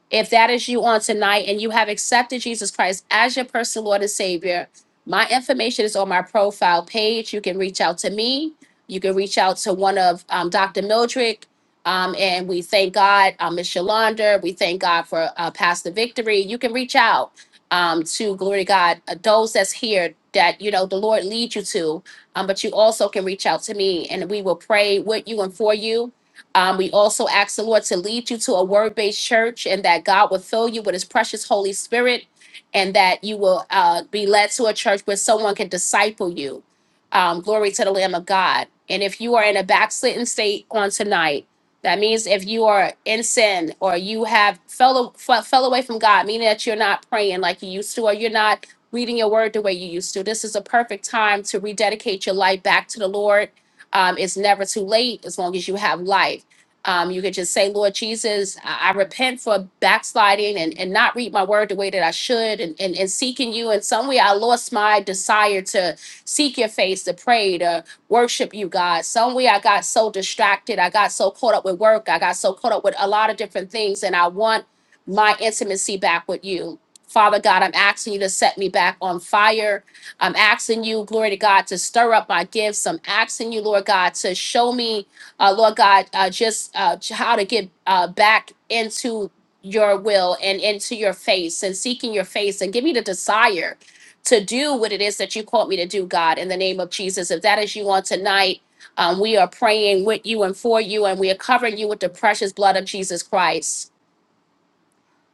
Speaker 1: If that is you on tonight and you have accepted Jesus Christ as your personal Lord and Savior, my information is on my profile page. You can reach out to me. You can reach out to one of um, Dr. Mildred. Um, and we thank God, um, Ms. Shalonda. We thank God for uh, Pastor Victory. You can reach out um, to Glory to God, uh, those that's here that you know the Lord leads you to. Um, but you also can reach out to me, and we will pray with you and for you um, we also ask the Lord to lead you to a word based church and that God will fill you with his precious Holy Spirit and that you will uh, be led to a church where someone can disciple you. Um, glory to the Lamb of God. And if you are in a backslidden state on tonight, that means if you are in sin or you have fell, fell, fell away from God, meaning that you're not praying like you used to or you're not reading your word the way you used to, this is a perfect time to rededicate your life back to the Lord. Um, it's never too late as long as you have life. Um, you could just say, Lord Jesus, I, I repent for backsliding and, and not read my word the way that I should and, and, and seeking you. In some way, I lost my desire to seek your face, to pray, to worship you, God. Some way, I got so distracted. I got so caught up with work. I got so caught up with a lot of different things. And I want my intimacy back with you. Father God, I'm asking you to set me back on fire. I'm asking you, glory to God, to stir up my gifts. I'm asking you, Lord God, to show me uh, Lord God, uh, just uh, how to get uh, back into your will and into your face and seeking your face and give me the desire to do what it is that you called me to do, God, in the name of Jesus. If that is you on tonight, um, we are praying with you and for you, and we are covering you with the precious blood of Jesus Christ.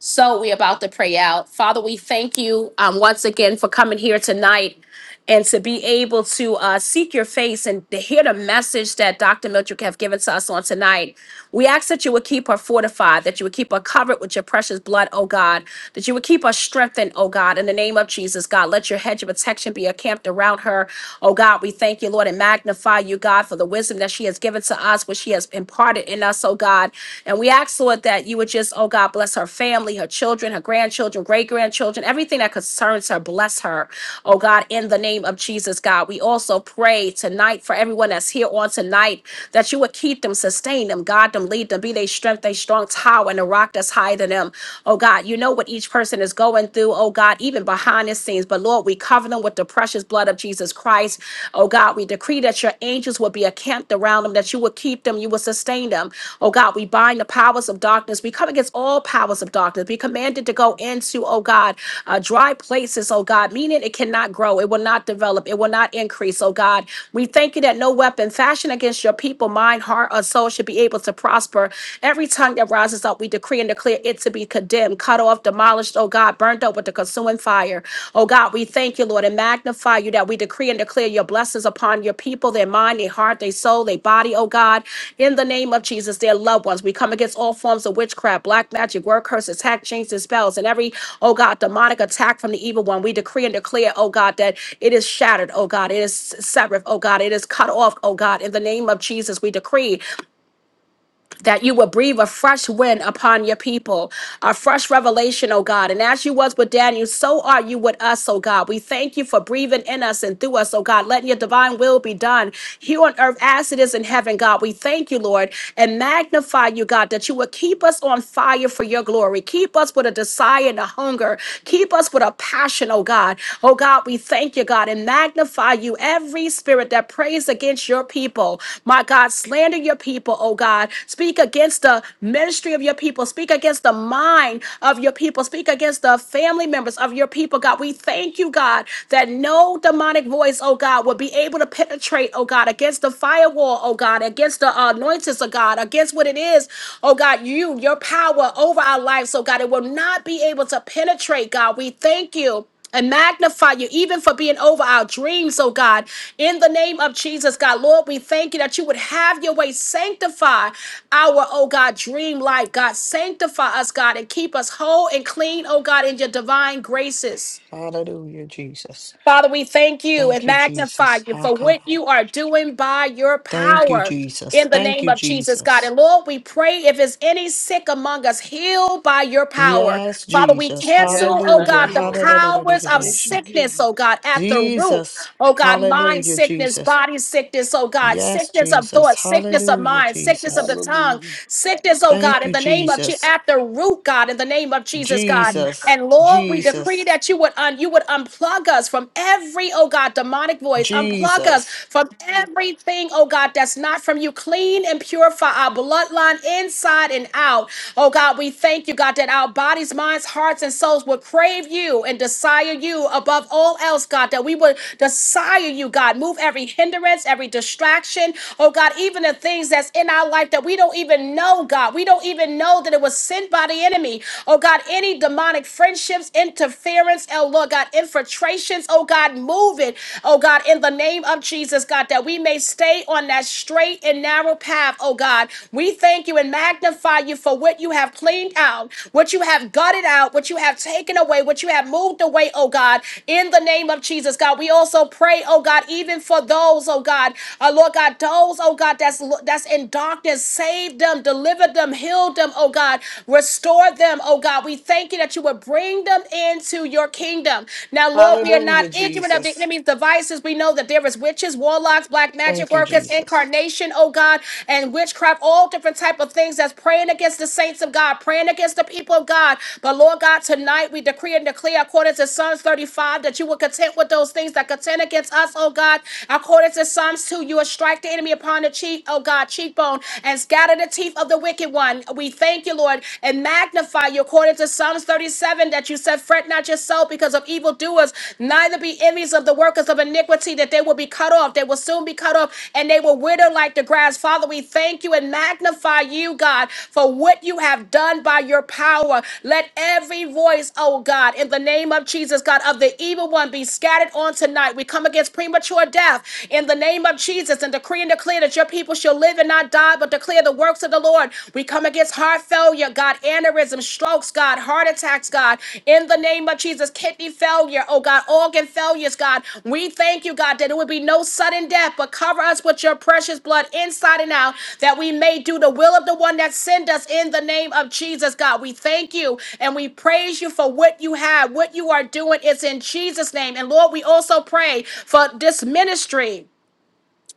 Speaker 1: So we about to pray out. Father, we thank you um, once again for coming here tonight and to be able to uh, seek your face and to hear the message that Dr. Miltrick have given to us on tonight. We ask that you would keep her fortified, that you would keep her covered with your precious blood, oh God, that you would keep her strengthened, oh God, in the name of Jesus, God. Let your hedge of protection be encamped around her, oh God. We thank you, Lord, and magnify you, God, for the wisdom that she has given to us minimize what she has imparted in us, oh God. And we ask, Lord, that you would just, oh God, bless her family, her children, her grandchildren, great grandchildren, everything that concerns her, bless her, oh God, in the name of Jesus, God. We also pray tonight for everyone that's here on tonight that you would keep them, sustain them, guide them, lead them, be their strength, their strong tower, and a rock that's higher than them. Oh God, you know what each person is going through, oh God, even behind the scenes. But Lord, we cover them with the precious precious blood of Jesus Christ. Oh God, we decree that your angels will be encamped around them, that you will keep them, you will sustain them. Oh God, we bind the powers of darkness. We come against all powers of darkness. We commanded to go into, oh God, uh, dry places, oh God, meaning it cannot grow, it will not develop, it will not increase, oh God. We thank you that no weapon fashioned against your people, mind, heart, or soul should be able to prosper. Every tongue that rises up, we decree and declare it to be condemned, cut off, demolished, oh God, burned up with the consuming fire. Oh God, we thank you, Lord, and magnify you that we decree and declare your blessings upon your people, their mind, their heart, their soul, their body, oh God, in the name of Jesus, their loved ones. We come against all forms of witchcraft, black magic, word curses, hack, chains, and spells, and every, oh God, demonic attack from the evil one. We decree and declare, oh God, that it is shattered, oh God, it is severed, oh God, it is cut off, oh God, in the name of Jesus. We decree that you will breathe a fresh wind upon your people, a fresh revelation, oh God. And as you was with Daniel, so are you with us, oh God. We thank you for breathing in us and through us, oh God. Letting your divine will be done here on earth as it is in heaven, God. We thank you, Lord, and magnify you, God, that you would keep us on fire for your glory. Keep us with a desire and a hunger. Keep us with a passion, oh God. Oh God, we thank you, God, and magnify you. Every spirit that prays against your people, my God, slander your people, oh God. Speak against the ministry of your people. Speak against the mind of your people. Speak against the family members of your people, God. We thank you, God, that no demonic voice, oh God, will be able to penetrate, oh God, against the firewall, oh God, against the uh, anointings of God, against what it is, oh God, you, your power over our lives, oh God, it will not be able to penetrate, God. We thank you and magnify you even for being over our dreams, oh God. In the name of Jesus, God, Lord, we thank you that you would have your way. Sanctify our, oh God, dream life, God. Sanctify us, God, and keep us whole and clean, oh God, in your divine graces.
Speaker 4: Hallelujah, Jesus.
Speaker 1: Father, we thank you and
Speaker 4: Thank you,
Speaker 1: magnify
Speaker 4: Jesus.
Speaker 1: you for what
Speaker 4: Hakaba.
Speaker 1: you are doing by your
Speaker 4: Thank you,
Speaker 1: power
Speaker 4: Jesus.
Speaker 1: in the
Speaker 4: Thank
Speaker 1: name
Speaker 4: you,
Speaker 1: of Jesus, God.
Speaker 4: Jesus.
Speaker 1: And Lord, we pray if there's any sick among us, heal by your power.
Speaker 4: Yes,
Speaker 1: Father, we
Speaker 4: Jesus.
Speaker 1: cancel, oh
Speaker 4: Hallelujah.
Speaker 1: God, the
Speaker 4: Hallelujah.
Speaker 1: powers of sickness, oh God, at the root.
Speaker 4: Jesus.
Speaker 1: Oh God, mind
Speaker 4: Hallelujah,
Speaker 1: sickness,
Speaker 4: Jesus.
Speaker 1: body sickness, oh God,
Speaker 4: Yes,
Speaker 1: sickness of
Speaker 4: Jesus.
Speaker 1: thought, sickness of
Speaker 4: Hallelujah,
Speaker 1: mind, sickness of
Speaker 4: Jesus.
Speaker 1: the tongue, sickness, oh God,
Speaker 4: Thank you,
Speaker 1: in the name of Jesus,
Speaker 4: Jesus.
Speaker 1: at the root, God, in the name of Jesus, God.
Speaker 4: Jesus.
Speaker 1: And Lord, we decree
Speaker 4: Jesus.
Speaker 1: that you would un, you would unplug us from every, oh God, demonic voice, unplug us
Speaker 4: Jesus.
Speaker 1: from everything, oh God, that's not from you. Clean and purify our bloodline inside and out. Oh God, we thank you, God, that our bodies, minds, hearts, hearts and souls would crave you and desire you above all else, God, that we would desire you, God. Move every hindrance, every distraction, oh God, even the things that's in our life that we don't even know, God. We don't even know that it was sent by the enemy, oh God. Any demonic friendships, interference, oh Lord God, infiltrations, oh God, move it, oh God, in the name of Jesus, God, that we may stay on that straight and narrow path, oh God. We thank you and magnify you for what you have cleaned out, what you have gutted out, what you have taken away, what you have moved away, oh God, in the name of Jesus, God. We also pray, oh God, even for those, oh God, uh, Lord God, those, oh God, that's that's in darkness, save them, deliver them, heal them, oh God, restore them, oh God. We thank you that you would bring them into your kingdom. Now, Lord, we are
Speaker 4: Hallelujah,
Speaker 1: not ignorant of the
Speaker 4: Jesus.
Speaker 1: enemy's devices. We know that that there is witches, warlocks, black magic
Speaker 4: Thank you,
Speaker 1: workers,
Speaker 4: Jesus.
Speaker 1: incarnation, oh God, and witchcraft, all different type of things that's praying against the saints of God, praying against the people of God. But Lord God, tonight we decree and declare according to Psalms 35 that you will contend with those things that contend against us, oh God. According to Psalms 2, you will strike the enemy upon the cheek, oh God, cheekbone, and scatter the teeth of the wicked one. We thank you, Lord, and magnify you according to Psalms 37 that you said said, Fret not yourself because of evildoers, neither be envious of the workers of iniquity, that they will be cut off. They will soon be cut off, and they will wither like the grass. Father, we thank you and magnify you, God, for what you have done by your power. Let every voice, oh God, in the name of Jesus, God, of the evil one be scattered on tonight. We come against premature death in the name of Jesus and decree and declare that your people shall live and not die, but declare the works of the Lord. God. We come against heart failure, God, aneurysm, strokes, God, heart attacks, God, in the name of Jesus, kidney failure, oh God, organ failures, God. We thank you, God, that it would be no sudden death, but cover us with your precious blood inside and out, that we may do the will of the one that sent us in the name of Jesus, God. We thank you and we praise you for what you have, what you are doing. It's in Jesus' name. And Lord, we also pray for this ministry.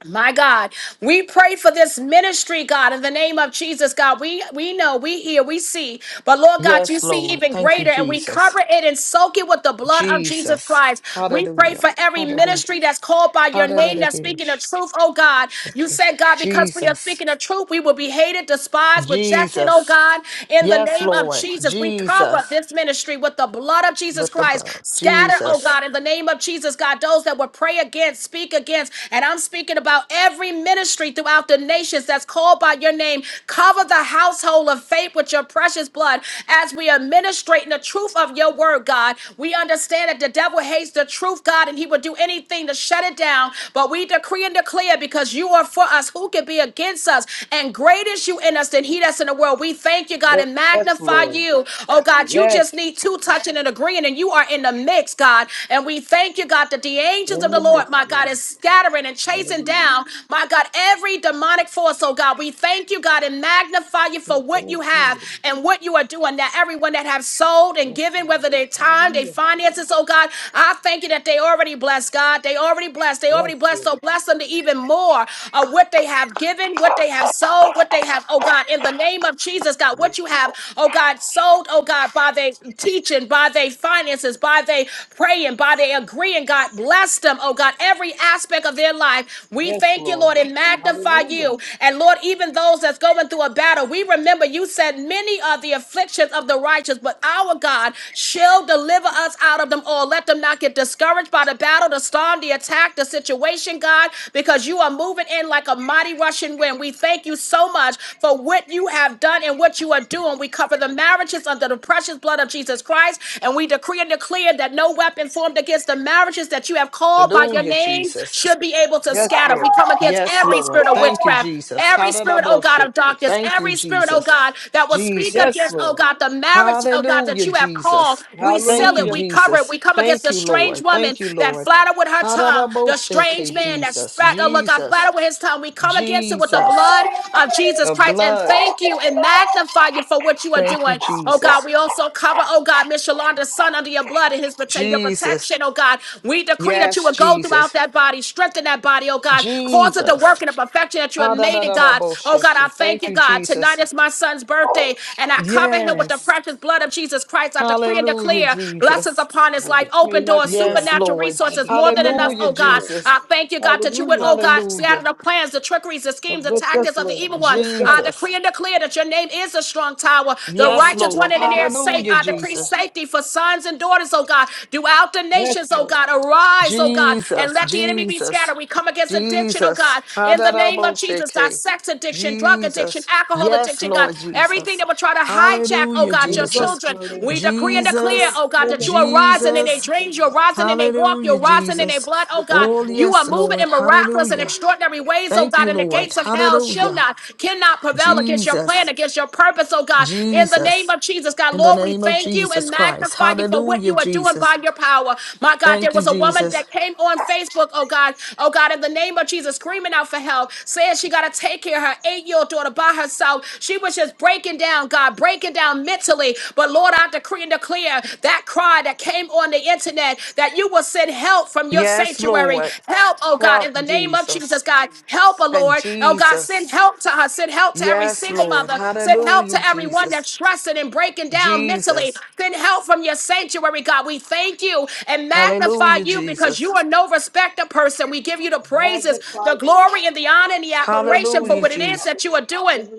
Speaker 1: My God, we pray for this ministry, God, in the name of Jesus, God. We we know, we hear, we see, but Lord God, you
Speaker 4: Yes,
Speaker 1: see
Speaker 4: Lord.
Speaker 1: even
Speaker 4: Thank you,
Speaker 1: greater, and we
Speaker 4: Jesus.
Speaker 1: cover it and soak it with the blood of Jesus
Speaker 4: Jesus.
Speaker 1: Christ. We pray
Speaker 4: Hallelujah.
Speaker 1: for every ministry
Speaker 4: Hallelujah.
Speaker 1: that's called by your name, that's
Speaker 4: Hallelujah.
Speaker 1: speaking the truth, oh God. You
Speaker 4: Shake.
Speaker 1: said, God, because we are
Speaker 4: Jesus.
Speaker 1: speaking the truth, we will be hated, despised, rejected, oh
Speaker 4: Jesus.
Speaker 1: God. In the
Speaker 4: Yes,
Speaker 1: name of
Speaker 4: Lord.
Speaker 1: Jesus, we cover
Speaker 4: Jesus.
Speaker 1: this ministry with the blood of Jesus
Speaker 4: But the
Speaker 1: Christ.
Speaker 4: blood.
Speaker 1: Scatter, oh
Speaker 4: Jesus.
Speaker 1: God, in the name of Jesus, God. God, those that will pray against, speak against. And I'm speaking about every ministry throughout the nations that's called by your name. Cover the household of faith with your precious blood as we administrate in the truth of your word, God. We understand that the devil hates the truth, God, and he will do anything to shut it down. But we decree and declare because you are for us, who can be against us? And great is you in us than he that's in the world. We thank you, God, and magnify you. Oh, God, you just need two touching and agreeing praying and you are in the mix, God. And we thank you, God, that the angels of the Lord, my God, is scattering and chasing down, my God, every demonic force. Oh God, we thank you, God, and magnify you for what you have and what you are doing. That everyone that have sold and given, whether their time, their finances, oh God, I thank you that they already blessed, God. They already blessed. They already blessed. So bless them to even more of what they have given, what they have sold, what they have, oh God, in the name of Jesus, God, what you have, oh God. God, sold, oh God, by their teaching, by their finances, by their praying, by their agreeing. God, bless them, oh God, every aspect of their life. We thank you, Lord, and magnify you. And Lord, even those that's going through a battle, we remember you said, Many are the afflictions of the righteous, but our God shall deliver us out of them all. Let them not get discouraged by the battle, the storm, the attack, the situation, God, because you are moving in like a mighty rushing wind. We thank you so much much for what you have done and what you are doing. We cover the marriages under the precious blood of Jesus Christ, and we decree and declare that no weapon formed against the marriages that you have called by your
Speaker 4: Hallelujah,
Speaker 1: name
Speaker 4: Jesus.
Speaker 1: should be able to scatter. We come against
Speaker 4: Yes,
Speaker 1: every
Speaker 4: Lord.
Speaker 1: spirit of
Speaker 4: Thank you,
Speaker 1: witchcraft,
Speaker 4: Jesus.
Speaker 1: Every spirit, oh God,
Speaker 4: Hallelujah.
Speaker 1: of darkness,
Speaker 4: Thank you,
Speaker 1: every spirit, oh
Speaker 4: Jesus.
Speaker 1: God, that will speak against,
Speaker 4: Jesus.
Speaker 1: oh God, the marriage, oh God, that
Speaker 4: Hallelujah,
Speaker 1: you have called,
Speaker 4: Jesus.
Speaker 1: we seal
Speaker 4: Thank
Speaker 1: it,
Speaker 4: you,
Speaker 1: we cover it,
Speaker 4: Jesus.
Speaker 1: we come against
Speaker 4: Thank
Speaker 1: the
Speaker 4: you,
Speaker 1: strange
Speaker 4: Lord.
Speaker 1: woman
Speaker 4: Thank you,
Speaker 1: that
Speaker 4: Lord.
Speaker 1: flatter with her tongue, the
Speaker 4: Hallelujah,
Speaker 1: strange man that's
Speaker 4: Jesus.
Speaker 1: fat, oh look,
Speaker 4: Jesus.
Speaker 1: battle with his tongue. We come against it with the
Speaker 4: Jesus.
Speaker 1: blood of Jesus
Speaker 4: The
Speaker 1: Christ and
Speaker 4: blood.
Speaker 1: thank you and magnify you for what you are
Speaker 4: Thank you,
Speaker 1: doing. Oh God,
Speaker 4: Jesus.
Speaker 1: we also cover, oh God, Miss Yolanda's son under your blood and his prote- your
Speaker 4: Jesus.
Speaker 1: protection, oh God. We decree that you
Speaker 4: Yes,
Speaker 1: would go throughout
Speaker 4: Jesus.
Speaker 1: that body, strengthen that body, oh God. Cause it to
Speaker 4: Jesus.
Speaker 1: work in the perfection that you have made it, God. Oh God, I
Speaker 4: Ha-da-da-da-da-bo-shaking.
Speaker 1: thank
Speaker 4: Thank
Speaker 1: you,
Speaker 4: you,
Speaker 1: God. Tonight
Speaker 4: Jesus.
Speaker 1: is my son's birthday, and I cover him with the
Speaker 4: Yes.
Speaker 1: precious blood of Jesus Christ. I decree and
Speaker 4: Hallelujah,
Speaker 1: declare blessings
Speaker 4: Jesus.
Speaker 1: upon his life, open doors,
Speaker 4: Yes,
Speaker 1: supernatural
Speaker 4: Lord.
Speaker 1: resources, more than than enough,
Speaker 4: Hallelujah,
Speaker 1: oh God.
Speaker 4: Jesus.
Speaker 1: I thank you, God, that you would, oh God, scatter
Speaker 4: Hallelujah,
Speaker 1: the plans, the trickeries, the schemes, the tactics of the evil one. I
Speaker 4: Jesus.
Speaker 1: decree and declare that your name is a strong tower. The
Speaker 4: Yes,
Speaker 1: righteous one
Speaker 4: Lord.
Speaker 1: in the air safe.
Speaker 4: Hallelujah,
Speaker 1: I decree
Speaker 4: Jesus.
Speaker 1: safety for sons and daughters, oh God, throughout the nations, oh God. Arise, oh God, and
Speaker 4: Jesus,
Speaker 1: let the enemy be
Speaker 4: Jesus,
Speaker 1: scattered. We come against addiction, oh
Speaker 4: Jesus.
Speaker 1: God,
Speaker 4: ha
Speaker 1: in the name of Jesus. Our sex addiction, drug addiction,
Speaker 4: Jesus.
Speaker 1: alcohol
Speaker 4: Yes,
Speaker 1: addiction, God,
Speaker 4: Lord
Speaker 1: everything
Speaker 4: Jesus.
Speaker 1: that would try to hijack, oh
Speaker 4: Hallelujah,
Speaker 1: God, your
Speaker 4: Jesus.
Speaker 1: children. We decree and declare,
Speaker 4: Jesus,
Speaker 1: oh God, that you are rising in their
Speaker 4: Jesus.
Speaker 1: dreams. You're rising in their walk.
Speaker 4: Hallelujah,
Speaker 1: You're rising in their
Speaker 4: Jesus.
Speaker 1: blood. Oh God,
Speaker 4: Oh,
Speaker 1: you are
Speaker 4: yes,
Speaker 1: moving
Speaker 4: Lord.
Speaker 1: in miraculous and
Speaker 4: Hallelujah.
Speaker 1: extraordinary ways. Oh
Speaker 4: Thank
Speaker 1: God,
Speaker 4: you,
Speaker 1: and the
Speaker 4: Lord.
Speaker 1: gates of hell shall
Speaker 4: Hallelujah.
Speaker 1: not, cannot prevail against your plan,
Speaker 4: Jesus,
Speaker 1: against your purpose. Oh God, in the name
Speaker 4: Jesus.
Speaker 1: of Jesus, God,
Speaker 4: In the
Speaker 1: Lord, we
Speaker 4: name of
Speaker 1: thank you
Speaker 4: Jesus
Speaker 1: and
Speaker 4: Christ.
Speaker 1: magnify you for what
Speaker 4: Hallelujah,
Speaker 1: you are doing
Speaker 4: Jesus.
Speaker 1: by your power. My God, there
Speaker 4: Thank you,
Speaker 1: was a woman
Speaker 4: Jesus.
Speaker 1: that came on Facebook. Oh God, oh God, in the name of Jesus, screaming out for help, saying she got to take care of her eight year old daughter by herself. She was just breaking down, God, breaking down mentally. But Lord, I decree and declare that cry that came on the internet that you will send help from your
Speaker 4: Yes,
Speaker 1: sanctuary.
Speaker 4: Lord.
Speaker 1: Help, oh God,
Speaker 4: Help,
Speaker 1: in the name of
Speaker 4: Jesus.
Speaker 1: Jesus, God. Help, oh
Speaker 4: And
Speaker 1: Lord. Oh God,
Speaker 4: Jesus.
Speaker 1: send help to her. Send help to every
Speaker 4: Yes,
Speaker 1: single
Speaker 4: Lord.
Speaker 1: mother. Send help
Speaker 4: Hallelujah,
Speaker 1: to everyone
Speaker 4: Jesus.
Speaker 1: that's stressing and breaking down mentally.
Speaker 4: Jesus.
Speaker 1: Send help from your sanctuary, God. We thank you and magnify
Speaker 4: Hallelujah,
Speaker 1: you because you
Speaker 4: Jesus.
Speaker 1: are no respecter person. We give you the praises, the glory, and the honor and the admiration for
Speaker 4: Hallelujah,
Speaker 1: what it is
Speaker 4: Jesus.
Speaker 1: that you are doing.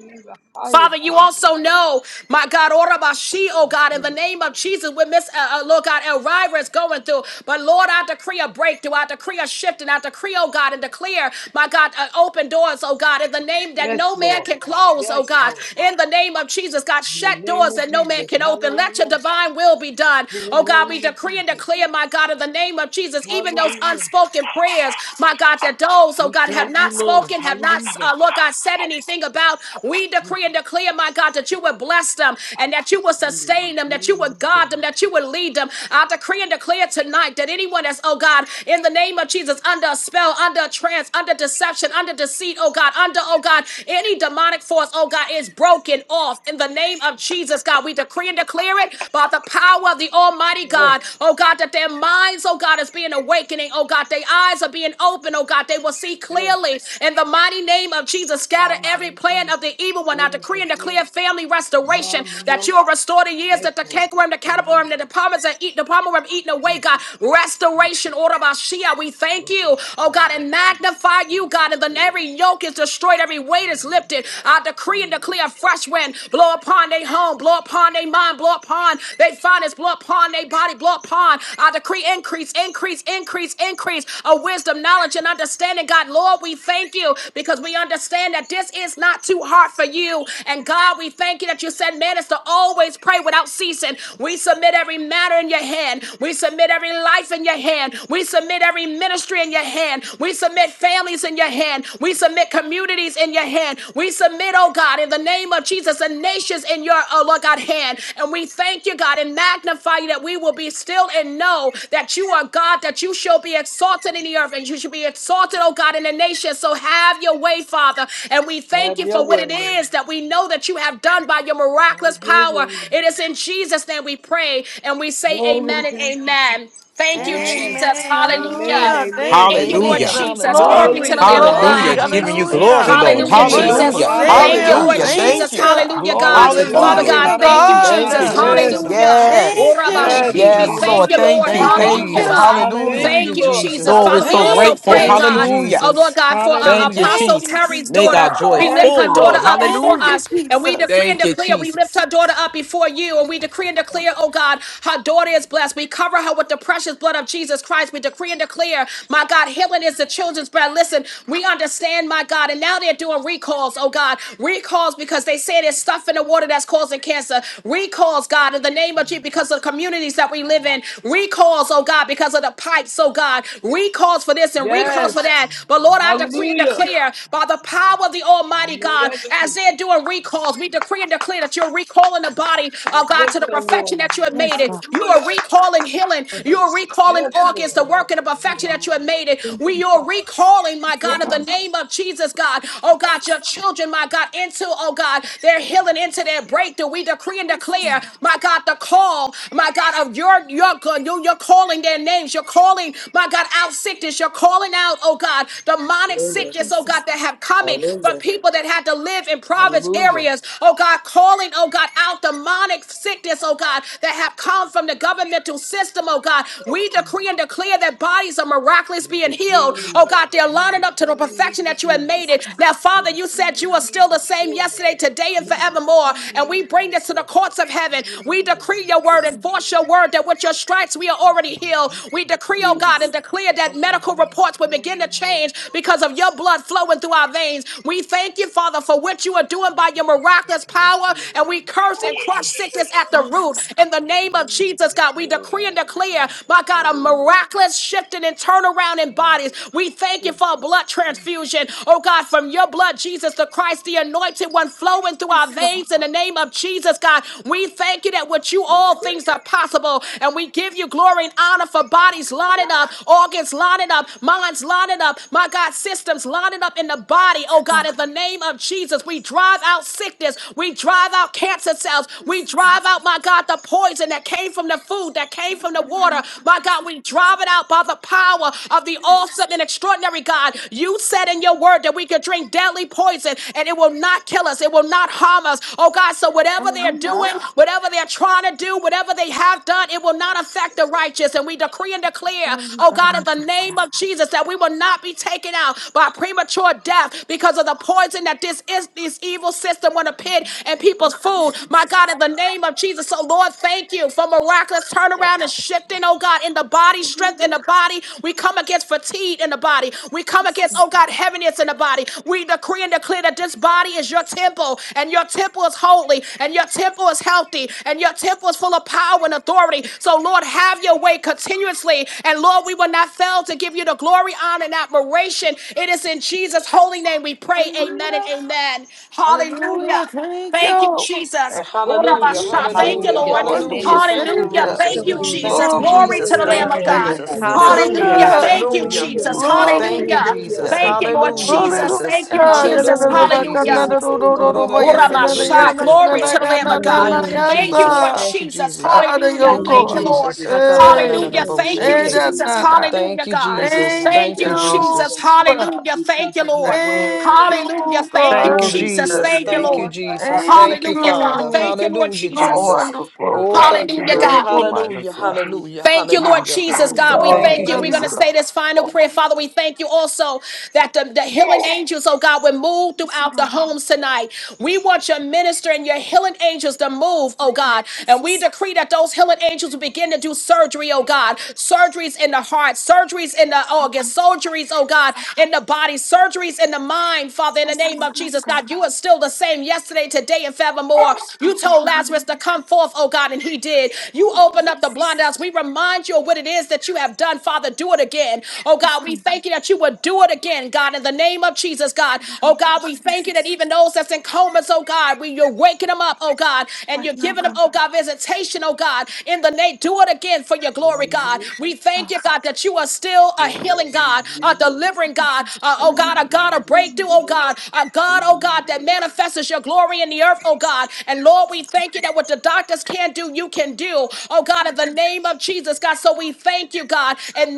Speaker 1: Father, you also know, my God, Orabashi, oh God, in the name of Jesus, with Miss, uh, uh, Lord God, Elvira is going through. But Lord, I decree a breakthrough, I decree a shift, and I decree, oh God, and declare, my God, uh, open doors, oh God, in the name that no man can close, oh God, in the name of Jesus, God, shut doors that no man can open. Let your divine will be done, oh God. We decree and declare, my God, in the name of Jesus, even those unspoken prayers, my God, that those, oh God, have not not spoken, have not, uh, Lord God, said anything about, we decree and declare, my God, that you would bless them and that you would sustain them, that you would guard them, that you would lead them. I decree and declare tonight that anyone that's, oh God, in the name of Jesus, under a spell, under a trance, under deception, under deceit, oh God, under, oh God, any demonic force, oh God, is broken off in the name of Jesus, God. We decree and declare it by the power of the Almighty God, oh God, that their minds, oh God, is being awakened awakening, oh God. Their eyes are being opened, oh God. They will see clearly in the mighty name of Jesus. Scatter every plan of the evil one. I decree and declare family restoration that you will restore the years that the cankerworm, the caterpillar, the departments are eat, the palmer worm eaten away, God. Restoration, order of Shia. We thank you, oh God, and magnify you, God. And then every yoke is destroyed, every weight is lifted. I decree and declare a fresh wind blow upon their home, blow upon their mind, blow upon their finance, blow upon their body, blow upon. I decree increase, increase, increase, increase of wisdom, knowledge, and understanding. God, Lord, we thank you because we understand that this is not too hard for you. And God, we thank you that you said man is to always pray without ceasing. We submit every matter in your hand. We submit every life in your hand. We submit every ministry in your hand. We submit families in your hand. We submit communities in your hand. We submit, oh God, in the name of Jesus. Jesus, the nations in your, oh Lord God, hand. And we thank you, God, and magnify you that we will be still and know that you are God, that you shall be exalted in the earth and you should be exalted, oh God, in the nations. So have your way, Father. And we thank you for what it is that we know that you have done by your miraculous power. It is in Jesus' name we pray and we say amen and amen. Thank you, Jesus.
Speaker 6: amen
Speaker 1: Hallelujah.
Speaker 6: hallelujah thank
Speaker 1: Thank
Speaker 6: you
Speaker 1: you, Lord
Speaker 4: Amen.
Speaker 7: Hallelujah.
Speaker 6: jesus
Speaker 1: Jesus. Glory
Speaker 4: Hallelujah.
Speaker 1: to
Speaker 6: glory
Speaker 1: the Lamb of
Speaker 4: Thank you,
Speaker 6: glory
Speaker 7: Hallelujah.
Speaker 1: God.
Speaker 7: Giving you
Speaker 4: Jesus.
Speaker 7: glory,
Speaker 6: hallelujah
Speaker 7: Lord.
Speaker 4: Thank
Speaker 1: Hallelujah,
Speaker 4: you,
Speaker 1: Jesus.
Speaker 4: Jesus.
Speaker 6: Wonderful
Speaker 7: Hallelujah.
Speaker 1: Thank you,
Speaker 4: Hallelujah,
Speaker 6: Savior,
Speaker 1: Lord
Speaker 7: Hallelujah. Thank
Speaker 4: Jesus.
Speaker 6: thank
Speaker 1: Jesus.
Speaker 7: you.
Speaker 6: you.
Speaker 1: Hallelujah,
Speaker 4: Glory
Speaker 1: God.
Speaker 4: to
Speaker 1: Father
Speaker 7: Hallelujah.
Speaker 4: God.
Speaker 6: Glory
Speaker 1: God,
Speaker 6: to
Speaker 1: thank you,
Speaker 4: Hallelujah.
Speaker 7: Thank you,
Speaker 1: Jesus.
Speaker 6: God.
Speaker 4: Hallelujah. da, da,
Speaker 7: Jesus.
Speaker 4: da, bo,
Speaker 1: Hallelujah.
Speaker 4: shake.
Speaker 7: Yes.
Speaker 6: Thank you.
Speaker 4: Thank you,
Speaker 1: Orabashi, We
Speaker 7: Yes,
Speaker 1: thank
Speaker 4: Jesus.
Speaker 7: Lord.
Speaker 1: you,
Speaker 7: Thank
Speaker 1: Lord.
Speaker 7: you.
Speaker 4: Thank you,
Speaker 6: Thank
Speaker 7: Thank
Speaker 1: Hallelujah,
Speaker 7: you.
Speaker 4: Jesus.
Speaker 6: you.
Speaker 1: God.
Speaker 7: Hallelujah.
Speaker 1: Thank
Speaker 4: Hallelujah,
Speaker 1: you, Jesus.
Speaker 4: Jesus.
Speaker 7: Lord, we're
Speaker 1: Father, we
Speaker 7: so
Speaker 1: also
Speaker 6: Thank
Speaker 7: grateful.
Speaker 1: pray,
Speaker 6: you.
Speaker 4: Thank you,
Speaker 1: God,
Speaker 7: Hallelujah.
Speaker 1: oh Lord
Speaker 4: Jesus.
Speaker 1: God, for uh,
Speaker 7: Thank you,
Speaker 4: Hallelujah.
Speaker 1: Apostle
Speaker 6: Thank you,
Speaker 7: Jesus.
Speaker 1: Terry's
Speaker 7: Make
Speaker 6: Jesus.
Speaker 7: our
Speaker 1: daughter.
Speaker 7: joy
Speaker 1: We lift
Speaker 7: full,
Speaker 1: her
Speaker 7: Lord.
Speaker 1: daughter up before
Speaker 6: Thank
Speaker 7: Hallelujah.
Speaker 6: you,
Speaker 1: us, and we
Speaker 6: Jesus.
Speaker 1: decree and
Speaker 7: Thank you,
Speaker 1: declare, we lift
Speaker 7: Jesus.
Speaker 1: her daughter up before you, and we decree and declare, oh God, her daughter is blessed. We cover her with the precious blood of Jesus Christ. We decree and declare, my God, healing is the children's bread. Listen, listen, we understand, my God. And now they're doing recalls, oh God. Recalls because they say there's stuff in the water that's causing cancer. Recalls, God, in the name of Jesus, because of the communities that we live in. Recalls, oh God, because of the pipes, oh God. Recalls for this and recalls for that. But Lord, I decree and declare by the power of the Almighty God, as they're doing recalls, we decree and declare that you're recalling the body, oh God, to the perfection that you have
Speaker 6: Yes,
Speaker 1: made it.
Speaker 6: God.
Speaker 1: You are recalling healing.
Speaker 11: Thank
Speaker 1: You are recalling organs, the work and the perfection that you have made created.
Speaker 11: you,
Speaker 1: We are
Speaker 11: Father.
Speaker 1: recalling, my
Speaker 6: Yes,
Speaker 1: God, in
Speaker 6: God.
Speaker 1: the
Speaker 8: Woo.
Speaker 11: And
Speaker 1: name of Jesus, God. Oh
Speaker 6: Yes,
Speaker 1: God,
Speaker 6: God.
Speaker 1: your children, my God, into, oh God, their healing, into their breakthrough. We decree and
Speaker 6: Yes,
Speaker 1: declare,
Speaker 6: God.
Speaker 1: my God, the call, my God, of your your good. you- You're calling their names. You're calling, my God, out sickness. You're calling out, oh God, demonic
Speaker 12: Hallelujah.
Speaker 1: sickness, oh
Speaker 6: Jesus.
Speaker 1: God, that have coming for
Speaker 12: Hallelujah.
Speaker 1: people that had to live in province areas. Oh God, calling, oh God, out demonic sickness, oh God, that have come from the governmental system, oh God. We
Speaker 8: Mm,
Speaker 1: decree and and declare that bodies are miraculous being healed.
Speaker 8: mm,
Speaker 1: Oh God, they're lining up to the perfection that you have
Speaker 8: mm,
Speaker 1: made
Speaker 6: Yes,
Speaker 1: it.
Speaker 6: God.
Speaker 1: Now, Father, you said you are still the same yesterday, today, and
Speaker 8: mm,
Speaker 1: forevermore. And we bring this to the courts of heaven. We decree your
Speaker 6: Yes,
Speaker 1: word and force your word that with your stripes we are already healed. We decree, oh
Speaker 8: mm.
Speaker 1: God, and
Speaker 6: Jesus.
Speaker 1: declare that medical reports will begin to change because of your blood flowing through our veins. We thank you, Father, for what you are doing by your miraculous power. And we curse and crush sickness at the
Speaker 6: Yes,
Speaker 1: root.
Speaker 6: God.
Speaker 1: In the name of Jesus, God, we decree decree and declare, my God, a miraculous shifting and turnaround in bodies. We thank you for a blood transfusion, oh God, from your blood, Jesus the Christ, the anointed one flowing through our
Speaker 6: Yes, God.
Speaker 1: veins in the name of Jesus, God. We thank you that with you
Speaker 6: Thank
Speaker 1: all
Speaker 6: you.
Speaker 1: things are possible, and we give you glory and honor for bodies
Speaker 6: Hallelujah.
Speaker 1: lining up, organs lining up, minds lining up, my God, systems lining up in the body,
Speaker 6: Yes,
Speaker 1: oh God,
Speaker 6: God.
Speaker 1: in the name of Jesus. We drive out sickness, we drive out cancer cells, we
Speaker 6: Yes, God.
Speaker 1: drive out, my God, the poison poison that came from the food, that
Speaker 6: In
Speaker 1: came
Speaker 6: the
Speaker 1: from the
Speaker 6: mighty name
Speaker 1: water.
Speaker 6: of
Speaker 1: My God, we
Speaker 6: Jesus.
Speaker 1: drive it out by the power of the
Speaker 6: Yes.
Speaker 1: awesome and extraordinary God. You said in your word that we could drink deadly poison and it will not kill us, it will not harm us. Oh God, so whatever they're
Speaker 6: Hallelujah.
Speaker 1: doing, whatever they're trying to do, whatever they have done, it will not affect the righteous. And we decree and declare,
Speaker 6: Hallelujah.
Speaker 1: oh
Speaker 6: God,
Speaker 1: God,
Speaker 6: I'm
Speaker 1: in
Speaker 6: not
Speaker 1: the
Speaker 6: so
Speaker 1: name
Speaker 6: sad.
Speaker 1: of Jesus, that we will not be taken out by premature death because of the poison that this is this evil system want to
Speaker 6: In
Speaker 1: pit in
Speaker 6: the name of
Speaker 1: people's food. My
Speaker 6: Jesus.
Speaker 1: Lord God, in the name of Jesus. So, Lord, thank you for miraculous
Speaker 6: Yeah.
Speaker 1: turnaround and shifting, oh God, in the body, strength in
Speaker 6: Hallelujah.
Speaker 1: the body. We come against fatigue in the body. We come
Speaker 6: Yes,
Speaker 1: against, oh God, heaviness in the body. We decree and declare that this body is your temple, and your temple is holy, and your temple is healthy, and your temple is full of power and authority. So, Lord, have your way continuously. And Lord, we will not fail to give you the glory, honor, and admiration. It is in Jesus' holy name we pray. Amen and
Speaker 6: Hallelujah,
Speaker 1: amen. Hallelujah.
Speaker 6: Hallelujah! Thank
Speaker 1: Thank you,
Speaker 6: you,
Speaker 1: Jesus.
Speaker 6: thank
Speaker 4: Hallelujah,
Speaker 6: you,
Speaker 1: Urabasha. Thank you,
Speaker 4: hallelujah,
Speaker 8: Amen.
Speaker 12: Hallelujah.
Speaker 1: Lord.
Speaker 12: Amen.
Speaker 4: hallelujah.
Speaker 6: wonderful
Speaker 8: Hallelujah.
Speaker 4: Thank you,
Speaker 8: God,
Speaker 1: Hallelujah.
Speaker 6: Savior,
Speaker 8: thank
Speaker 1: Thank
Speaker 4: Jesus.
Speaker 8: you,
Speaker 11: so
Speaker 1: you,
Speaker 11: it
Speaker 12: Hallelujah.
Speaker 8: Lord.
Speaker 11: is,
Speaker 4: Thank
Speaker 1: Jesus.
Speaker 4: you,
Speaker 6: love
Speaker 11: and so
Speaker 6: me.
Speaker 1: Glory
Speaker 11: it
Speaker 1: to
Speaker 4: Jesus.
Speaker 1: the
Speaker 11: is,
Speaker 1: Lamb
Speaker 8: Lord
Speaker 4: Thank you,
Speaker 1: of
Speaker 8: have
Speaker 6: My
Speaker 12: Bless
Speaker 1: God.
Speaker 12: your
Speaker 6: name
Speaker 4: Jesus.
Speaker 12: heart,
Speaker 6: is
Speaker 11: and
Speaker 8: mercy.
Speaker 6: in
Speaker 12: Lord.
Speaker 11: so
Speaker 8: Lord
Speaker 11: it
Speaker 4: Hallelujah,
Speaker 1: Hallelujah.
Speaker 11: is.
Speaker 8: Jesus.
Speaker 6: wonder,
Speaker 1: Thank you,
Speaker 8: God,
Speaker 4: hallelujah.
Speaker 12: Hallelujah.
Speaker 11: Hallelujah,
Speaker 1: Jesus.
Speaker 8: thank you,
Speaker 6: love
Speaker 8: Lord.
Speaker 6: me.
Speaker 4: Thank you,
Speaker 1: Hallelujah.
Speaker 11: hallelujah.
Speaker 4: Jesus.
Speaker 11: Thank
Speaker 8: Thank
Speaker 1: Thank you,
Speaker 11: you,
Speaker 8: you for
Speaker 1: Lord
Speaker 8: the
Speaker 11: God.
Speaker 4: Hallelujah,
Speaker 8: healing
Speaker 1: Jesus.
Speaker 8: power.
Speaker 1: Thank
Speaker 4: Jesus.
Speaker 8: I
Speaker 1: you,
Speaker 11: Thank
Speaker 6: Hallelujah,
Speaker 12: Thank
Speaker 11: you,
Speaker 8: thank you
Speaker 6: jana
Speaker 1: Jesus.
Speaker 8: for the
Speaker 11: Jesus.
Speaker 6: jana
Speaker 4: Hallelujah,
Speaker 8: word,
Speaker 6: bakanda
Speaker 1: Hallelujah.
Speaker 4: Jesus.
Speaker 12: you,
Speaker 11: Glory
Speaker 8: Father,
Speaker 6: ro
Speaker 11: to
Speaker 12: Lord.
Speaker 11: your
Speaker 6: ro
Speaker 8: healing
Speaker 6: ro
Speaker 11: name,
Speaker 8: and
Speaker 6: ro ro,
Speaker 11: God.
Speaker 6: yes
Speaker 8: deliverance
Speaker 6: na na
Speaker 12: Thank
Speaker 11: Hallelujah,
Speaker 1: Uramasha.
Speaker 12: you.
Speaker 6: na
Speaker 8: and
Speaker 4: Ha-da-da-da-da-da-da-da-bo-shake.
Speaker 6: na
Speaker 1: Glory
Speaker 8: set
Speaker 1: to the
Speaker 8: us
Speaker 1: Lamb
Speaker 6: na
Speaker 1: of
Speaker 6: na
Speaker 8: free,
Speaker 1: God.
Speaker 6: na
Speaker 4: Thank
Speaker 11: hallelujah.
Speaker 4: you,
Speaker 8: Father.
Speaker 6: ya
Speaker 11: Thank
Speaker 1: Thank
Speaker 8: Thank
Speaker 11: you,
Speaker 1: you,
Speaker 8: you,
Speaker 4: Jesus.
Speaker 11: God.
Speaker 8: Lord
Speaker 1: Lord
Speaker 6: sa.
Speaker 4: Thank you,
Speaker 8: Father, for
Speaker 1: Jesus.
Speaker 4: Jesus.
Speaker 6: I love
Speaker 8: our
Speaker 6: your
Speaker 1: Hallelujah.
Speaker 4: Thank you,
Speaker 8: minds
Speaker 1: Thank
Speaker 6: core,
Speaker 1: you,
Speaker 11: Hallelujah,
Speaker 8: being
Speaker 1: Lord.
Speaker 4: Jesus.
Speaker 8: regulated because
Speaker 6: hey,
Speaker 8: of
Speaker 1: Hallelujah.
Speaker 8: your word
Speaker 1: Thank
Speaker 8: and
Speaker 1: you,
Speaker 6: hey
Speaker 8: your
Speaker 11: hallelujah,
Speaker 4: Ha-ka-da-da-da-da-da-bo-shake.
Speaker 11: hallelujah.
Speaker 6: jana
Speaker 1: Jesus.
Speaker 8: word, oh
Speaker 6: jana.
Speaker 8: God.
Speaker 4: Thank
Speaker 1: Hallelujah,
Speaker 4: you,
Speaker 1: God.
Speaker 8: Thank you that
Speaker 4: Jesus.
Speaker 8: our
Speaker 6: Thank
Speaker 1: Thank
Speaker 4: Thank
Speaker 1: you,
Speaker 4: you,
Speaker 8: bodies are
Speaker 6: you,
Speaker 1: Jesus.
Speaker 4: Jesus.
Speaker 8: strengthened, oh God,
Speaker 1: Hallelujah. Thank
Speaker 8: because
Speaker 1: you,
Speaker 8: of your
Speaker 1: Lord.
Speaker 8: word,
Speaker 6: thank
Speaker 8: oh God.
Speaker 1: Hallelujah.
Speaker 6: you,
Speaker 1: Thank you,
Speaker 4: Thank you,
Speaker 8: Glory be
Speaker 1: Jesus.
Speaker 6: God.
Speaker 8: to
Speaker 4: Jesus.
Speaker 1: Thank
Speaker 8: your
Speaker 1: you,
Speaker 4: Thank
Speaker 1: Lord.
Speaker 4: you,
Speaker 8: name, God. I
Speaker 4: Jesus.
Speaker 8: thank
Speaker 6: Thank
Speaker 4: Thank
Speaker 8: you,
Speaker 4: you,
Speaker 1: Hallelujah,
Speaker 8: God.
Speaker 1: God.
Speaker 4: Father.
Speaker 1: Thank
Speaker 6: you.
Speaker 1: you, Lord
Speaker 4: Hallelujah,
Speaker 6: you
Speaker 1: Jesus.
Speaker 8: Hallelujah
Speaker 4: Jesus.
Speaker 8: for your
Speaker 6: wonderful,
Speaker 8: power,
Speaker 4: Oh,
Speaker 8: for
Speaker 6: God.
Speaker 4: thank you,
Speaker 8: your
Speaker 1: Hallelujah,
Speaker 4: Lord.
Speaker 1: God.
Speaker 8: anointing
Speaker 6: Beautiful
Speaker 8: that
Speaker 4: Hallelujah,
Speaker 6: minus
Speaker 8: destroys
Speaker 6: us.
Speaker 8: yokes,
Speaker 4: hallelujah,
Speaker 8: oh
Speaker 1: Thank you,
Speaker 8: God.
Speaker 1: Lord
Speaker 4: hallelujah.
Speaker 6: Thank
Speaker 1: Jesus,
Speaker 6: you,
Speaker 1: God.
Speaker 6: God.
Speaker 1: We
Speaker 8: Glory
Speaker 6: We
Speaker 4: Thank you,
Speaker 1: thank
Speaker 8: to
Speaker 1: you.
Speaker 6: love
Speaker 1: We're going
Speaker 6: you,
Speaker 1: to
Speaker 4: Jesus.
Speaker 8: God.
Speaker 1: say
Speaker 6: God.
Speaker 1: this final prayer.
Speaker 8: Hallelujah.
Speaker 1: Father, we
Speaker 8: Bless
Speaker 1: thank you also that the, the healing angels, oh God, will move
Speaker 6: Yes,
Speaker 1: throughout the
Speaker 6: God.
Speaker 1: homes tonight. We want your minister and your healing angels to move, oh God.
Speaker 6: Yes,
Speaker 1: And
Speaker 6: God.
Speaker 1: we decree that those healing angels will begin to do surgery, oh God. Surgeries in the heart, surgeries in the organs, surgeries, oh
Speaker 6: Yes,
Speaker 1: God,
Speaker 6: God.
Speaker 1: in the body, surgeries in the mind, Father, in the
Speaker 6: Yes,
Speaker 1: name
Speaker 6: God.
Speaker 1: of
Speaker 6: Yes,
Speaker 1: Jesus,
Speaker 6: God.
Speaker 1: God. You are still the same yesterday, today, and forevermore. You told
Speaker 6: Hallelujah.
Speaker 1: Lazarus to come forth, oh God, and he did did. You
Speaker 6: Thank you,
Speaker 1: opened up the blind
Speaker 6: Jesus.
Speaker 1: eyes. We remind you of what it is that you have done, Father. Do it again. Oh
Speaker 6: Yes,
Speaker 1: God, we
Speaker 6: God.
Speaker 1: thank you that you would do it again, God, in the name of Jesus, God.
Speaker 6: Thank
Speaker 1: Oh
Speaker 6: you,
Speaker 1: God, we
Speaker 6: Christ
Speaker 1: thank you that
Speaker 6: Jesus.
Speaker 1: even those that's in comas, oh God, we you're waking them up, oh God, and
Speaker 6: Right
Speaker 1: you're
Speaker 6: now,
Speaker 1: giving them,
Speaker 6: God.
Speaker 1: oh God, visitation, oh God, in the name. Do it again for your glory, God. We thank
Speaker 6: God.
Speaker 1: you, God, that you are still a healing God, a delivering
Speaker 6: Yes.
Speaker 1: God, uh, oh
Speaker 6: Hallelujah.
Speaker 1: God, a God of
Speaker 6: Hallelujah.
Speaker 1: breakthrough, oh God, a God, oh God, that manifests your glory in the earth, oh God. And Lord, we we thank you that what the doctors can't do, you can do. Oh God, in
Speaker 6: Yes.
Speaker 1: the name of Jesus, God. So we thank you, God, and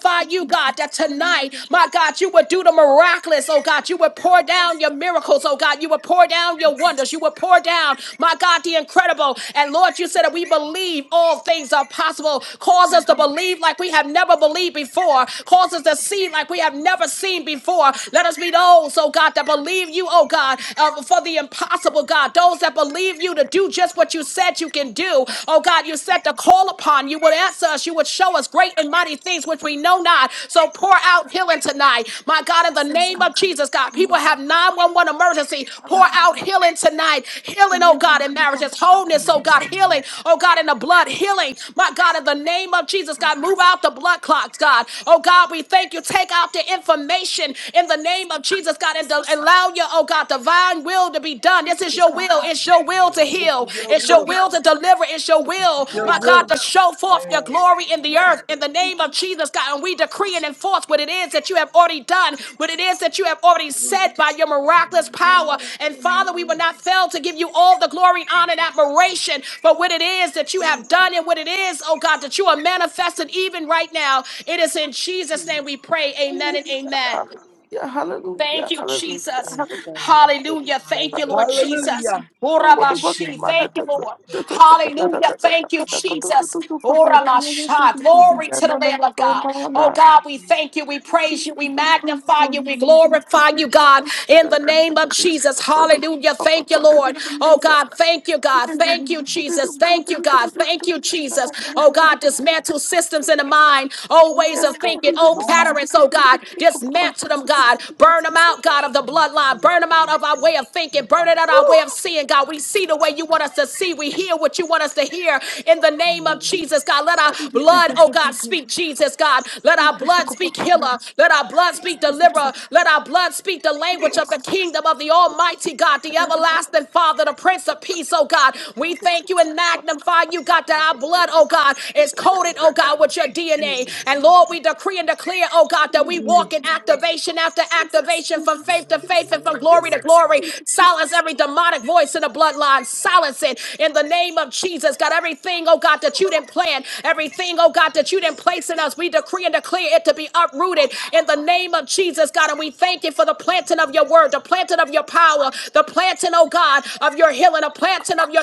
Speaker 6: Thank you,
Speaker 1: you, God,
Speaker 6: Jesus.
Speaker 1: that tonight,
Speaker 6: Hallelujah.
Speaker 1: my God, you would do the miraculous, oh God. You would pour
Speaker 6: Yes.
Speaker 1: down your miracles, oh God. You would pour down your
Speaker 6: Yes.
Speaker 1: wonders. You would pour down, my God, the incredible. And Lord, you said that we believe all things are possible. Cause us
Speaker 6: Come.
Speaker 1: to believe like we have never believed before. Cause us to see like we have never seen before. Let us be those, oh God, that believe you, oh God, uh, for the impossible impossible, God. Those that believe you to do just what you said you can do. Oh, God, you said to call upon. You would answer us. You would show us great and mighty things which we know not. So pour out healing tonight. My God, in the
Speaker 6: Yes, Lord.
Speaker 1: name
Speaker 6: Come.
Speaker 1: of Jesus, God,
Speaker 6: Hallelujah.
Speaker 1: people have 911 emergency. Pour
Speaker 6: Hallelujah.
Speaker 1: out healing tonight. Healing, oh God,
Speaker 6: Thank
Speaker 1: in
Speaker 6: you,
Speaker 1: marriages. Wholeness,
Speaker 8: your
Speaker 1: oh
Speaker 6: God.
Speaker 1: God.
Speaker 8: name.
Speaker 1: Healing, oh God, in the blood. Healing, my God, in the name of Jesus,
Speaker 6: God.
Speaker 1: God, move out the blood clots, God. Oh God, we thank you. Take out the information in the
Speaker 6: Yes,
Speaker 1: name of
Speaker 6: God.
Speaker 1: Jesus, God,
Speaker 6: Yes, God.
Speaker 1: and, allow your, oh God, divine will to be done. This
Speaker 6: Thank
Speaker 1: is
Speaker 6: you,
Speaker 1: your
Speaker 6: God.
Speaker 1: will. It's your will to heal. It's
Speaker 6: Yes,
Speaker 1: your will to
Speaker 6: God.
Speaker 1: deliver. It's your will, my God, to show forth your
Speaker 8: Lord. Yes.
Speaker 1: glory in the earth in the
Speaker 6: Thank
Speaker 1: name
Speaker 6: you,
Speaker 1: of Jesus, God. And we
Speaker 6: Jesus.
Speaker 1: decree and enforce what it is that you have already done, what it is that you have already said by your miraculous power. And Father, we will not fail to give you all the glory, honor, and admiration for what it is that you have done and what it is, oh God, that you are manifesting even right now. It is in Jesus'
Speaker 8: Mm.
Speaker 1: name we pray. Amen
Speaker 6: Hallelujah.
Speaker 1: and amen.
Speaker 6: Hallelujah. Hallelujah.
Speaker 1: Thank you,
Speaker 6: Hallelujah.
Speaker 1: Jesus.
Speaker 8: Yes, God.
Speaker 6: Hallelujah.
Speaker 1: Hallelujah.
Speaker 6: Hallelujah.
Speaker 1: Thank you, Lord
Speaker 8: Hallelujah.
Speaker 6: Hallelujah.
Speaker 1: Jesus.
Speaker 6: Oh, what a work
Speaker 8: Bless your
Speaker 6: of
Speaker 1: Orabashi.
Speaker 6: my
Speaker 8: name,
Speaker 6: hands.
Speaker 1: Thank you, Lord.
Speaker 6: Jesus,
Speaker 8: God.
Speaker 1: Hallelujah. Thank you,
Speaker 6: I'm
Speaker 8: Hallelujah.
Speaker 1: Jesus.
Speaker 6: coming for
Speaker 1: Oramasha.
Speaker 6: you, Jesus.
Speaker 8: Yes,
Speaker 1: Glory to
Speaker 6: I'm
Speaker 1: the
Speaker 8: God.
Speaker 1: Lamb of
Speaker 6: coming
Speaker 8: Yes,
Speaker 1: God.
Speaker 8: God.
Speaker 1: Oh, God, we thank
Speaker 8: Hallelujah.
Speaker 1: you. We praise you. We
Speaker 8: God is so
Speaker 6: to
Speaker 1: magnify
Speaker 6: you,
Speaker 1: you.
Speaker 8: good.
Speaker 1: We
Speaker 6: Jesus.
Speaker 1: glorify you, God, in the name of Jesus.
Speaker 6: I'm coming to you,
Speaker 1: Hallelujah.
Speaker 6: Papa,
Speaker 1: Thank you,
Speaker 6: because
Speaker 1: Lord.
Speaker 6: everything you
Speaker 1: Oh,
Speaker 6: said.
Speaker 1: God, thank you,
Speaker 6: Yeah,
Speaker 1: God.
Speaker 6: yeah, yeah,
Speaker 1: Thank you,
Speaker 6: you said it.
Speaker 1: Jesus.
Speaker 6: I'm coming
Speaker 1: Thank
Speaker 6: to
Speaker 1: you,
Speaker 6: you,
Speaker 1: God. Thank you,
Speaker 6: because
Speaker 1: Jesus.
Speaker 6: I'm
Speaker 1: Oh, God,
Speaker 6: coming to you.
Speaker 1: dismantle systems in the mind old ways of
Speaker 6: Yes,
Speaker 8: Ooh,
Speaker 6: God.
Speaker 1: thinking,
Speaker 6: In the name
Speaker 1: old
Speaker 6: of our
Speaker 8: yes.
Speaker 1: patterns,
Speaker 6: Jesus, in
Speaker 1: oh
Speaker 6: the Lord Jesus, we
Speaker 1: God.
Speaker 6: thank you for the Lord
Speaker 1: Dismantle them,
Speaker 6: Jesus.
Speaker 1: God. Burn them out, God, of the bloodline.
Speaker 8: Yes,
Speaker 1: Burn them out
Speaker 8: yes,
Speaker 1: of our way of thinking. Burn it out of our
Speaker 6: Oh,
Speaker 1: way of seeing, God. We see the way you want us to see. We hear what you want us to hear. In the name of Jesus, God, let
Speaker 6: I
Speaker 1: our
Speaker 6: think we praise
Speaker 1: blood,
Speaker 6: and
Speaker 1: oh
Speaker 6: thank
Speaker 1: God,
Speaker 6: you, Lord.
Speaker 1: speak Jesus, God.
Speaker 6: I
Speaker 1: Let
Speaker 6: thank
Speaker 1: our
Speaker 6: you for
Speaker 1: blood
Speaker 6: the
Speaker 1: speak healer.
Speaker 6: Lord.
Speaker 1: Let our blood
Speaker 6: So,
Speaker 1: speak
Speaker 6: we thank you for the
Speaker 1: deliverer. Let
Speaker 6: Lord.
Speaker 1: our blood speak the
Speaker 6: We thank
Speaker 1: language
Speaker 6: you
Speaker 1: of the
Speaker 6: God.
Speaker 1: kingdom of the Almighty God,
Speaker 6: the
Speaker 1: the
Speaker 6: Lord. We thank
Speaker 1: everlasting Father, the Prince of Peace, oh God. We thank you and magnify magnify you, God, that our blood, oh God, is
Speaker 6: you for the
Speaker 1: coated, oh God, with your DNA. And
Speaker 6: Lord.
Speaker 1: Lord, we decree and declare, oh God, that we walk in activation after
Speaker 6: Yes,
Speaker 1: activation
Speaker 6: yes,
Speaker 1: from faith to
Speaker 6: yes,
Speaker 1: faith and from
Speaker 6: yes.
Speaker 1: glory to glory.
Speaker 6: Thank you, yes,
Speaker 1: Silence every demonic voice in the bloodline. Silence it in the name of Jesus. God, everything, oh God, that you didn't plan, everything, oh God, that you didn't place in us, we decree and declare it to be uprooted in the name of Jesus, God. And we thank you for the planting of your word, the planting of your power, the planting, oh God, of your healing, a planting of your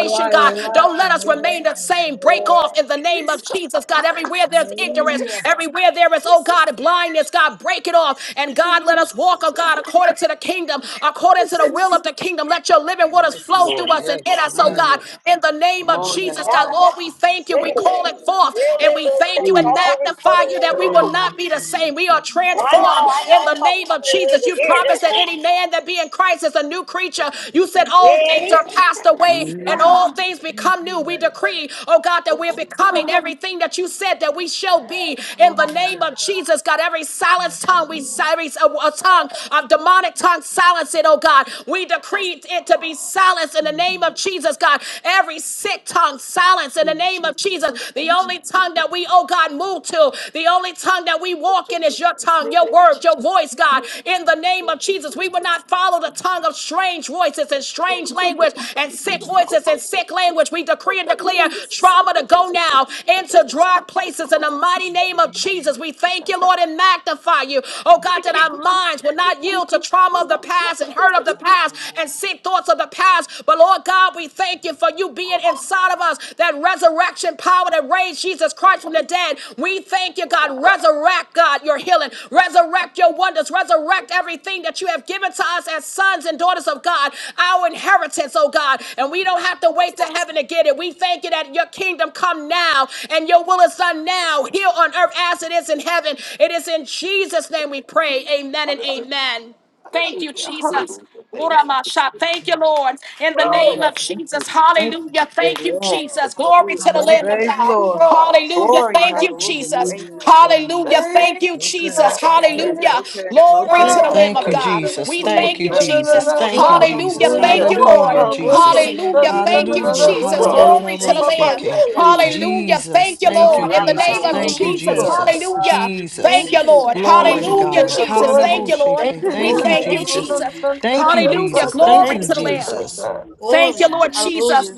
Speaker 6: God.
Speaker 1: God. Don't let
Speaker 6: Thank
Speaker 1: us
Speaker 6: you,
Speaker 1: remain the same. Break off in the name
Speaker 6: yes,
Speaker 1: of
Speaker 6: God.
Speaker 1: Jesus, God.
Speaker 6: Thank you,
Speaker 1: Everywhere
Speaker 6: Jesus.
Speaker 1: there's ignorance,
Speaker 6: Yes, yes,
Speaker 1: everywhere there is, oh
Speaker 6: yes,
Speaker 1: God, blindness, God, break it off. And God, let us walk, oh God,
Speaker 6: God.
Speaker 1: according to the kingdom, according
Speaker 6: Yes,
Speaker 1: to the will
Speaker 6: yes,
Speaker 1: of the kingdom. Let your living waters
Speaker 6: yes,
Speaker 1: flow
Speaker 6: God.
Speaker 1: through us and in us, oh
Speaker 8: yes.
Speaker 1: God, in the name of Jesus,
Speaker 13: Now,
Speaker 1: God. Lord, we thank you. We
Speaker 13: listen,
Speaker 1: call it forth and we
Speaker 13: realism
Speaker 1: thank you
Speaker 13: takes
Speaker 8: Mm.
Speaker 1: and
Speaker 13: off the
Speaker 6: Thank
Speaker 1: magnify
Speaker 6: you.
Speaker 13: recording.
Speaker 1: you that we will not
Speaker 8: Yes,
Speaker 1: be the
Speaker 8: God.
Speaker 1: same. We are
Speaker 13: And
Speaker 6: Thank
Speaker 13: I know,
Speaker 1: transformed
Speaker 6: you.
Speaker 13: I know,
Speaker 1: in the
Speaker 13: folks,
Speaker 1: name of
Speaker 13: it
Speaker 1: Jesus.
Speaker 13: is
Speaker 1: You
Speaker 6: Yes.
Speaker 13: here.
Speaker 1: promised that
Speaker 13: Just,
Speaker 1: any
Speaker 6: Oh,
Speaker 1: man that be in Christ is a new creature. You said
Speaker 13: you
Speaker 1: all
Speaker 13: hear
Speaker 1: things
Speaker 13: me?
Speaker 1: are passed away
Speaker 6: Yes,
Speaker 1: and
Speaker 8: It
Speaker 6: God.
Speaker 1: all things
Speaker 8: pays
Speaker 1: become
Speaker 8: the
Speaker 1: new. We
Speaker 8: way.
Speaker 1: decree, oh God, that we're
Speaker 6: Thank you,
Speaker 1: becoming
Speaker 6: God.
Speaker 1: everything that you said that we shall be in
Speaker 8: Oh,
Speaker 1: the
Speaker 8: my
Speaker 1: name of
Speaker 8: God.
Speaker 1: Jesus. God, every
Speaker 8: Yes,
Speaker 1: silenced tongue, we
Speaker 8: Lord.
Speaker 1: silence a, a tongue of demonic tongue, silence it, oh God. We decree it to be silenced in the name of Jesus, God. Every sick tongue, silence in the name of Jesus.
Speaker 6: Thank
Speaker 1: The
Speaker 6: you,
Speaker 1: the only
Speaker 6: Jesus.
Speaker 1: tongue that we, oh God, move to, the only tongue that we
Speaker 6: Thank
Speaker 1: walk
Speaker 6: you,
Speaker 1: in is
Speaker 6: Jesus.
Speaker 1: your tongue,
Speaker 6: Thank
Speaker 1: your
Speaker 6: you,
Speaker 1: word,
Speaker 6: Jesus.
Speaker 1: your voice,
Speaker 6: Thank
Speaker 1: God.
Speaker 6: you,
Speaker 1: In the name
Speaker 6: thank
Speaker 1: of
Speaker 6: you,
Speaker 1: Jesus, we will not follow
Speaker 6: Jesus.
Speaker 1: the tongue of strange voices and
Speaker 6: Lord,
Speaker 1: strange
Speaker 6: it's my
Speaker 1: language
Speaker 6: God.
Speaker 1: and
Speaker 6: It's
Speaker 1: sick
Speaker 6: my God.
Speaker 1: voices and sick
Speaker 6: It's
Speaker 1: language. We
Speaker 6: my
Speaker 1: decree
Speaker 6: God. It's my
Speaker 1: and
Speaker 6: God.
Speaker 1: declare
Speaker 6: It's my
Speaker 1: trauma
Speaker 6: God.
Speaker 1: to go now
Speaker 6: It's my God.
Speaker 1: into
Speaker 6: Thank you,
Speaker 1: dry
Speaker 6: God. Thank
Speaker 1: places in
Speaker 6: you,
Speaker 1: the
Speaker 6: God.
Speaker 1: mighty name
Speaker 6: Thank
Speaker 1: of Jesus. We thank you, Lord, and magnify you. Oh God, that our minds will not yield to trauma of the
Speaker 6: you, God.
Speaker 1: past and hurt of
Speaker 6: Thank
Speaker 1: the
Speaker 6: you.
Speaker 1: past and sick thoughts of the past. But Lord Lord God, we thank you for you being inside of us, that resurrection power that raised Jesus Christ from the dead. We thank you, God. Resurrect, God, your healing. Resurrect your wonders. Resurrect everything that you have given to us as sons and daughters of God, our inheritance, oh God. And we don't have to wait to heaven to get it. We thank you that your kingdom come now and your will is done now, here on earth as it is in heaven. It is in Jesus' name we pray. Amen and amen. Thank you,
Speaker 6: Hallelujah,
Speaker 1: Jesus.
Speaker 6: hallelujah, thank you.
Speaker 1: Uramasha. Thank you, Lord. In the
Speaker 6: Oh,
Speaker 1: name
Speaker 12: Amen.
Speaker 8: Your
Speaker 1: of
Speaker 12: Thank
Speaker 1: Jesus.
Speaker 12: you. Thank
Speaker 1: Hallelujah.
Speaker 12: you.
Speaker 1: Thank you,
Speaker 12: Amen.
Speaker 1: Jesus. Glory
Speaker 12: Hallelujah.
Speaker 1: to the
Speaker 8: power
Speaker 12: Thank
Speaker 1: Lamb
Speaker 8: is
Speaker 6: thank
Speaker 1: of
Speaker 12: you.
Speaker 1: God.
Speaker 6: you,
Speaker 8: strong.
Speaker 6: God.
Speaker 1: Hallelujah.
Speaker 12: Glory.
Speaker 1: Thank
Speaker 6: Thank
Speaker 1: you,
Speaker 12: Hallelujah.
Speaker 1: Jesus.
Speaker 6: you,
Speaker 12: Great
Speaker 8: Hallelujah,
Speaker 6: God.
Speaker 12: Lord.
Speaker 8: God.
Speaker 1: Hallelujah.
Speaker 12: Lord,
Speaker 6: Thank you,
Speaker 1: Thank you, Jesus.
Speaker 6: God.
Speaker 12: Thank
Speaker 8: Yes,
Speaker 12: you.
Speaker 6: Thank
Speaker 1: Hallelujah.
Speaker 6: you,
Speaker 8: thank
Speaker 1: Glory to
Speaker 12: Thank
Speaker 8: you,
Speaker 1: the
Speaker 12: you.
Speaker 8: Lord.
Speaker 6: God.
Speaker 1: Lamb
Speaker 6: I
Speaker 4: Thank
Speaker 1: of
Speaker 4: you,
Speaker 1: God.
Speaker 6: never
Speaker 4: Jesus.
Speaker 1: We
Speaker 8: for your
Speaker 6: could.
Speaker 4: Thank
Speaker 1: thank
Speaker 4: you,
Speaker 1: you,
Speaker 6: Da da
Speaker 8: word
Speaker 6: da
Speaker 8: and
Speaker 1: Jesus.
Speaker 4: Jesus.
Speaker 6: da
Speaker 12: Thank
Speaker 4: Thank you,
Speaker 6: pa.
Speaker 8: power
Speaker 12: you.
Speaker 8: and
Speaker 6: Da
Speaker 4: Jesus.
Speaker 1: Hallelujah.
Speaker 6: da
Speaker 8: glory
Speaker 1: Thank
Speaker 6: da,
Speaker 12: Hallelujah.
Speaker 1: you,
Speaker 6: pa,
Speaker 8: for
Speaker 4: Hallelujah,
Speaker 1: Lord.
Speaker 6: Da
Speaker 8: your
Speaker 6: da da so.
Speaker 4: Jesus.
Speaker 6: da,
Speaker 12: Hallelujah.
Speaker 6: da
Speaker 8: healing and
Speaker 1: Hallelujah. Thank
Speaker 6: da,
Speaker 1: you,
Speaker 6: Da da
Speaker 4: Hallelujah.
Speaker 8: deliverance.
Speaker 1: Jesus.
Speaker 6: God.
Speaker 12: Hallelujah.
Speaker 8: Lord
Speaker 6: da
Speaker 1: Glory
Speaker 6: da,
Speaker 1: to the
Speaker 12: Thank
Speaker 6: da pa.
Speaker 8: Jesus,
Speaker 1: Lamb.
Speaker 6: you
Speaker 12: you.
Speaker 4: Hallelujah.
Speaker 12: Thank
Speaker 6: you,
Speaker 8: strength, oh God,
Speaker 1: Hallelujah.
Speaker 4: Jesus.
Speaker 1: Thank you,
Speaker 12: you to the
Speaker 4: Thank you,
Speaker 12: Lamb
Speaker 1: Lord. In the
Speaker 8: life,
Speaker 12: of
Speaker 1: name
Speaker 4: Jesus.
Speaker 12: God.
Speaker 8: oh
Speaker 1: of
Speaker 4: Thank
Speaker 8: God,
Speaker 6: you,
Speaker 4: you,
Speaker 1: Jesus.
Speaker 12: Hallelujah.
Speaker 8: my
Speaker 4: Jesus.
Speaker 8: God,
Speaker 1: Hallelujah.
Speaker 8: in His
Speaker 1: Thank
Speaker 12: Thank
Speaker 4: Jesus.
Speaker 1: you,
Speaker 8: name.
Speaker 12: you.
Speaker 1: Lord.
Speaker 12: Thank
Speaker 4: Glory to
Speaker 6: Thank
Speaker 12: you.
Speaker 1: Hallelujah,
Speaker 6: Thank
Speaker 8: Hallelujah.
Speaker 11: Thank
Speaker 4: God.
Speaker 6: you,
Speaker 11: you,
Speaker 8: God,
Speaker 1: Jesus.
Speaker 11: God.
Speaker 6: God.
Speaker 8: you
Speaker 12: Hallelujah.
Speaker 1: Thank
Speaker 8: are
Speaker 1: you,
Speaker 6: Thank you,
Speaker 4: Hallelujah.
Speaker 12: Thank
Speaker 1: Lord.
Speaker 12: you,
Speaker 1: We
Speaker 8: everything,
Speaker 4: Thank
Speaker 12: Lord.
Speaker 4: you,
Speaker 8: God.
Speaker 1: you,
Speaker 12: Thank
Speaker 8: Thank
Speaker 4: Jesus.
Speaker 12: you.
Speaker 1: Jesus.
Speaker 8: you.
Speaker 4: Thank you,
Speaker 1: Hallelujah.
Speaker 6: God.
Speaker 4: Jesus.
Speaker 6: Thank
Speaker 4: Thank
Speaker 1: Glory
Speaker 4: you,
Speaker 12: Thank
Speaker 1: to
Speaker 8: Hallelujah.
Speaker 1: the
Speaker 12: you.
Speaker 1: Lamb.
Speaker 4: Jesus.
Speaker 8: Hallelujah.
Speaker 1: Thank
Speaker 12: Glory.
Speaker 1: you,
Speaker 8: Yes.
Speaker 1: Lord
Speaker 6: you,
Speaker 1: Jesus.
Speaker 12: Hallelujah.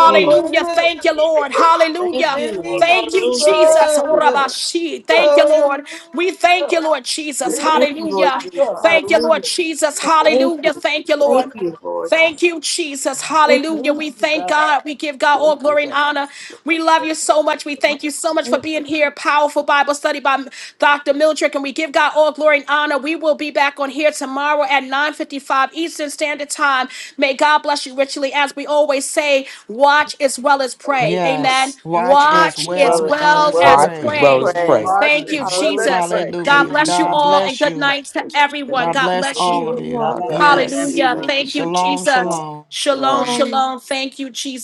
Speaker 6: God.
Speaker 8: Mm.
Speaker 1: Thank you, Lord.
Speaker 12: Thank
Speaker 1: Hallelujah.
Speaker 12: you.
Speaker 1: Thank you,
Speaker 12: Hallelujah. Thank
Speaker 1: Jesus.
Speaker 12: you.
Speaker 1: Orabashi. Thank you, Lord. We thank
Speaker 6: Hallelujah.
Speaker 1: you, Lord
Speaker 12: We
Speaker 1: Jesus.
Speaker 6: Thank you,
Speaker 12: thank you, Lord
Speaker 1: Hallelujah.
Speaker 12: Jesus.
Speaker 6: God.
Speaker 1: Thank you, Lord
Speaker 12: Hallelujah.
Speaker 1: Jesus.
Speaker 12: We
Speaker 6: Thank you,
Speaker 12: thank you.
Speaker 1: Hallelujah. Thank you,
Speaker 12: Thank
Speaker 1: Lord.
Speaker 12: you, Lord
Speaker 1: Thank
Speaker 12: Jesus.
Speaker 1: you, Jesus.
Speaker 12: Thank you.
Speaker 1: Hallelujah. We
Speaker 6: Thank you,
Speaker 1: thank
Speaker 6: God.
Speaker 1: God. We give God
Speaker 6: Thank
Speaker 1: all
Speaker 6: you,
Speaker 1: glory and
Speaker 6: God.
Speaker 1: honor. We love you so much. We thank you so much for
Speaker 12: Thank you.
Speaker 1: being here. Powerful Bible study by Dr. Mildred. And we give God all glory and honor. We will be back on here tomorrow at 9.55 Eastern Standard Time. May God bless you richly. As we always say, watch as well as
Speaker 6: Thank
Speaker 1: pray. Amen.
Speaker 4: Yes, watch
Speaker 8: I
Speaker 4: as
Speaker 1: Watch
Speaker 6: you,
Speaker 8: Just
Speaker 6: God.
Speaker 8: want
Speaker 1: as
Speaker 12: Well
Speaker 4: well
Speaker 12: as,
Speaker 8: to
Speaker 12: as
Speaker 1: well
Speaker 4: as
Speaker 12: well
Speaker 8: pray,
Speaker 1: as
Speaker 12: as
Speaker 7: Watch as
Speaker 4: pray.
Speaker 7: well
Speaker 6: Praise.
Speaker 1: pray.
Speaker 8: as
Speaker 7: as
Speaker 8: well
Speaker 12: pray.
Speaker 7: pray.
Speaker 8: as
Speaker 1: Thank you,
Speaker 8: pray.
Speaker 12: Hallelujah.
Speaker 1: Jesus.
Speaker 12: Thank
Speaker 1: God
Speaker 8: Thank
Speaker 12: you.
Speaker 4: Hallelujah.
Speaker 6: Thank you,
Speaker 8: you,
Speaker 1: bless you
Speaker 4: God
Speaker 6: Jesus.
Speaker 8: God.
Speaker 1: all and
Speaker 4: bless
Speaker 1: good
Speaker 4: you.
Speaker 6: God
Speaker 1: night to
Speaker 6: bless you. Thank
Speaker 1: everyone.
Speaker 4: God
Speaker 1: God
Speaker 6: you,
Speaker 4: bless
Speaker 12: Good
Speaker 1: bless
Speaker 6: where
Speaker 4: all of
Speaker 1: you.
Speaker 12: night.
Speaker 6: you
Speaker 12: God
Speaker 4: you.
Speaker 6: are. God
Speaker 12: bless you.
Speaker 8: Blessings,
Speaker 6: bless
Speaker 4: Yes.
Speaker 6: you.
Speaker 1: Hallelujah.
Speaker 6: Thank you,
Speaker 8: everyone.
Speaker 1: Thank you,
Speaker 4: Shalom,
Speaker 6: Jesus.
Speaker 8: Lord,
Speaker 1: Jesus.
Speaker 4: shalom.
Speaker 1: Shalom,
Speaker 8: Yes.
Speaker 6: Shalom.
Speaker 1: shalom. Thank you, Jesus.